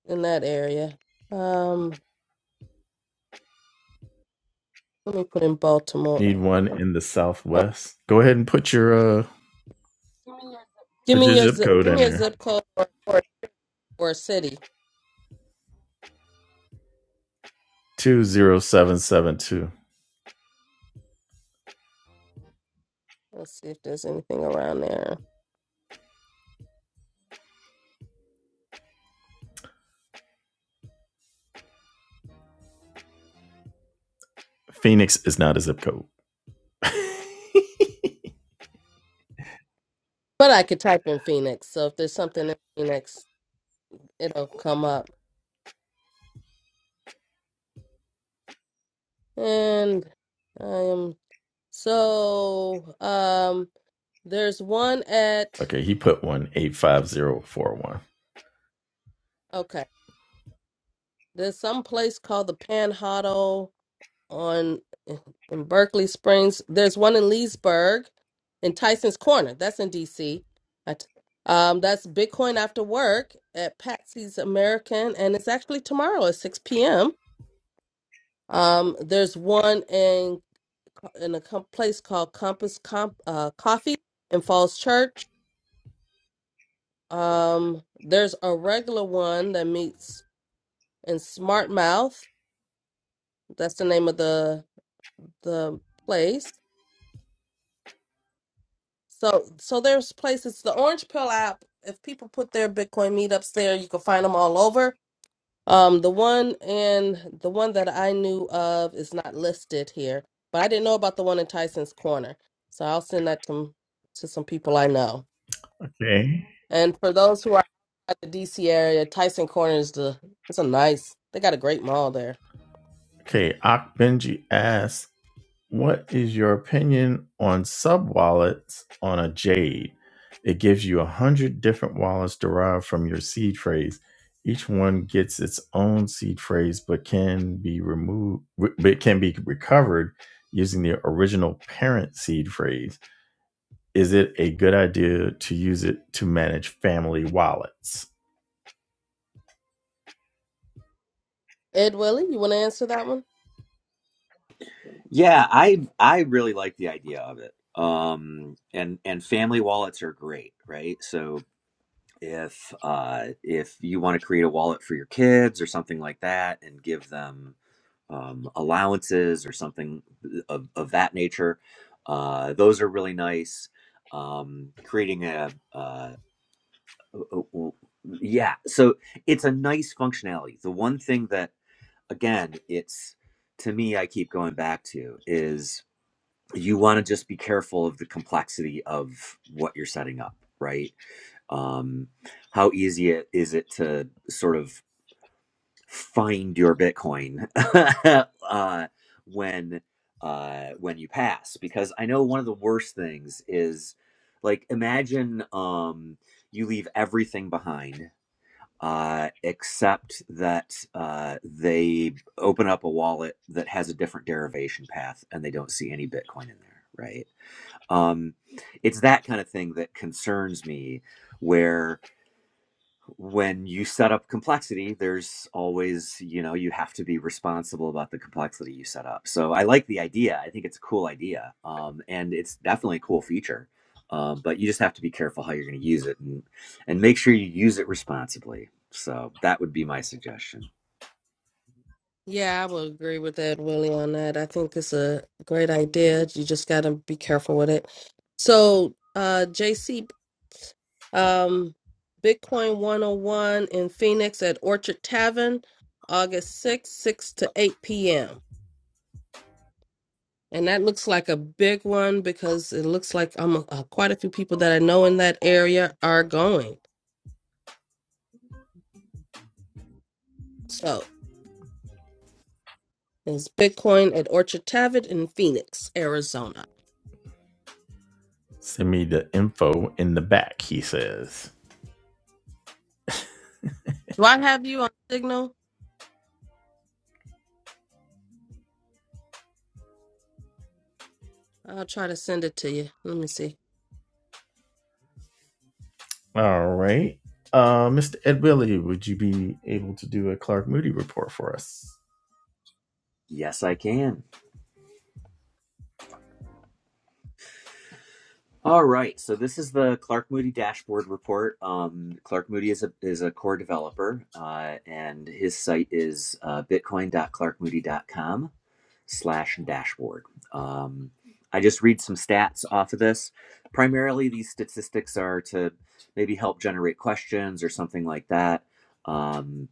Speaker 2: in that area. Um, let me put in Baltimore.
Speaker 1: need one in the
Speaker 2: Oh,
Speaker 1: southwest. Go ahead and put your uh
Speaker 2: give
Speaker 1: put your
Speaker 2: me your,
Speaker 1: zip
Speaker 2: zi-
Speaker 1: code
Speaker 2: give me
Speaker 1: in
Speaker 2: a
Speaker 1: there.
Speaker 2: zip code or, or, or a city.
Speaker 1: Two zero seven seven two.
Speaker 2: Let's see if there's anything around there.
Speaker 1: Phoenix is not a zip code.
Speaker 2: But I could type in Phoenix. So if there's something in Phoenix, it'll come up. And I am so um there's one at
Speaker 1: Okay, he put one eight five zero four one.
Speaker 2: okay. There's some place called the Panhandle on in Berkeley Springs. There's one in Leesburg in Tyson's Corner. That's in DC. At- Um, that's Bitcoin After Work at Patsy's American, and it's actually tomorrow at 6 p.m. Um, there's one in in a com- place called Compass Com- uh, Coffee in Falls Church. Um, there's a regular one that meets in Smart Mouth. That's the name of the the place. So so there's places. The Orange Pill app. If people put their Bitcoin meetups there, you can find them all over. Um, the one and the one that I knew of is not listed here, but I didn't know about the one in Tyson's Corner, so I'll send that to to some people I know.
Speaker 1: Okay.
Speaker 2: And for those who are at the DC area, Tyson Corner is the it's a nice. They got a great mall there.
Speaker 1: Okay. Ak Benji asks, What is your opinion on sub wallets on a Jade? It gives you a hundred different wallets derived from your seed phrase. Each one gets its own seed phrase, but can be removed, but can be recovered using the original parent seed phrase. Is it a good idea to use it to manage family wallets?
Speaker 2: Ed Willie, you want to answer that one?
Speaker 3: Yeah, I I really like the idea of it. Um, and and family wallets are great, right? So if uh if you want to create a wallet for your kids or something like that, and give them um, allowances or something of of that nature, uh, those are really nice. Um, creating a, uh Oh, oh, yeah so it's a nice functionality the one thing that again it's to me i keep going back to is you want to just be careful of the complexity of what you're setting up right um how easy it is it to sort of find your bitcoin [laughs] uh when uh when you pass because i know one of the worst things is like imagine um you leave everything behind uh, except that uh, they open up a wallet that has a different derivation path and they don't see any Bitcoin in there, right? Um, it's that kind of thing that concerns me, where when you set up complexity, there's always, you know, you have to be responsible about the complexity you set up. So I like the idea. I think it's a cool idea. Um, and it's definitely a cool feature. Um, but you just have to be careful how you're going to use it and, and make sure you use it responsibly. So that would be my suggestion.
Speaker 2: Yeah, I would agree with Ed Willie on that. I think it's a great idea. You just got to be careful with it. So, uh, JC Um, Bitcoin 101 in Phoenix at Orchard Tavern, August 6th, 6 to 8 p.m. And that looks like a big one because it looks like I'm uh, quite a few people that I know in that area are going. So it's Bitcoin at Orchard Tavern in Phoenix, Arizona.
Speaker 1: Send me the info in the back, he says.
Speaker 2: Do I have you on Signal? I'll try to send it to you. Let me see.
Speaker 1: All right. Uh, Mr. Ed Willie, would you be able to do a Clark Moody report for us?
Speaker 3: Yes, I can. All right. So this is the Clark Moody dashboard report. Um, Clark Moody is a is a core developer, uh, and his site is uh, bitcoin dot clark moody dot com. slash dashboard. Um, I just read some stats off of this. Primarily, these statistics are to maybe help generate questions or something like that, um,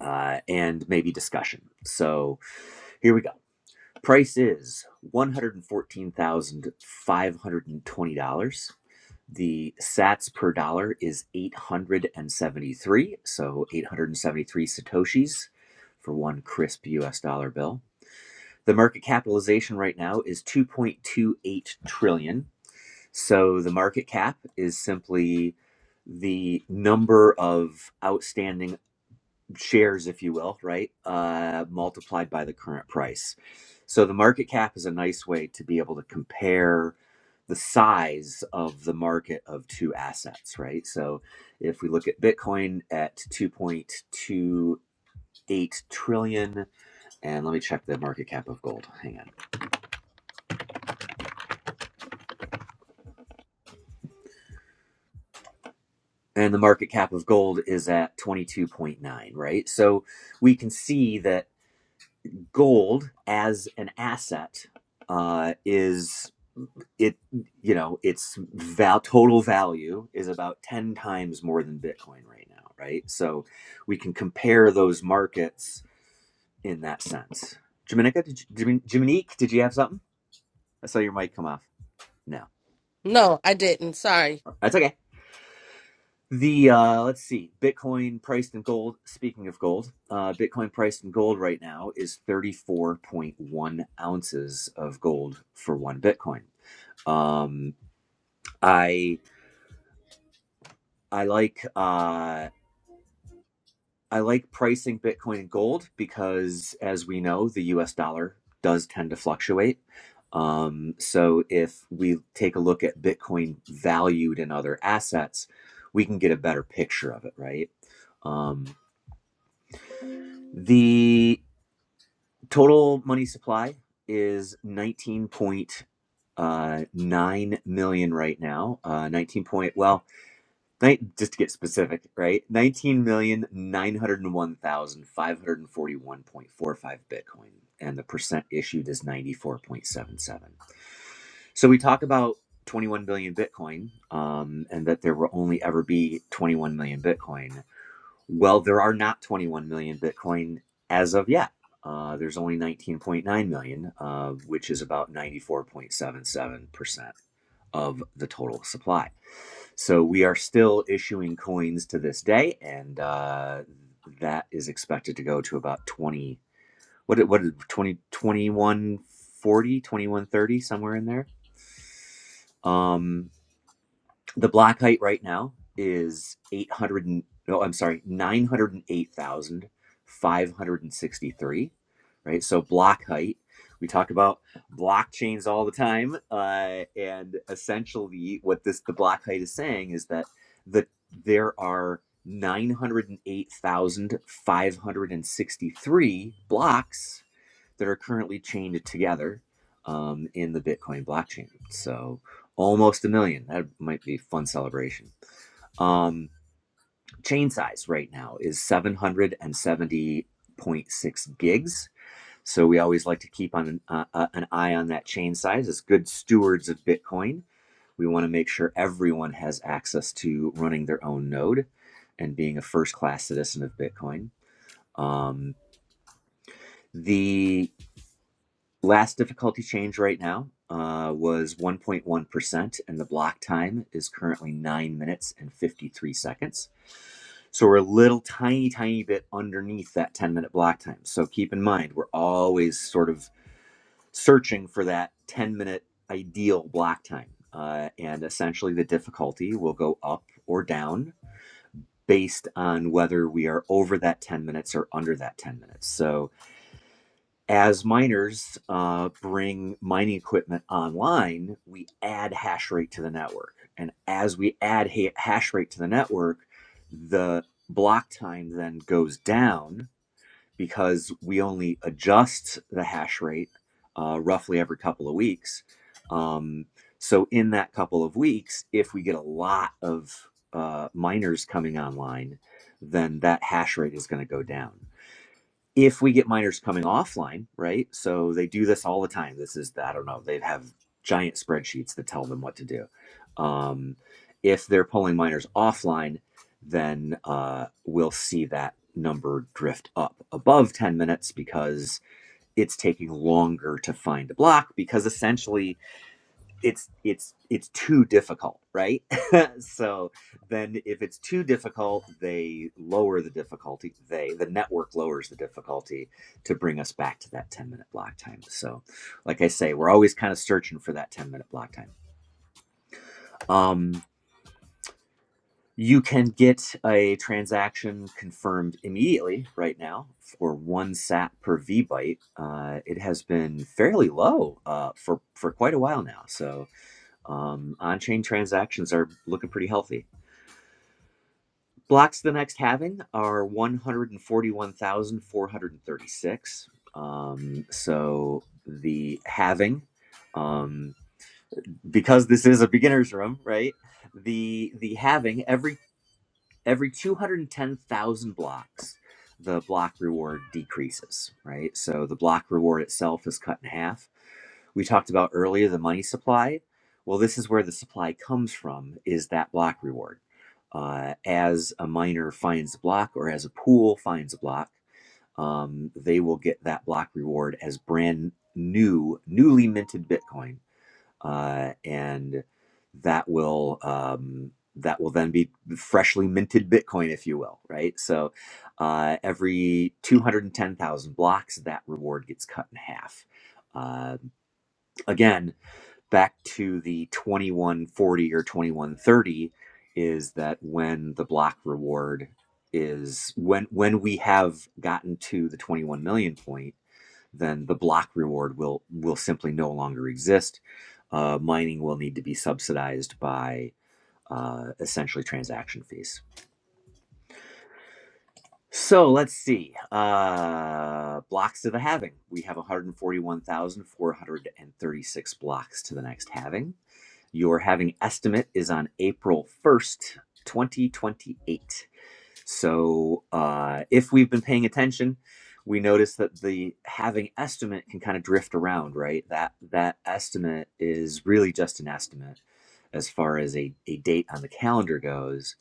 Speaker 3: uh, and maybe discussion. So here we go. Price is one hundred fourteen thousand five hundred and twenty dollars. The Sats per dollar is eight hundred and seventy-three, so eight hundred and seventy-three satoshis for one crisp U.S. dollar bill. The market capitalization right now is 2.28 trillion. So the market cap is simply the number of outstanding shares, if you will, right, uh, multiplied by the current price. So the market cap is a nice way to be able to compare the size of the market of two assets, right? So if we look at Bitcoin at 2.28 trillion, and let me check the market cap of gold. Hang on. and the market cap of gold is at 22.9 right so we can see that gold as an asset uh, is it you know its val- total value is about 10 times more than bitcoin right now right so we can compare those markets in that sense Dominica, did you, Domin- Dominique, did you have something? I saw your mic come off. No,
Speaker 2: No, I didn't. Sorry.
Speaker 3: that's okay. The uh, let's see, Bitcoin priced in gold. Speaking of gold, uh, Bitcoin priced in gold right now is 34.1 ounces of gold for one Bitcoin. Um, I I like uh, I like pricing Bitcoin in gold because, as we know, the U.S. dollar does tend to fluctuate. Um, so if we take a look at Bitcoin valued in other assets, we can get a better picture of it, right? Um, the Total money supply is 19.9 million right now. Uh, 19 point, well, just to get specific, right? 19,901,541.45 Bitcoin. And the percent issued is 94.77. So we talk about 21 billion Bitcoin um, and that there will only ever be 21 million Bitcoin well, there are not 21 million Bitcoin as of yet. Uh, there's only 19.9 million, uh, which is about 94.77% of the total supply. So we are still issuing coins to this day, and uh, that is expected to go to about 20, what, did- what, did- 20, twenty-one forty, twenty-one thirty, somewhere in there. Um, The black height right now is 800 and, no, I'm sorry, 908,563, right? So block height, we talk about blockchains all the time. Uh, and essentially what this, the block height is saying is that the, there are 908,563 blocks that are currently chained together um, in the Bitcoin blockchain. So, almost a million. That might be a fun celebration. Um, chain size right now is 770.6 gigs. So we always like to keep on an, uh, uh, an eye on that chain size as good stewards of Bitcoin. We want to make sure everyone has access to running their own node and being a first class citizen of Bitcoin. Um, the Last difficulty change right now uh, was 1.1%, and the block time is currently 9 minutes and 53 seconds. So we're a little tiny, tiny bit underneath that 10 minute block time. So keep in mind, we're always sort of searching for that 10 minute ideal block time. Uh, and essentially, the difficulty will go up or down based on whether we are over that 10 minutes or under that 10 minutes. So as miners uh, bring mining equipment online, we add hash rate to the network. And as we add ha- hash rate to the network, the block time then goes down because we only adjust the hash rate uh, roughly every couple of weeks. Um, so, in that couple of weeks, if we get a lot of uh, miners coming online, then that hash rate is going to go down if we get miners coming offline, right? So they do this all the time. This is, I don't know, they have giant spreadsheets that tell them what to do. Um, if they're pulling miners offline, then uh, we'll see that number drift up above 10 minutes because it's taking longer to find a block because essentially it's it's it's too difficult right [laughs] so then if it's too difficult they lower the difficulty they the network lowers the difficulty to bring us back to that 10 minute block time so like i say we're always kind of searching for that 10 minute block time um you can get a transaction confirmed immediately right now for one sat per v byte uh, it has been fairly low uh, for for quite a while now so Um, on-chain transactions are looking pretty healthy. Blocks the next halving are 141,436. Um, so the halving, um, because this is a beginner's room, right? The the halving every every 210,000 blocks, the block reward decreases, right? So the block reward itself is cut in half. We talked about earlier the money supply. Well, this is where the supply comes from, is that block reward. Uh, as a miner finds a block or as a pool finds a block, um, they will get that block reward as brand new, newly minted Bitcoin uh, and that will um, that will then be freshly minted Bitcoin, if you will, right? So uh, every two hundred and ten thousand blocks, that reward gets cut in half. Uh, again, back to the twenty one forty or twenty one thirty is that when the block reward is when when we have gotten to the 21 million point then the block reward will will simply no longer exist. Uh, mining will need to be subsidized by uh, essentially transaction fees. So let's see. Uh, blocks to the halving. We have 141,436 blocks to the next halving. Your halving estimate is on April 1st, 2028. So uh, if we've been paying attention, we notice that the having estimate can kind of drift around, right? That that estimate is really just an estimate as far as a, a date on the calendar goes,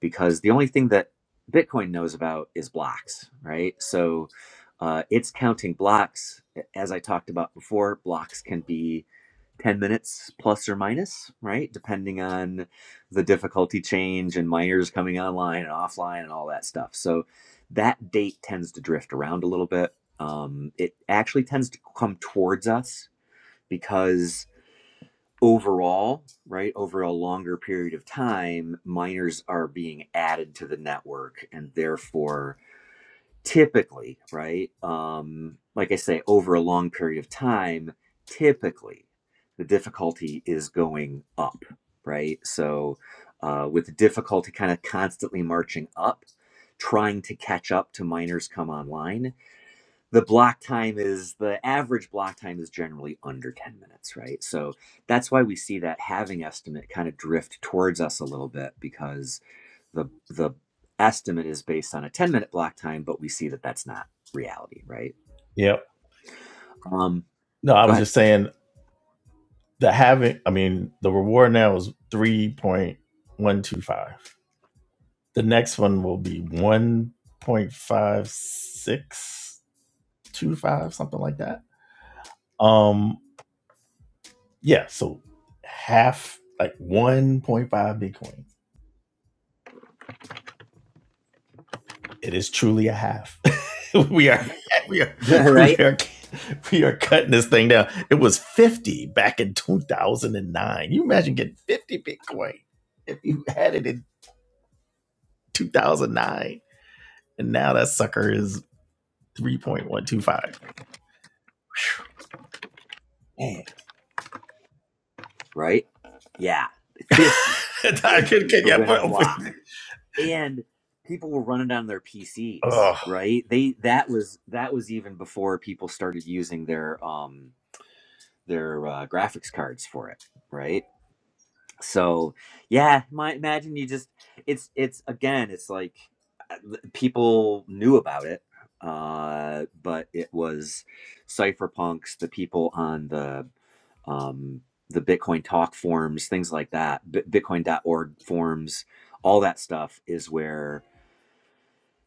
Speaker 3: because the only thing that Bitcoin knows about is blocks, right? So uh, it's counting blocks. As I talked about before, blocks can be 10 minutes plus or minus, right? Depending on the difficulty change and miners coming online and offline and all that stuff. So that date tends to drift around a little bit. Um, it actually tends to come towards us because overall, right, over a longer period of time, miners are being added to the network and therefore typically right um like i say over a long period of time typically the difficulty is going up right so uh, with the difficulty kind of constantly marching up trying to catch up to miners come online the block time is the average block time is generally under 10 minutes right so that's why we see that having estimate kind of drift towards us a little bit because the the estimate is based on a 10 minute block time but we see that that's not reality right
Speaker 1: Yep.
Speaker 3: um
Speaker 1: No, I
Speaker 3: go
Speaker 1: was
Speaker 3: ahead
Speaker 1: just saying the having, I mean, the reward now is 3.125. The next one will be 1.5625, something like that. Um, yeah, so half, like 1.5 Bitcoin. It is truly a half. [laughs] we are we are
Speaker 3: [laughs]
Speaker 1: [laughs] we
Speaker 3: right
Speaker 1: are we are cutting this thing down. It was 50 back in 2009. You imagine getting 50 Bitcoin if you had it in 2009, and now that sucker is 3.125. Man,
Speaker 3: right yeah
Speaker 1: [laughs]
Speaker 3: 50,
Speaker 1: I
Speaker 3: 50
Speaker 1: could, could
Speaker 3: for
Speaker 1: yeah,
Speaker 3: winning a
Speaker 1: but,
Speaker 3: block and people were running down their pcs
Speaker 1: oh,
Speaker 3: right they that was that was even before people started using their um their uh, graphics cards for it right so yeah my, imagine you just it's it's again it's like uh, th- people knew about it uh but it was cypherpunks the people on the um the bitcoin talk forums things like that Bit bitcoin.org forums all that stuff is where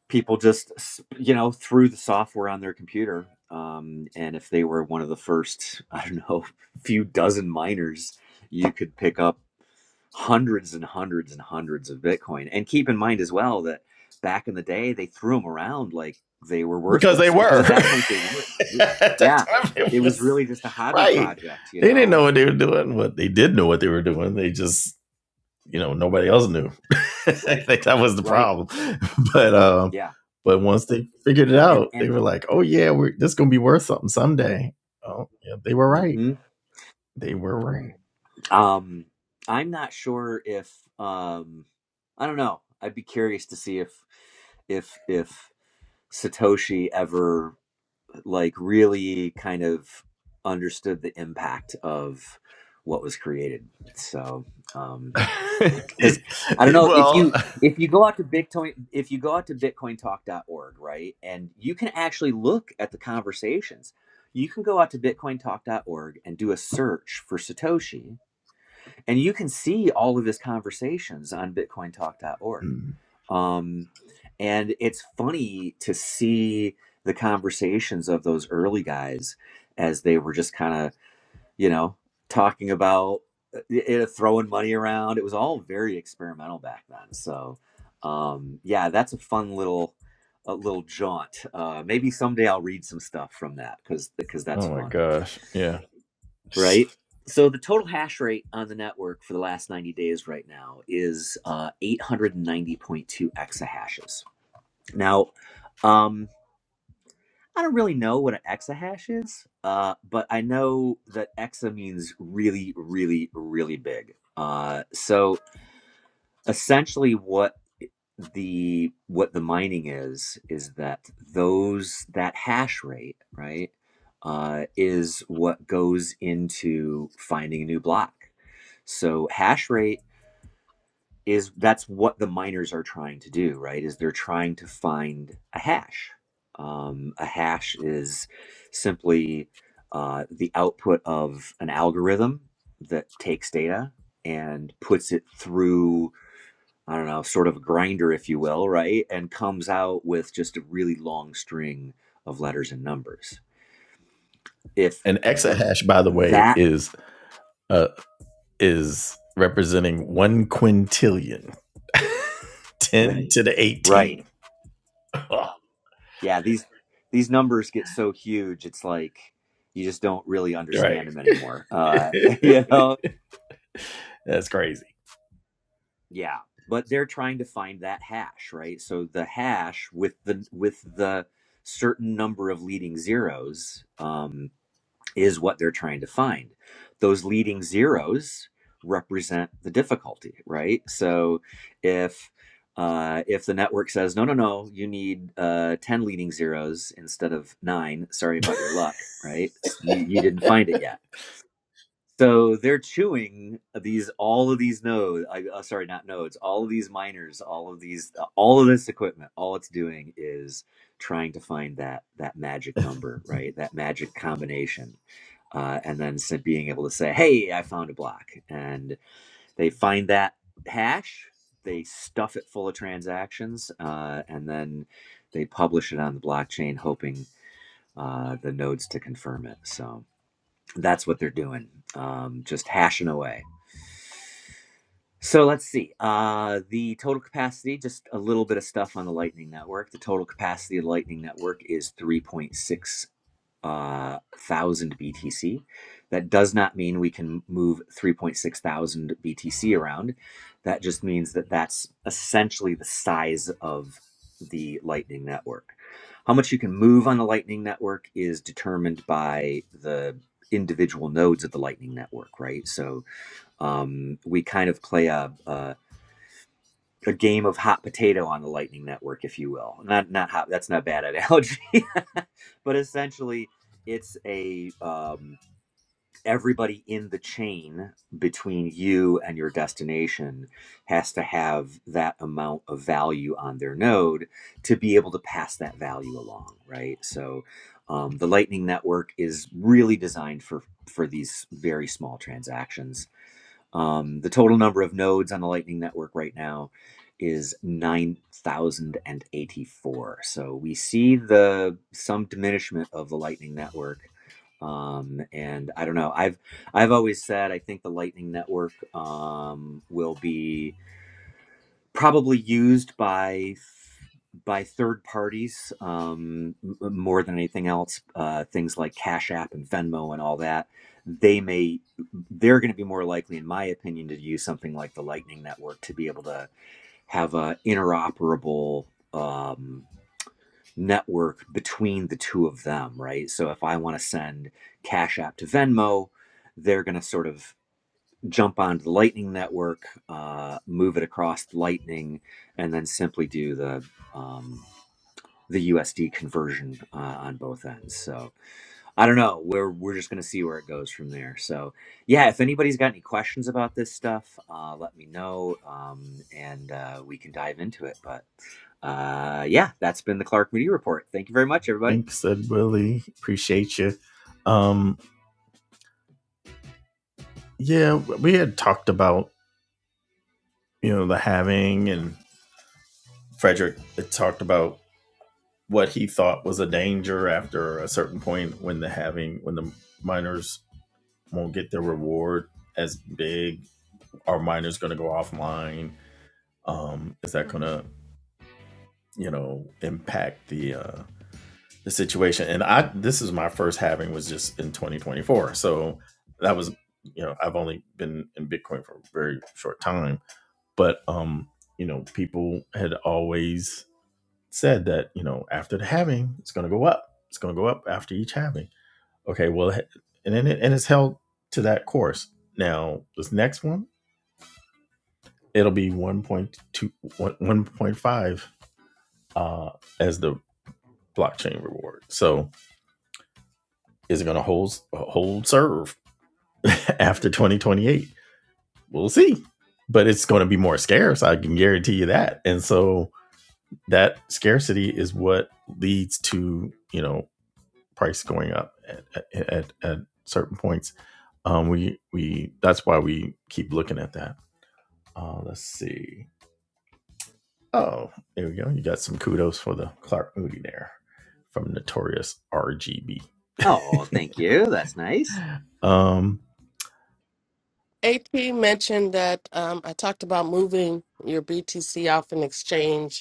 Speaker 3: people just s- you know threw the software on their computer um and if they were one of the first [laughs] i don't know [laughs] few dozen miners you could pick up hundreds and hundreds and hundreds of Bitcoin. And keep in mind as well that back in the day, they threw them around like they were
Speaker 1: because they
Speaker 3: worthless because
Speaker 1: were
Speaker 3: at
Speaker 1: [laughs]
Speaker 3: that point they were. right?
Speaker 1: at that
Speaker 3: Yeah,
Speaker 1: time.
Speaker 3: it
Speaker 1: It
Speaker 3: was
Speaker 1: was
Speaker 3: really just a hobby
Speaker 1: right.
Speaker 3: project, you
Speaker 1: They didn't
Speaker 3: know.
Speaker 1: know what they were doing, but they did know what they were doing. They just you know nobody else knew. [laughs] I think that was the
Speaker 3: Right.
Speaker 1: problem. [laughs] But um,
Speaker 3: Yeah.
Speaker 1: but once they figured it
Speaker 3: And
Speaker 1: out, they
Speaker 3: and
Speaker 1: were like, "Oh yeah, we're this gonna be worth something someday." Oh yeah, they were right.
Speaker 3: hmm
Speaker 1: They were right.
Speaker 3: um, I'm not sure if um, I don't know. I'd be curious to see if if if Satoshi ever like really kind of understood the impact of what was created so um
Speaker 1: [laughs]
Speaker 3: because i don't know if
Speaker 1: well,
Speaker 3: you if you go out to bitcoin if you go out to bitcoin talk dot org right and you can actually look at the conversations you can go out to bitcoin talk dot org and do a search for satoshi and you can see all of his conversations on bitcointalk.org um, and it's funny to see the conversations of those early guys as they were just kind of you know talking about uh, y- you know, throwing money around it was all very experimental back then so um, yeah that's a fun little a little jaunt uh, maybe someday i'll read some stuff from that because because that's
Speaker 1: oh my
Speaker 3: fun
Speaker 1: gosh, yeah.
Speaker 3: right? So the total hash rate on the network for the last 90 days right now is uh, 890.2 exahashes. Now, um, I don't really know what an exahash is, uh, but I know that exa means really, really, really big. Uh, so essentially, what the what the mining is is that those that hash rate right uh, is what goes into finding a new block so hash rate is that's what the miners are trying to do right is they're trying to find a hash um, a hash is simply uh, the output of an algorithm that takes data and puts it through I don't know, sort of a grinder, if you will, right? And comes out with just a really long string of letters and numbers. If
Speaker 1: An exahash, by the way,
Speaker 3: that,
Speaker 1: is uh is representing one quintillion, ten to the
Speaker 3: right?
Speaker 1: eighteen. Oh,
Speaker 3: Yeah, these these numbers get so huge, it's like you just don't really
Speaker 1: right,
Speaker 3: understand them anymore. Uh, [laughs] you know,
Speaker 1: [laughs] that's crazy.
Speaker 3: yeah. But they're trying to find that hash, right? So the hash with the with the certain number of leading zeros. Um, is what they're trying to find. Those leading zeros represent the difficulty, right? So if uh, if the network says no, no, no, you need uh, ten leading zeros instead of nine. Sorry about your luck, right? You, you didn't find it yet so they're chewing these all of these nodes. I, uh, sorry, not nodes. All of these miners. All of these. uh, All of this equipment. All it's doing is trying to find that that magic number, right? That magic combination, uh, and then s- being able to say, "Hey, I found a block," and they find that hash. They stuff it full of transactions, uh, and then they publish it on the blockchain, hoping uh, the nodes to confirm it. So that's what they're doing um, just hashing away so let's see uh, the total capacity just a little bit of stuff on the lightning network the total capacity of the lightning network is 3.6 uh, thousand BTC. That does not mean we can move 3.6 thousand BTC around. That just means that that's essentially the size of the Lightning Network. How much you can move on the Lightning Network is determined by the individual nodes of the Lightning Network, right? So um, we kind of play a, a a game of hot potato on the Lightning Network, if you will. Not not hot. That's not a bad analogy, [laughs] but essentially, it's a um, everybody in the chain between you and your destination has to have that amount of value on their node to be able to pass that value along, right? So, um, the Lightning Network is really designed for for these very small transactions um, the total number of nodes on the Lightning Network right now is 9,084. So we see the some diminishment of the Lightning Network. Um, and I don't know. I've I've always said I think the Lightning Network um, will be probably used by by third parties um, m- more than anything else. Uh, things like Cash App and Venmo and all that. They may they're going to be more likely, in my opinion, to use something like the Lightning Network to be able to have a interoperable um, network between the two of them, right? So if I want to send Cash App to Venmo, they're going to sort of jump onto the Lightning network, uh, move it across Lightning, and then simply do the um, the USD conversion uh, on both ends. So I don't know. We're we're just going to see where it goes from there. So yeah, if anybody's got any questions about this stuff, uh, let me know, um, and uh, we can dive into it. But uh, yeah, that's been the Clark Moody Report. Thank you very much, everybody.
Speaker 1: Thanks, said Willie. Appreciate you. Um, yeah, we had talked about you know the having and Frederick had talked about what he thought was a danger after a certain point when the having when the miners won't get their reward as big. Are miners going to go offline? Um, is that going to you know impact the uh, the situation. And I this is my first having was just in 2024. So that was you know, I've only been in Bitcoin for a very short time. But um, you know, people had always said that, you know, after the having, it's gonna go up. It's gonna go up after each having. Okay, well and then it and it's held to that course. Now this next one, it'll be 1.2 1.5 uh as the blockchain reward. So is it going to hold hold serve [laughs] after 2028. We'll see. But it's going to be more scarce. I can guarantee you that. And so that scarcity is what leads to, you know, price going up at, at, at certain points. Um, we, we, that's why we keep looking at that. Uh, let's see. Oh, there we go. You got some kudos for the Clark Moody there from Notorious RGB.
Speaker 3: Oh, thank you. That's nice.
Speaker 1: Um,
Speaker 2: AP mentioned that um, I talked about moving your BTC off an exchange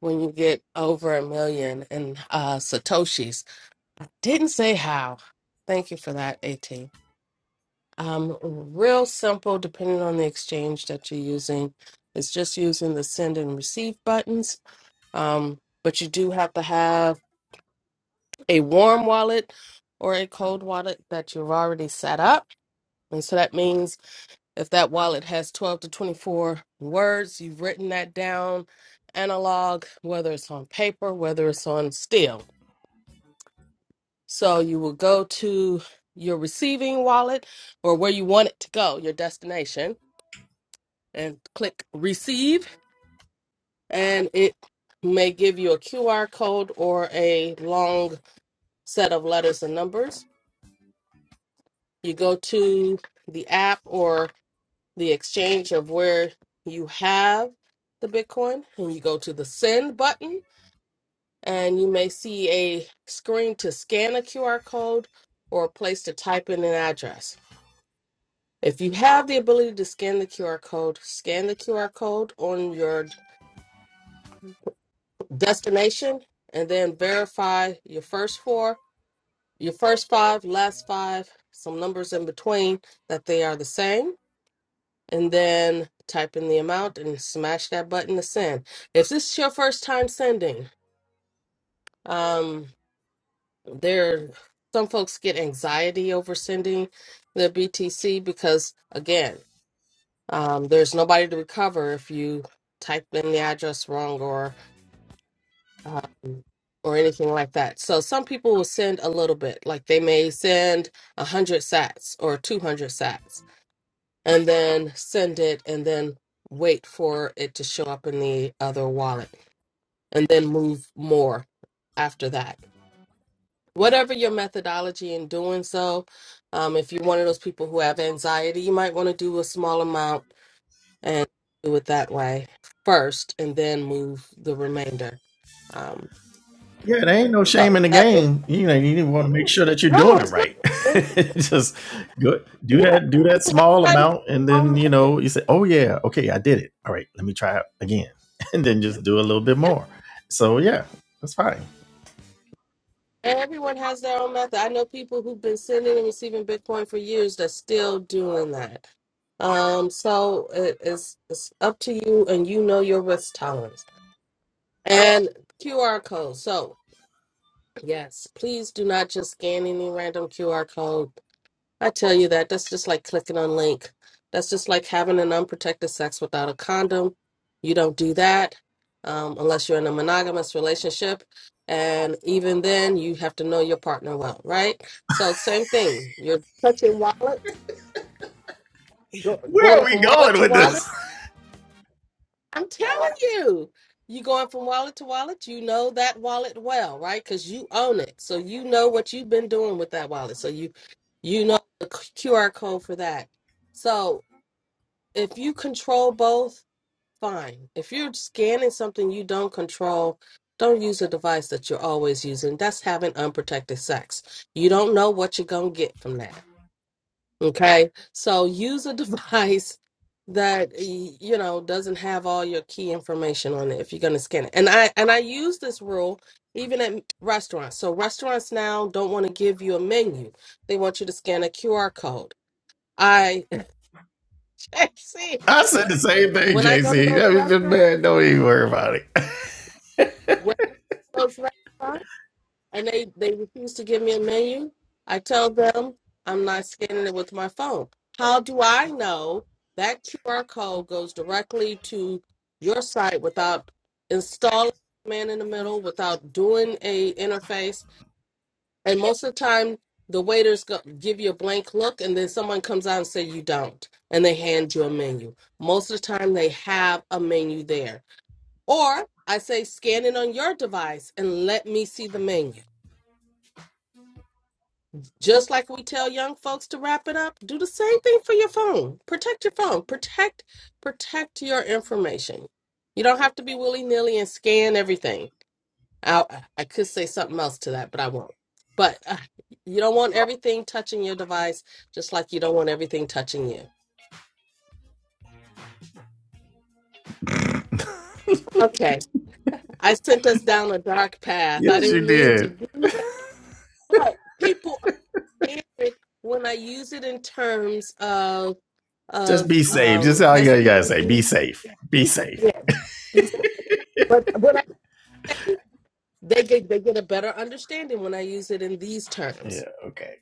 Speaker 2: when you get over a million in uh, Satoshis. I didn't say how. Thank you for that, AT. Um, real simple, depending on the exchange that you're using. It's just using the send and receive buttons. Um, but you do have to have a warm wallet or a cold wallet that you've already set up. And so that means if that wallet has 12 to 24 words, you've written that down analog, whether it's on paper, whether it's on steel So you will go to your receiving wallet or where you want it to go, your destination, and click receive, and it may give you a QR code or a long set of letters and numbers. You go to the app or the exchange of where you have the Bitcoin, and you go to the send button, and you may see a screen to scan a QR code or a place to type in an address. If you have the ability to scan the QR code, scan the QR code on your destination and then verify your first four, your first five, last five, some numbers in between that they are the same. And then type in the amount and smash that button to send. If this is your first time sending, um, there some folks get anxiety over sending their BTC because again, Um, there's nobody to recover if you type in the address wrong or um, or anything like that. So some people will send a little bit, like they may send a hundred sats or two hundred sats, and then send it, and then wait for it to show up in the other wallet, and then move more after that. Whatever your methodology in doing so, um, if you're one of those people who have anxiety, you might want to do a small amount and do it that way first and then move the remainder. Um,
Speaker 1: Yeah, there ain't no shame
Speaker 2: so
Speaker 1: in the
Speaker 2: that is
Speaker 1: game. You know, you want to make sure that you're
Speaker 2: no,
Speaker 1: doing it
Speaker 2: it's not.
Speaker 1: right. [laughs]
Speaker 2: It's,
Speaker 1: Just go, do
Speaker 2: yeah,
Speaker 1: that, do
Speaker 2: I
Speaker 1: that
Speaker 2: mean,
Speaker 1: small
Speaker 2: everybody has
Speaker 1: amount, and
Speaker 2: their own
Speaker 1: then you
Speaker 2: method.
Speaker 1: know you say, "Oh yeah, okay, I did it. All right, let me try it again," [laughs] and then just do a little bit
Speaker 2: Yeah,
Speaker 1: more. So yeah, that's fine.
Speaker 2: and everyone has their own method. I know people who've been sending and receiving Bitcoin for years that's still doing that. Um, so it is it's up to you, and you know your risk tolerance and QR code. So yes, please do not just scan any random QR code I tell you that that's just like clicking on link. That's just like having an unprotected sex without a condom. You don't do that um, unless you're in a monogamous relationship, and even then, you have to know your partner well, right? So same thing. You're touching wallets, go,
Speaker 1: Where are
Speaker 2: going
Speaker 1: we
Speaker 2: from wallet
Speaker 1: going
Speaker 2: to
Speaker 1: with
Speaker 2: wallet.
Speaker 1: this?
Speaker 2: I'm telling you, you going from wallet to wallet. You know that wallet well, right? Because you own it, so you know what you've been doing with that wallet. So you, you know the QR code for that. So if you control both, fine. If you're scanning something you don't control, don't use a device that you're always using. That's having unprotected sex. You don't know what you're going to get from that. Okay? So use a [laughs] device that y- you know doesn't have all your key information on it if you're going to scan it. And I and I use this rule even at restaurants. So restaurants now don't want to give you a menu. They want you to scan a QR code. I [laughs]
Speaker 1: [laughs]
Speaker 2: JC,
Speaker 1: I said the same thing,
Speaker 2: when I go to
Speaker 1: JC.
Speaker 2: those
Speaker 1: That was just
Speaker 2: restaurants
Speaker 1: man. Don't even worry about it. [laughs]
Speaker 2: when I go to the restaurant and they they refuse to give me a menu, I tell them I'm not scanning it with my phone. How do I know that QR code goes directly to your site without installing a man in the middle, without doing a interface? And most of the time, the waiters go, give you a blank look, and then someone comes out and say you don't, and they hand you a menu. Most of the time, they have a menu there or I say, scan it on your device and let me see the menu. Just like we tell young folks to wrap it up, do the same thing for your phone. Protect your phone. Protect protect your information. You don't have to be willy nilly and scan everything. I I could say something else to that, but I won't. But uh, you don't want everything touching your device, just like you don't want everything touching you. Okay, I sent us down a dark path. I
Speaker 1: yes, you
Speaker 2: didn't mean to
Speaker 1: did.
Speaker 2: do that, but people favorite when I use it in terms of
Speaker 1: Just
Speaker 2: of
Speaker 1: be safe. Just
Speaker 2: um
Speaker 1: all you gotta say. Be
Speaker 2: STDs.
Speaker 1: safe. Be safe.
Speaker 2: Yeah, these, but when I say they get they get a better understanding when I use it in these terms.
Speaker 1: Yeah. Okay.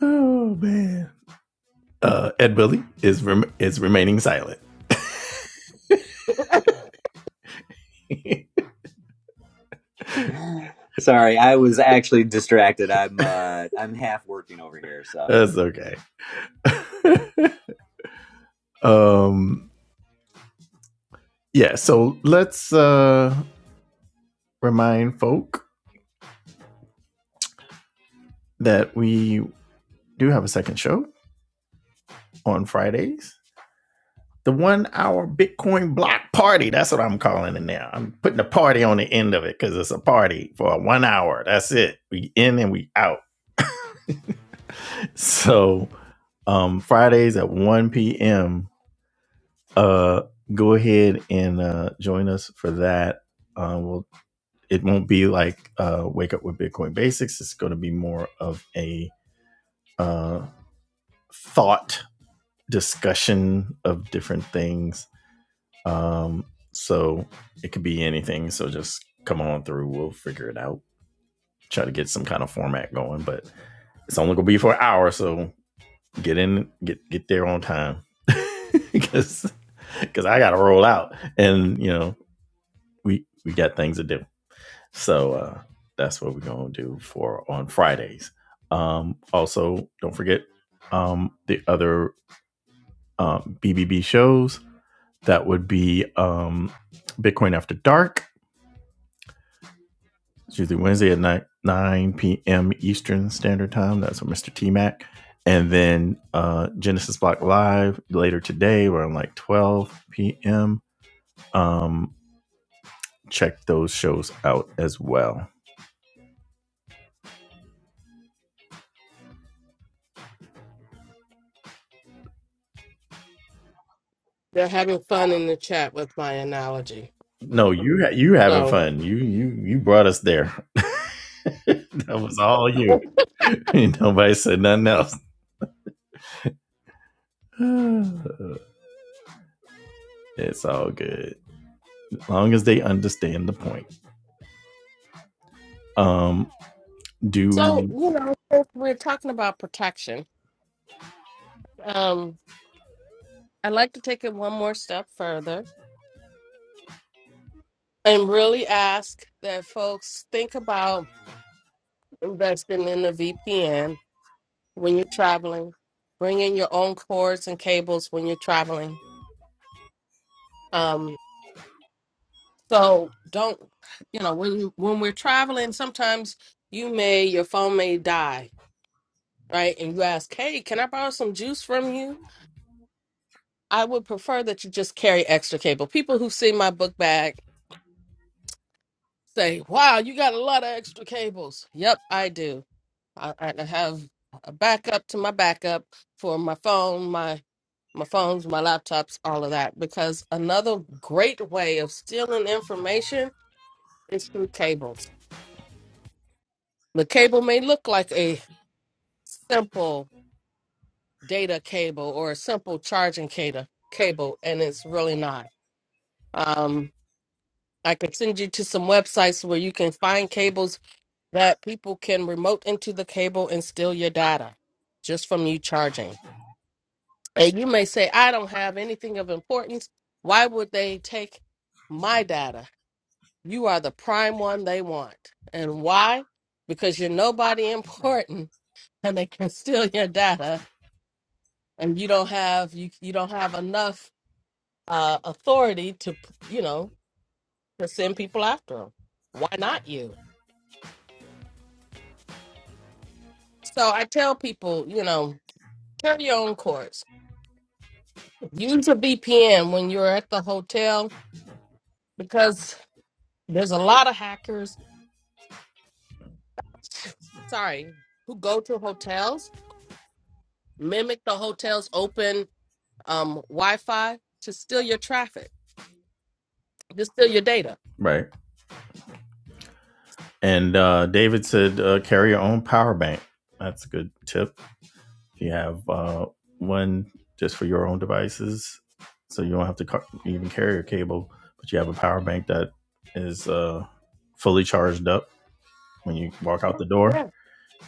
Speaker 1: Oh man. uh, Ed Willie is rem- is remaining silent.
Speaker 2: [laughs]
Speaker 3: Sorry, I was actually distracted. I'm uh I'm half working over here, so.
Speaker 1: That's okay. [laughs] um, yeah. So let's uh, remind folk that we do have a second show on Fridays. The one hour Bitcoin block party. That's what I'm calling it now. I'm putting a party on the end of it because it's a party for one hour. That's it. We in and we out. [laughs] So um Fridays at 1 p.m. Uh go ahead and uh join us for that. Um we'll it won't be like uh, wake up with Bitcoin basics. It's going to be more of a uh, thought discussion of different things. Um, so it could be anything. So just come on through. We'll figure it out. Try to get some kind of format going, but it's only going to be for an hour. So get in, get get there on time, because [laughs] because I got to roll out, and you know we we got things to do. So uh, that's what we're gonna do for on Fridays. Um, also, don't forget um, the other um, BBB shows. That would be um, Bitcoin After Dark. It's usually Wednesday at nine nine p.m. Eastern Standard Time. That's with Mr. T Mac, and then uh, Genesis Block Live later today, around like twelve p.m. Um, check those shows out as well.
Speaker 2: They're having fun in the chat with my analogy.
Speaker 1: No, you ha- you having
Speaker 2: So
Speaker 1: fun. You you you brought us there. [laughs] that was all you. [laughs] Nobody said nothing else. [sighs] it's all good. As long as they understand the point. Um,
Speaker 2: so
Speaker 1: do
Speaker 2: you know since we're talking about protection. Um, I'd like to take it one more step further and really ask that folks think about investing in a VPN when you're traveling. Bring in your own cords and cables when you're traveling. Um, so don't, you know, when when we're traveling, sometimes you may your phone may die, right? And you ask, "Hey, can I borrow some juice from you?" I would prefer that you just carry extra cable. People who see my book bag say, "Wow, you got a lot of extra cables." Yep, I do. I, I have a backup to my backup for my phone, my phones, my laptops, all of that. Because another great way of stealing information is through cables. The cable may look like a simple data cable or a simple charging cable, cable, and it's really not. Um, I can send you to some websites where you can find cables that people can remote into the cable and steal your data just from you charging. And you may say, I don't have anything of importance. Why would they take my data? You are the prime one they want. And why? Because you're nobody [laughs] important and they can steal your data and you don't have you you don't have enough uh authority to you know to send people after them. Why not you? So I tell people, you know, carry your own course. Use a VPN when you're at the hotel because there's a lot of hackers, sorry, who go to hotels, mimic the hotel's open um, Wi-Fi to steal your traffic, to steal your data.
Speaker 1: right. And uh, David said, uh, carry your own power bank. That's a good tip. If you have uh, one just for your own devices, so you don't have to car- even carry your cable, but you have a power bank that is uh, fully charged up when you walk out the door
Speaker 2: Yeah.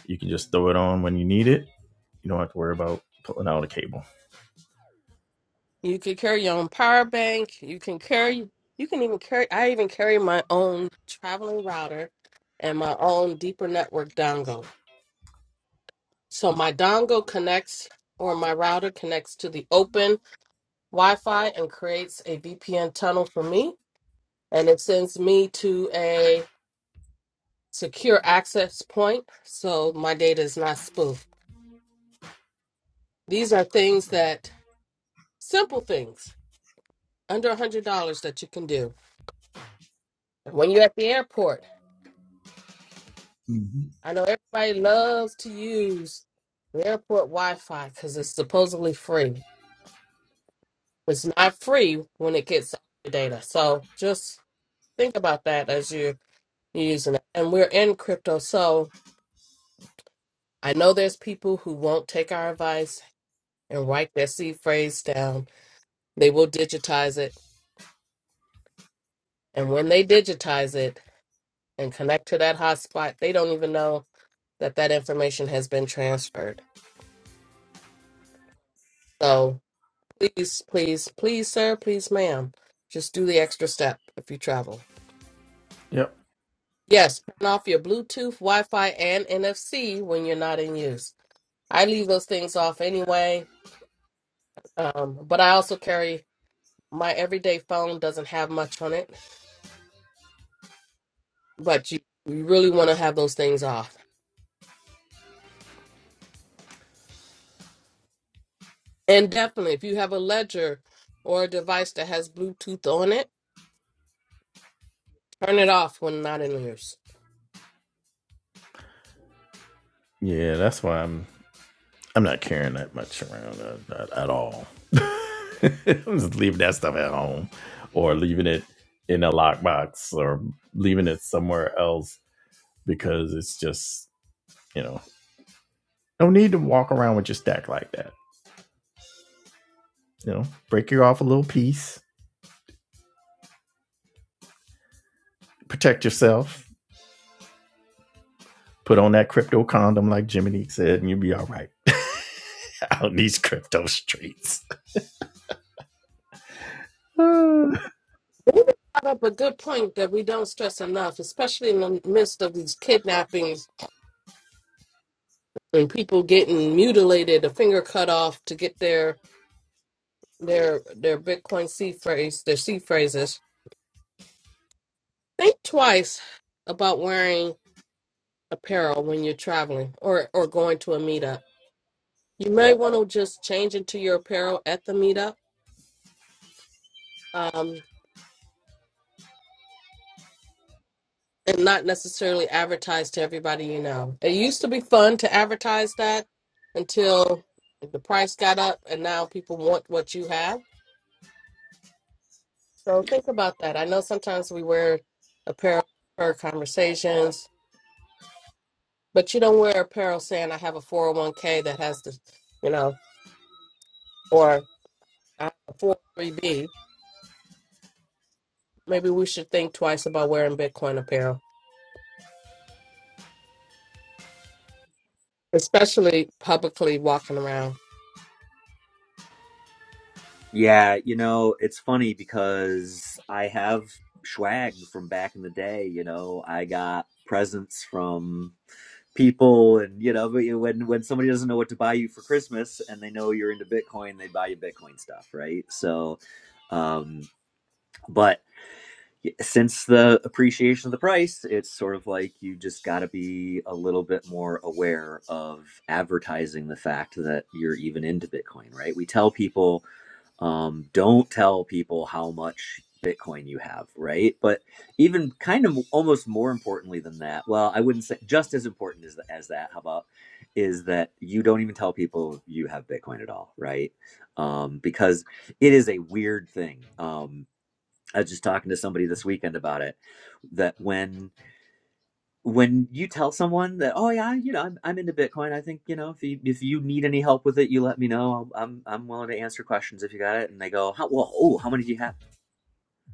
Speaker 1: You can just throw it on when you need it. You don't have to worry about pulling out a cable.
Speaker 2: You can carry your own power bank. You can carry. You can even carry. I even carry my own traveling router and my own deeper network dongle. So my dongle connects, or my router connects to the open Wi-Fi and creates a VPN tunnel for me, and it sends me to a secure access point, so my data is not spoofed. These are things that simple things under a hundred dollars that you can do when you're at the airport. I know everybody loves to use the airport Wi-Fi because it's supposedly free. It's not free when it gets your data, so just think about that as you you're using it. And we're in crypto, so I know there's people who won't take our advice and write their seed phrase down. They will digitize it, and when they digitize it and connect to that hotspot, they don't even know that that information has been transferred. So Please, please, please, sir, please, ma'am. Just do the extra step if you travel.
Speaker 1: Yep.
Speaker 2: Yes, turn off your Bluetooth, Wi Fi, and NFC when you're not in use. I leave those things off anyway, um, but I also carry my everyday phone, doesn't have much on it, but you, you really want to have those things off. And definitely, if you have a ledger or a device that has Bluetooth on it, turn it off when not in use.
Speaker 1: Yeah, that's why I'm I'm not carrying that much around uh, at, at all. [laughs] I'm just leaving that stuff at home, or leaving it in a lockbox, or leaving it somewhere else because it's just you know no need to walk around with your stack like that. You know, break you off a little piece, protect yourself, put on that crypto condom like Jiminy said, and you'll be all right [laughs] out in these crypto streets. Uh,
Speaker 2: Well, You brought up a good point that we don't stress enough, especially in the midst of these kidnappings and people getting mutilated, a finger cut off to get their their their Bitcoin seed phrase, their seed phrases. Think twice about wearing apparel when you're traveling or or going to a meetup. You may want to just change into your apparel at the meetup. um, and not necessarily advertise to everybody you know. It used to be fun to advertise that until the price got up and now people want what you have. So think about that. I know sometimes we wear apparel for conversations, but you don't wear apparel saying I have a 401k that has the, you know, or I have a 403b. Maybe we should think twice about wearing Bitcoin apparel. especially publicly walking around.
Speaker 3: Yeah, you know, it's funny because I have swag from back in the day, you know. I got presents from people and you know, but you- when when somebody doesn't know what to buy you for Christmas and they know you're into Bitcoin, they buy you Bitcoin stuff, right? So um but since the appreciation of the price, it's sort of like you just got to be a little bit more aware of advertising the fact that you're even into Bitcoin, right? We tell people, um, don't tell people how much Bitcoin you have, right? But even kind of almost more importantly than that, well, I wouldn't say just as important as, as that, how about is that you don't even tell people you have Bitcoin at all, right? Um, because it is a weird thing. Um, I was just talking to somebody this weekend about it that when when you tell someone that oh yeah you know I'm, I'm into Bitcoin I think you know if you if you need any help with it you let me know I'll, I'm I'm willing to answer questions if you got it and they go how well oh how many do you have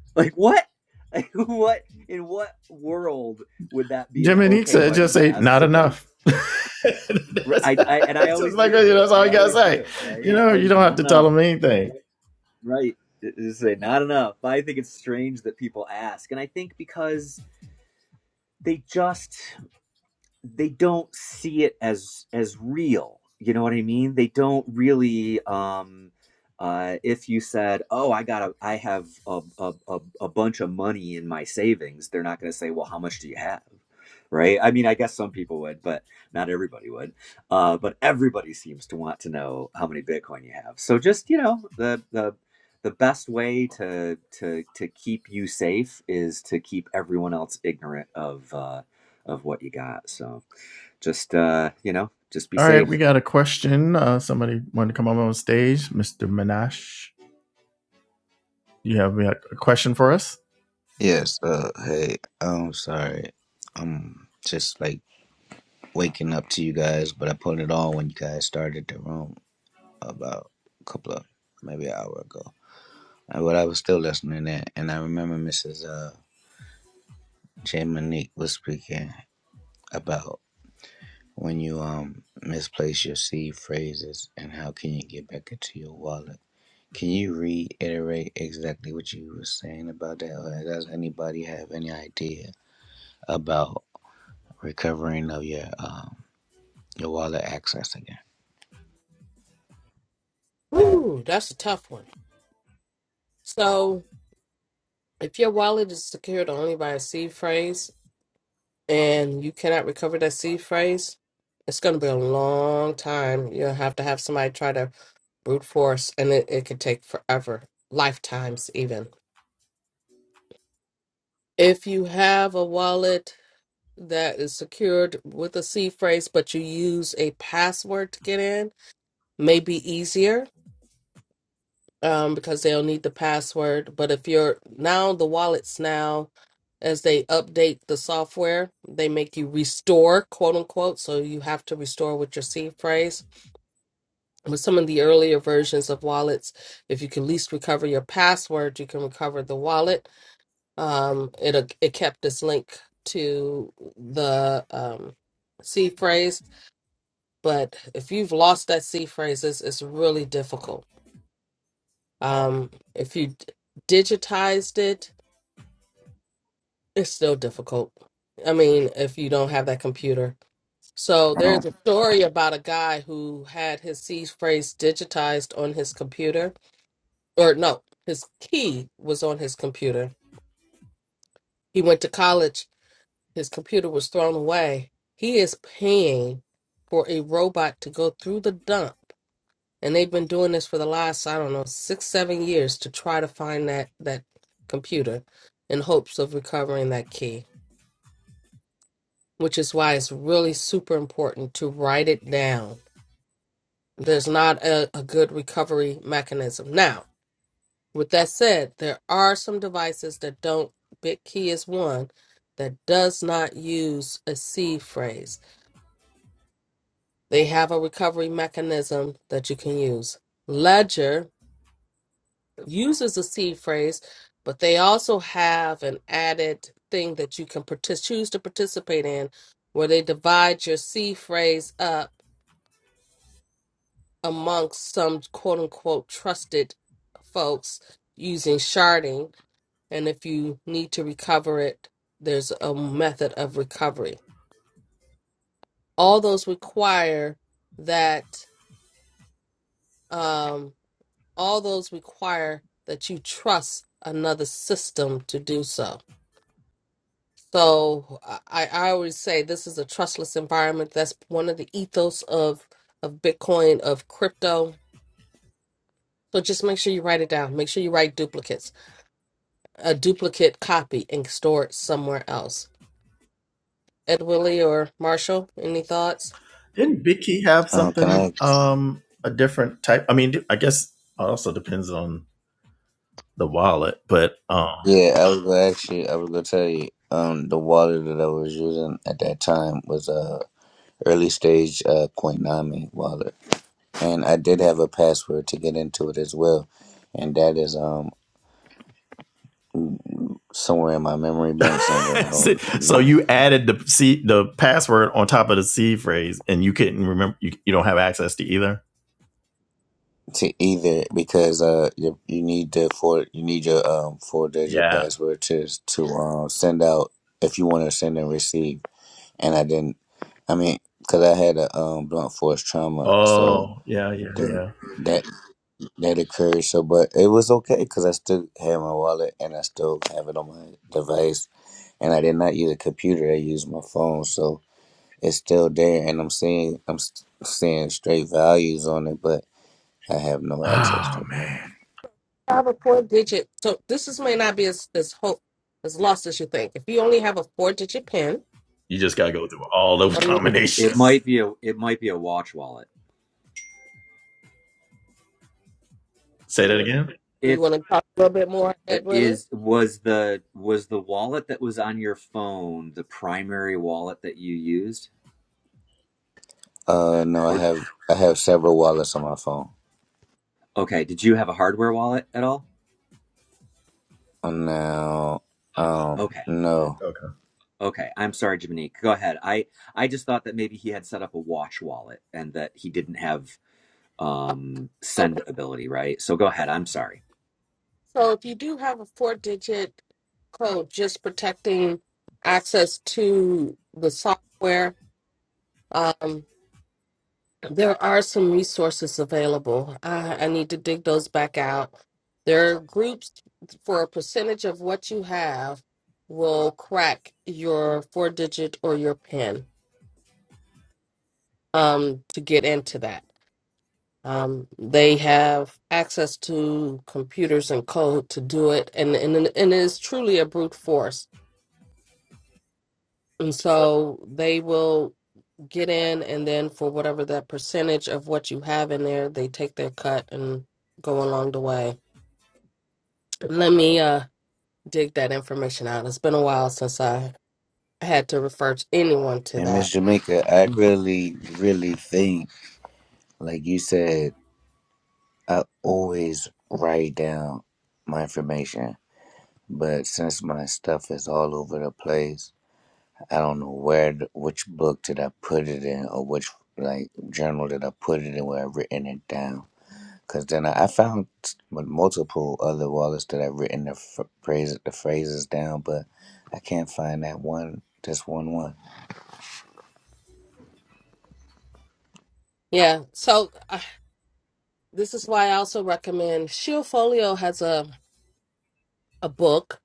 Speaker 3: [laughs] like what like what in what world would that be an
Speaker 1: Jiminy
Speaker 3: okay
Speaker 1: said,
Speaker 3: question
Speaker 1: just
Speaker 3: to
Speaker 1: ain't
Speaker 3: ask
Speaker 1: not
Speaker 3: somebody
Speaker 1: enough. [laughs]
Speaker 3: R-
Speaker 1: that's,
Speaker 3: I, I and I
Speaker 1: that's just
Speaker 3: always
Speaker 1: like, you
Speaker 3: do
Speaker 1: know, that's
Speaker 3: I
Speaker 1: all you got to
Speaker 3: always
Speaker 1: say.
Speaker 3: do
Speaker 1: You
Speaker 3: right I,
Speaker 1: know, you don't have
Speaker 3: not
Speaker 1: to tell
Speaker 3: enough
Speaker 1: them anything.
Speaker 3: right just say not enough I think it's strange that people ask and I think because they just they don't see it as as real you know what i mean they don't really um uh, if you said, "Oh, I got a, I have a, a, a, a bunch of money in my savings," they're not going to say, "Well, how much do you have?" Right? I mean, I guess some people would, but not everybody would. Uh, but everybody seems to want to know how many Bitcoin you have. So just you know, the the the best way to to to keep you safe is to keep everyone else ignorant of uh, of what you got. So. Just uh, you know, just be
Speaker 1: All right, we
Speaker 3: safe.
Speaker 1: got a question. Uh, somebody wanted to come up on stage. Mr. Minash, you have a a question for us?
Speaker 4: Yes, uh hey, I'm sorry. I'm just like waking up to you guys, but I put it on when you guys started the room about a couple of maybe an hour ago. Uh, But I was still listening in and I remember Mrs. uh J Monique was speaking about when you um misplace your seed phrases and how can you get back into your wallet. Can you reiterate exactly what you were saying about that? Or does anybody have any idea about recovering of your um, your wallet access again.
Speaker 2: Ooh, that's a tough one. So, if your wallet is secured only by a seed phrase and you cannot recover that seed phrase, it's going to be a long time. You'll have to have somebody try to brute force, and it, it could take forever, lifetimes even. If you have a wallet that is secured with a C phrase, but you use a password to get in, may be easier um, because they'll need the password. But if you're now the wallets now, as they update the software, they make you restore, quote unquote. So you have to restore with your C phrase. With some of the earlier versions of wallets, if you can at least recover your password, you can recover the wallet. Um, it it kept this link to the um, C phrase but if you've lost that C phrases, it's really difficult. Um, if you d- digitized it, it's still difficult. I mean, if you don't have that computer. So there's
Speaker 4: Um,
Speaker 2: a story about a guy who had his C phrase digitized on his computer, or no, his key was on his computer. He went to college, his computer was thrown away. He is paying for a robot to go through the dump and they've been doing this for the last i don't know six seven years to try to find that that computer in hopes of recovering that key which is why it's really super important to write it down there's not a, a good recovery mechanism now with that said there are some devices that don't bitkey is one that does not use a c phrase they have a recovery mechanism that you can use ledger uses the seed phrase, but they also have an added thing that you can partic- choose to participate in where they divide your seed phrase up amongst some quote unquote trusted folks using sharding. And if you need to recover it, there's a method of recovery. All those require that, um, all those require that you trust another system to do so So I, I always say this is a trustless environment. That's one of the ethos of of Bitcoin, of crypto. So just make sure you write it down. Make sure you write duplicates, a duplicate copy, and store it somewhere else. Ed Willie or Marshall, any thoughts?
Speaker 1: Didn't Vicky have
Speaker 4: um, can
Speaker 1: something,
Speaker 4: I?
Speaker 1: um, a different type? I mean, I guess it also depends on the wallet, but um,
Speaker 4: Yeah, I was gonna actually, I was gonna tell you. Um, the wallet that I was using at that time was a early stage uh Coinami wallet, and I did have a password to get into it as well, and that is um somewhere in my memory bank somewhere.
Speaker 1: [laughs]
Speaker 4: I don't
Speaker 1: so
Speaker 4: know
Speaker 1: you added the C, the password on top of the C phrase, and you couldn't remember. You, you don't have access to either.
Speaker 4: to either because uh you, you need the four you need your um four digit
Speaker 1: Yeah.
Speaker 4: password to to um send out if you want to send and receive. and I didn't. I mean, because I had a um, blunt force trauma, so
Speaker 1: Oh, yeah, yeah,
Speaker 4: that
Speaker 1: yeah.
Speaker 4: that that occurred. So, but it was okay because I still had my wallet and I still have it on my device, and I did not use a computer. I used my phone, so it's still there, and I'm seeing I'm s- seeing straight values on it, but I have no access to
Speaker 1: Oh
Speaker 4: it.
Speaker 1: man,
Speaker 2: I have a four digit. So this is may not be as as hope as lost as you think. If you only have a four digit pin
Speaker 1: you just gotta go through all those [laughs]
Speaker 2: on your,
Speaker 3: It
Speaker 1: combinations.
Speaker 3: might be a it might be a watch wallet.
Speaker 1: Say that again.
Speaker 2: you
Speaker 3: If
Speaker 2: want to talk a little bit more,
Speaker 3: uh,
Speaker 2: Ed Willie?
Speaker 3: is was the was the wallet that was on your phone the primary wallet that you used?
Speaker 4: Uh, no, I
Speaker 3: Or
Speaker 4: have I have several wallets on my phone
Speaker 3: okay, did you have a hardware wallet at all?
Speaker 4: Uh, now. Um,
Speaker 3: Okay.
Speaker 4: no.
Speaker 1: Okay.
Speaker 3: Okay, I'm sorry, Jiminique. Go ahead. I I just thought that maybe he had set up a watch wallet and that he didn't have um send ability, right? So go ahead. I'm sorry.
Speaker 2: So if you do have a four digit code, just protecting access to the software, um, there are some resources available. I, I need to dig those back out. There are groups for a percentage of what you have will crack your four digit or your PIN um, to get into that. Um, they have access to computers and code to do it, and, and, and it is truly a brute force And so they will get in, and then for whatever that percentage of what you have in there, they take their cut and go along the way. Let me uh, dig that information out. It's been a while since I had to refer to anyone to
Speaker 4: And Miss
Speaker 2: that.
Speaker 4: Jamaica, I really, really think Like you said, I always write down my information, but since my stuff is all over the place, I don't know where, th- which book did I put it in, or which like journal did I put it in where I've written it down. Cause then I, I found with multiple other wallets that I've written the f- phrase, the phrases down, but I can't find that one, just one one.
Speaker 2: Yeah, so uh, this is why I also recommend Shieldfolio has a a book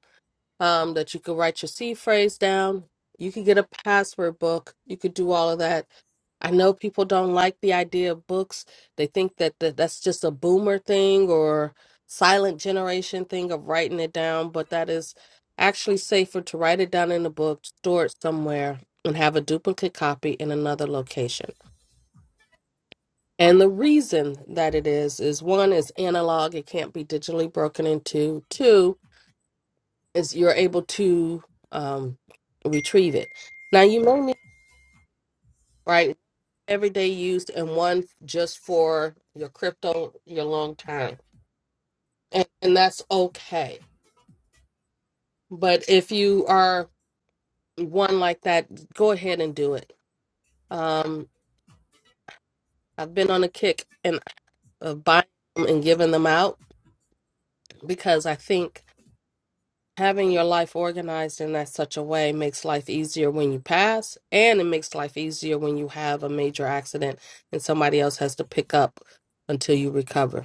Speaker 2: um, that you could write your seed phrase down. You could get a password book. You could do all of that I know people don't like the idea of books. They think that the, that's just a boomer thing or silent generation thing of writing it down, but that is actually safer to write it down in a book, store it somewhere, and have a duplicate copy in another location. And the reason that it is is one is analog, it can't be digitally broken into. Two is you're able to um, retrieve it. Now you may need right everyday use and one just for your crypto, your long time. And, and that's okay. But if you are one like that, go ahead and do it. Um, I've been on a kick and of buying them and giving them out because I think having your life organized in that such a way makes life easier when you pass and it makes life easier when you have a major accident and somebody else has to pick up until you recover.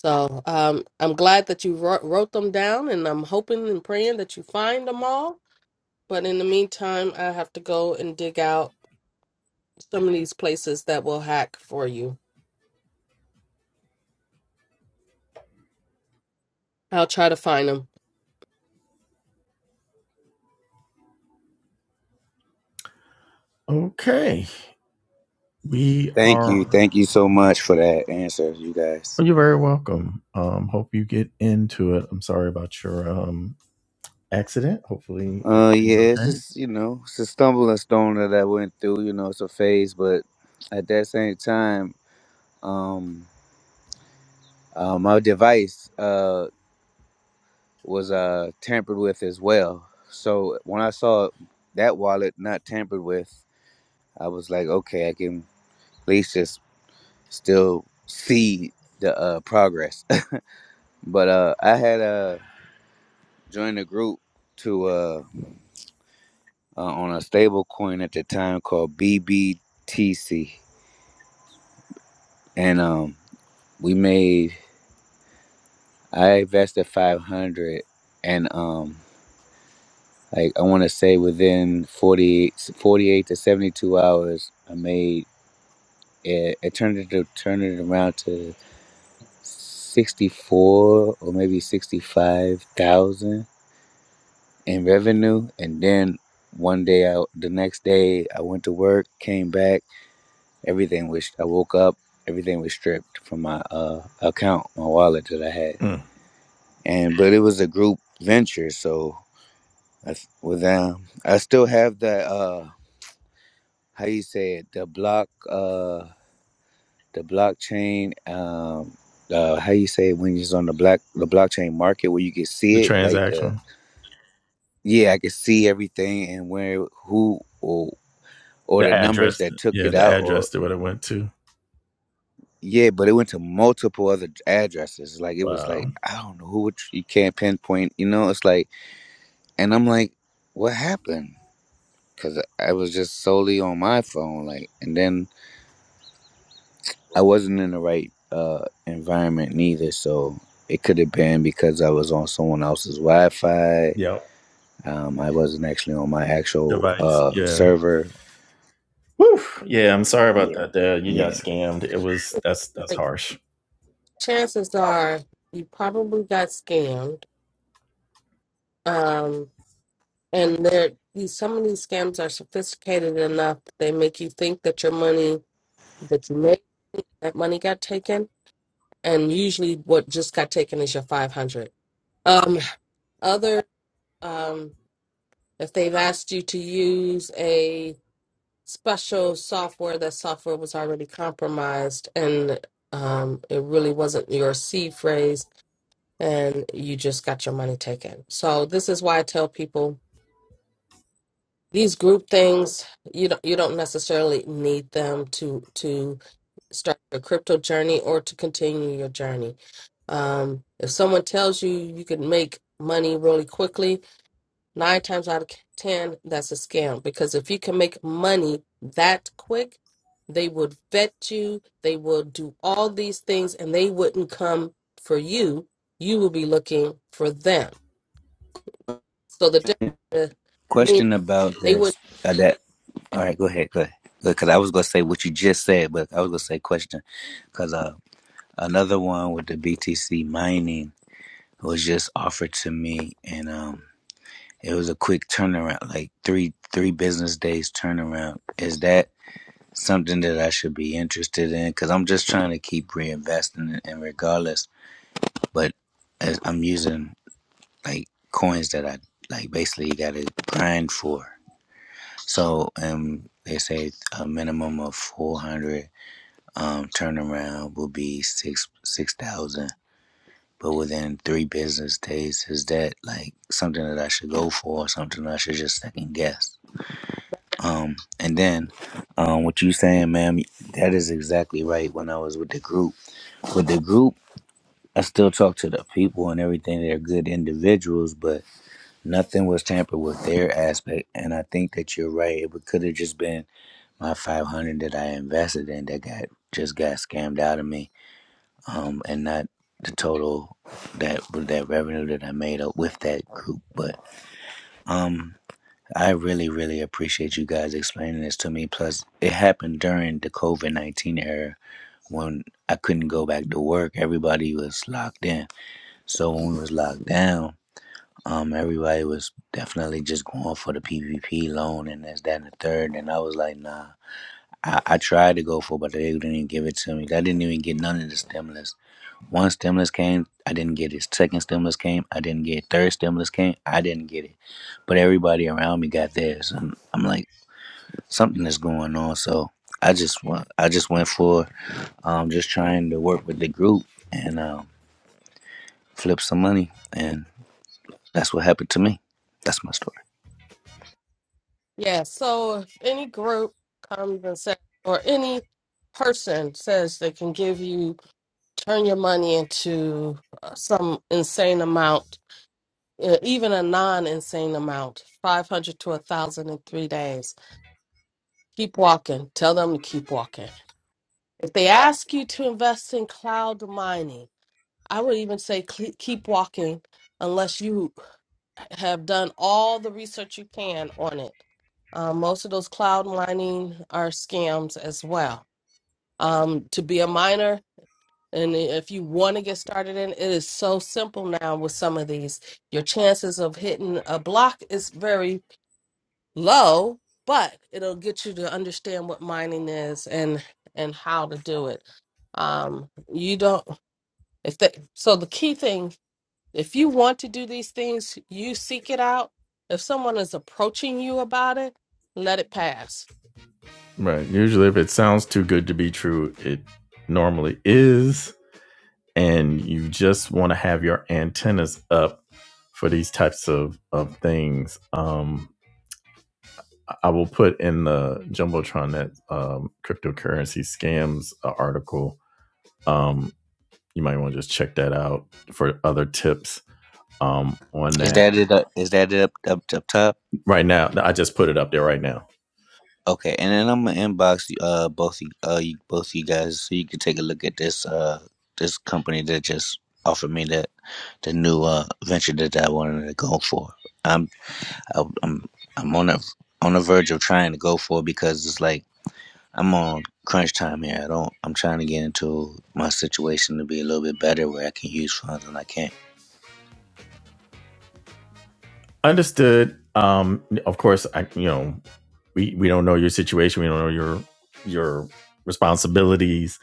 Speaker 2: So um, I'm glad that you wrote, wrote them down, and I'm hoping and praying that you find them all. But in the meantime, I have to go and dig out some of these places that will hack for you. I'll try to find them.
Speaker 1: Okay. We
Speaker 4: Thank you,
Speaker 1: are
Speaker 4: thank you so much for that answer, you guys.
Speaker 1: Well, you're very welcome. Um, hope you get into it. I'm sorry about your um accident. Hopefully
Speaker 4: Uh, yeah,
Speaker 1: everything's
Speaker 4: it's
Speaker 1: okay.
Speaker 4: just you know, it's a stumbling stone that I went through. You know, it's a phase, but at that same time, um, uh, my device uh was uh tampered with as well. So when I saw that wallet not tampered with, I was like, okay, I can at least just still see the uh progress. [laughs] but uh, I had uh joined a group to uh uh, on a stable coin at the time called BBTC. And um we made i invested 500 and um like i want to say within 48 forty-eight to 72 hours i made it, it turned it to turned it around to 64 or maybe 65 thousand in revenue and then one day out the next day i went to work came back everything was i woke up everything was stripped from my uh account my wallet that i had
Speaker 1: Mm.
Speaker 4: and but it was a group venture so I s- was down. I still have that. Uh, how you say it? The block. Uh, the blockchain. Um, uh, how you say it when it's on the black the blockchain market where you can
Speaker 1: The
Speaker 4: see it? Like the
Speaker 1: transaction,
Speaker 4: yeah, I can see everything and where who or or
Speaker 1: the
Speaker 4: the numbers
Speaker 1: address,
Speaker 4: that took
Speaker 1: yeah,
Speaker 4: it
Speaker 1: the
Speaker 4: out or
Speaker 1: address to what it went to.
Speaker 4: yeah, but it went to multiple other addresses. Like it was like
Speaker 1: Wow.
Speaker 4: I don't know who which you can't pinpoint. You know, it's like and I'm like, what happened? Because I was just solely on my phone, like, and then I wasn't in the right uh, environment neither, so it could have been because I was on someone else's Wi-Fi.
Speaker 1: Yep.
Speaker 4: Um, I wasn't actually on my actual
Speaker 1: Device.
Speaker 4: uh,
Speaker 1: Yeah.
Speaker 4: server.
Speaker 1: Woo. Yeah. I'm sorry about that. Dad. You got
Speaker 4: Yeah.
Speaker 1: scammed. It was that's that's harsh.
Speaker 2: Chances are you probably got scammed. Um, And they're, these, some of these scams are sophisticated enough that they make you think that your money that you made, that money got taken. And usually what just got taken is your 500. Um, other, um, if they've asked you to use a special software, that software was already compromised and um, it really wasn't your C phrase and you just got your money taken. So this is why I tell people these group things you don't you don't necessarily need them to to start your crypto journey or to continue your journey um if someone tells you you can make money really quickly nine times out of ten that's a scam because if you can make money that quick they would vet you they will do all these things and they wouldn't come for you you will be looking for them so the difference means
Speaker 4: Question about
Speaker 2: they wouldn't
Speaker 4: this. Uh, that. All right. Go ahead. Go ahead. Because I was gonna say what you just said, but I was gonna say question. Because uh, another one with the BTC mining was just offered to me, and um, it was a quick turnaround, like three three business days turnaround. Is that? something that I should be interested in because I'm just trying to keep reinvesting in, in regardless. But as I'm using like coins that I like basically got to grind for. So um, they say a minimum of 400 um, turnaround will be six six thousand. But within three business days, is that like something that I should go for, or something I should just second guess? Um, and then, um, what you saying, ma'am? That is exactly right. When I was with the group, with the group, I still talk to the people and everything. They're good individuals, but nothing was tampered with their aspect. And I think that you're right. It could have just been my 500 that I invested in that got just got scammed out of me, um, and not the total that that revenue that I made up with that group. But um, I really, really appreciate you guys explaining this to me. Plus, it happened during the COVID 19 era when I couldn't go back to work. Everybody was locked in. So when we was locked down, um, everybody was definitely just going for the PPP loan and this, that, and the third. And I was like, nah. I, I tried to go for, it, but they didn't even give it to me. I didn't even get none of the stimulus. One stimulus came, I didn't get it. Second stimulus came, I didn't get it. Third stimulus came, I didn't get it. But everybody around me got theirs. And I'm like, something is going on. So I just went, I just went for um, just trying to work with the group and um, flip some money. and. That's what happened to me. That's my story.
Speaker 2: Yeah, so if any group comes and says, or any person says they can give you, turn your money into uh, some insane amount, uh, even a non-insane amount, 500 to a 1,000 in three days, keep walking. Tell them to keep walking. If they ask you to invest in cloud mining, I would even say cle keep walking unless you have done all the research you can on it. Um, most of those cloud mining are scams as well. Um, to be a miner, and if you want to get started in, it is so simple now with some of these. Your chances of hitting a block is very low, but it'll get you to understand what mining is and and how to do it. Um, you don't if they, so the key thing if you want to do these things, you seek it out. If someone is approaching you about it, let it pass.
Speaker 1: Right. Usually, if it sounds too good to be true, it normally is. And you just want to have your antennas up for these types of, of things. Um, I- will put in the Jumbotron that um, cryptocurrency scams uh, article. Um, you might want to just check that out for other tips um, on
Speaker 4: Is
Speaker 1: that.
Speaker 4: that it? Up, is that it up, up up top?
Speaker 1: right now. I just put it up there right now.
Speaker 4: Okay, and then I'm gonna inbox uh both you, uh you, both you guys so you can take a look at this uh this company that just offered me that the new uh venture that I wanted to go for. I'm I, I'm I'm on a on the verge of trying to go for it because it's like I'm on crunch time here. I don't. I'm trying to get into my situation to be a little bit better where I can use funds and I can't.
Speaker 1: Understood. Um, of course, I you know we we don't know your situation. We don't know your your responsibilities.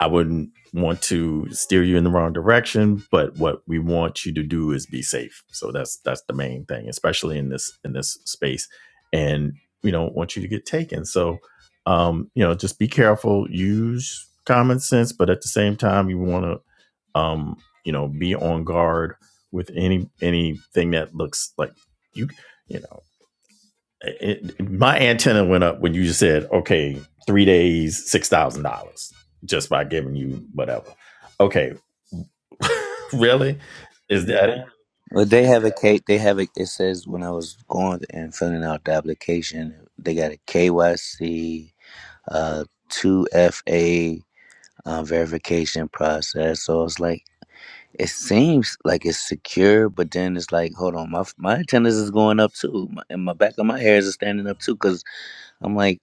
Speaker 1: I wouldn't want to steer you in the wrong direction, but what we want you to do is be safe. So that's that's the main thing, especially in this in this space. And we don't want you to get taken. So um, you know, just be careful, use common sense, but at the same time you want to um you know be on guard with any anything that looks like you you know it, it- my antenna went up when you just said okay three days six thousand dollars just by giving you whatever okay [laughs] really is that it
Speaker 4: But they have a K. They have a. It says when I was going and filling out the application, they got a KYC, uh, two FA uh, verification process. So it's like it seems like it's secure, but then it's like, hold on, my my attendance is going up too, my, and my back of my hairs is standing up too, because I'm like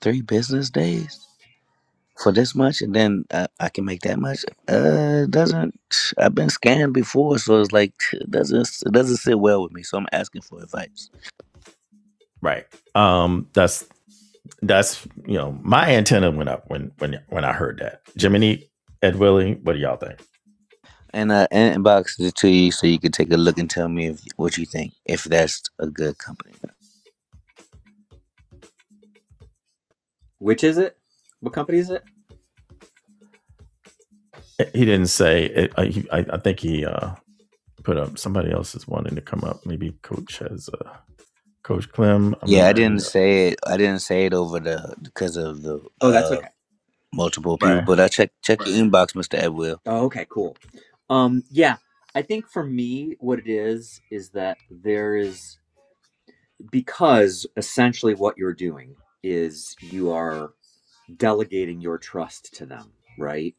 Speaker 4: three business days for this much and then I, I can make that much. Uh, doesn't I've been scammed before, so it's like it doesn't it doesn't sit well with me. So I'm asking for advice,
Speaker 1: right um that's that's you know my antenna went up when when when i heard that jiminy ed willie what do y'all think
Speaker 4: and I inboxed it to you so you could take a look and tell me if, what you think if that's a good company.
Speaker 3: Which is it? What company is it?
Speaker 1: he didn't say it, I, he, I i think he uh put up somebody else's wanting to come up maybe coach has uh Coach Clem. I
Speaker 4: Yeah, I
Speaker 1: remember.
Speaker 4: didn't
Speaker 1: Yeah.
Speaker 4: say it. I didn't say it over the because of the
Speaker 3: Oh, that's okay.
Speaker 4: uh multiple people,
Speaker 1: Right.
Speaker 4: but I check check the inbox, Mister Edwill.
Speaker 3: Oh, okay, cool. Um, yeah, I think for me, what it is is that there is because essentially what you're doing is you are delegating your trust to them, right?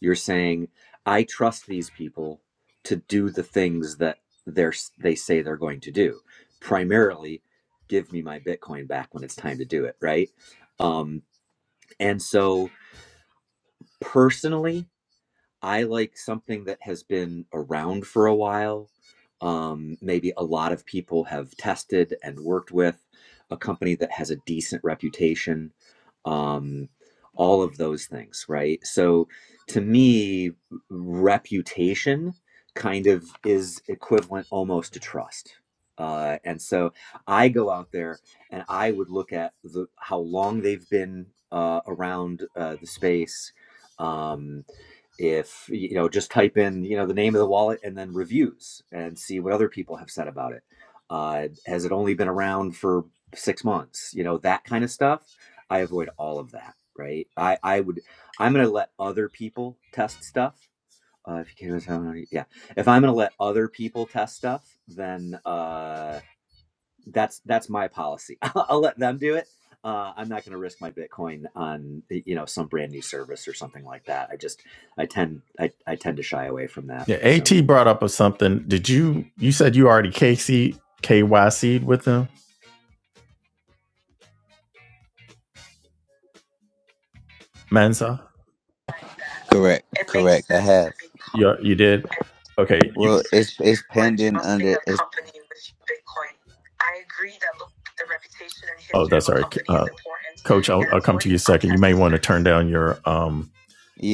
Speaker 3: You're saying, I trust these people to do the things that they're s- they say they're going to do. Primarily, give me my Bitcoin back when it's time to do it, right? Um, and so personally, I like something that has been around for a while. Um, maybe a lot of people have tested and worked with a company that has a decent reputation. Um, all of those things, right? So to me, reputation kind of is equivalent almost to trust. Uh, and so I go out there and I would look at the how long they've been uh, around uh, the space. Um, if you know just type in you know the name of the wallet and then reviews and see what other people have said about it uh, has it only been around for six months you know that kind of stuff i avoid all of that right i i would i'm going to let other people test stuff uh, if you can't yeah if i'm going to let other people test stuff then uh, that's that's my policy. [laughs] I'll let them do it. Uh, I'm not going to risk my Bitcoin on you know some brand new service or something like that. I just I tend I, I tend to shy away from that.
Speaker 1: Yeah,
Speaker 3: So.
Speaker 1: At brought up or something. Did you? You said you already KC KYC'd with him, Mansa.
Speaker 4: Correct,
Speaker 5: It makes
Speaker 4: correct. I
Speaker 5: sense to
Speaker 4: have.
Speaker 5: be
Speaker 1: You
Speaker 5: cautious
Speaker 1: you did.
Speaker 5: and do
Speaker 1: Okay. You,
Speaker 4: Well, it's
Speaker 5: research
Speaker 4: it's
Speaker 5: before
Speaker 4: pending
Speaker 5: entrusting
Speaker 4: under.
Speaker 5: a
Speaker 4: it's.
Speaker 5: company with Bitcoin. I agree that look, the reputation and
Speaker 1: oh,
Speaker 5: history of
Speaker 1: that's all
Speaker 5: a
Speaker 1: right,
Speaker 5: company is
Speaker 1: uh,
Speaker 5: important,
Speaker 1: Coach. I'll,
Speaker 5: and
Speaker 1: I'll come to you a
Speaker 5: avoiding
Speaker 1: second. You may
Speaker 5: untested
Speaker 1: want to turn
Speaker 5: services
Speaker 1: down your um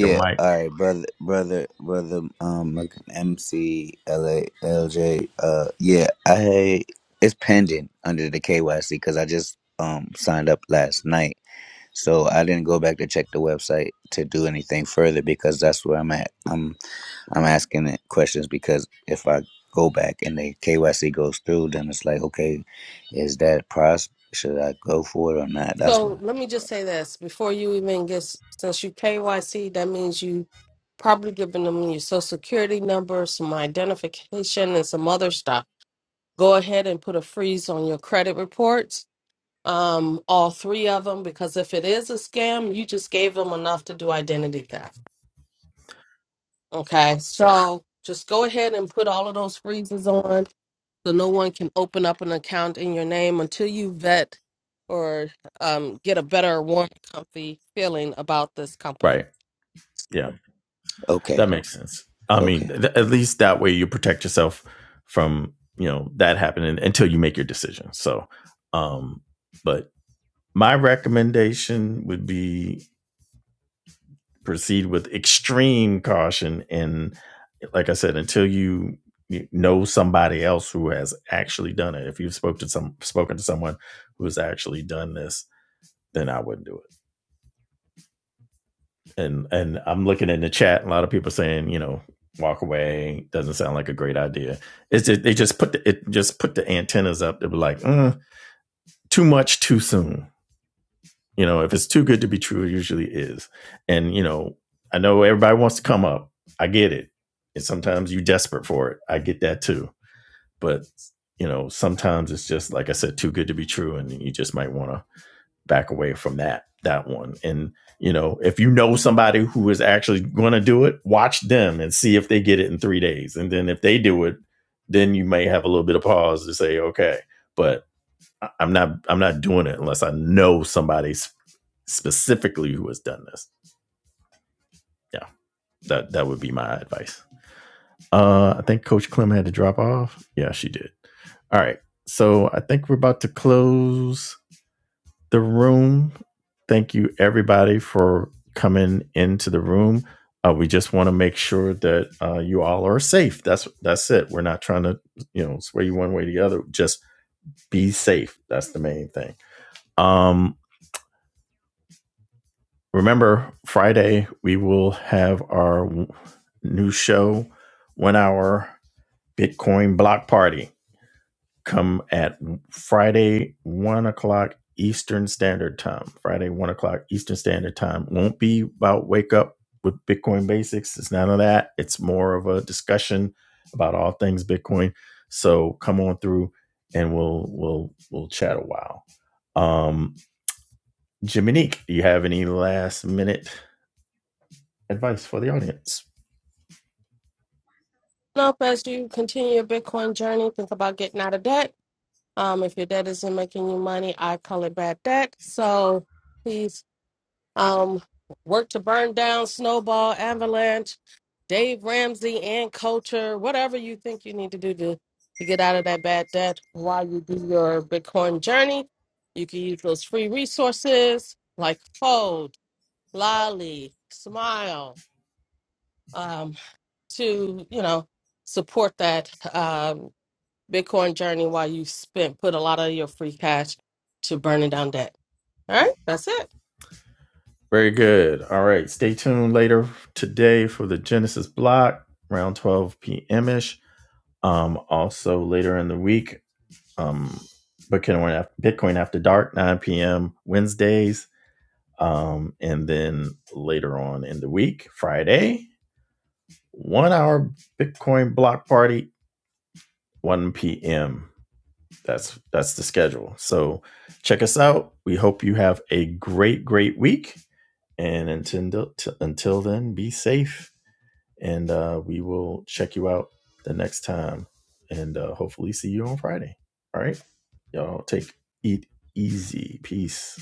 Speaker 1: Your mic.
Speaker 4: all right, brother, brother, brother, um, like MC, LA, LJ, uh, yeah, I had it's pending under the KYC because I just um signed up last night, so I didn't go back to check the website to do anything further because that's where I'm at. I'm I'm asking it questions because if I go back and the KYC goes through, then it's like, okay, is that pros? Should I go for it or not? That's why.
Speaker 2: So let me just say this before you even get, since you KYC, that means you probably giving them your social security number, some identification, and some other stuff. Go ahead and put a freeze on your credit reports, um, all three of them, because if it is a scam, you just gave them enough to do identity theft. Okay, so just go ahead and put all of those freezes on so no one can open up an account in your name until you vet or um, get a better, warm, comfy feeling about this company.
Speaker 1: Right. Yeah.
Speaker 4: Okay,
Speaker 1: That makes sense. I
Speaker 4: okay.
Speaker 1: mean, th- at least that way you protect yourself from, you know, that happening until you make your decision. So, um, but my recommendation would be proceed with extreme caution and like i said until you know somebody else who has actually done it if you've spoke to some spoken to someone who has actually done this then i wouldn't do it and and i'm looking in the chat a lot of people saying you know walk away doesn't sound like a great idea it's just, they just put the, it just put the antennas up they be like mm, too much too soon You know, if it's too good to be true, it usually is. And you know, I know everybody wants to come up. I get it. And sometimes you're desperate for it. I get that too. But you know, sometimes it's just like I said, too good to be true, and you just might want to back away from that that one. And you know, if you know somebody who is actually going to do it, watch them and see if they get it in three days. And then if they do it, then you may have a little bit of pause to say, okay. But I- am not I'm not doing it unless I know somebody's specifically who has done this. Yeah, that that would be my advice. Uh, I think Coach Clem had to drop off. Yeah, she did. All right, so I think we're about to close the room. Thank you everybody for coming into the room. Uh, we just want to make sure that uh, you all are safe. That's that's it. We're not trying to you know sway you one way or the other. Just be safe. That's the main thing. Um, remember friday we will have our new show one hour bitcoin block party come at friday one o'clock eastern standard time friday one o'clock eastern standard time won't be about wake up with bitcoin basics it's none of that it's more of a discussion about all things bitcoin so come on through and we'll we'll we'll chat a while um Jiminique, do you have any last minute advice for the audience.
Speaker 2: Now, as you continue your Bitcoin journey, think about getting out of debt. Um, if your debt isn't making you money, I call it bad debt. So please Um, work to burn down, snowball, avalanche, Dave Ramsey, and culture, whatever you think you need to do to, to get out of that bad debt while you do your Bitcoin journey. You can use those free resources like Fold, Lolly, Smile, um, to, you know, support that um, Bitcoin journey while you spent, put a lot of your free cash to burning down debt. All right, that's it.
Speaker 1: Very good. All right. Stay tuned later today for the Genesis block around 12 p.m. ish. Um, also later in the week, um, Bitcoin after, Bitcoin after dark, 9 p.m. Wednesdays. Um, and then later on in the week, Friday, one hour Bitcoin block party, 1 p.m. That's that's the schedule. So check us out. We hope you have a great, great week And until t- until then, be safe, and uh, we will check you out the next time, and uh, hopefully see you on Friday. All right, y'all take eat easy. Peace.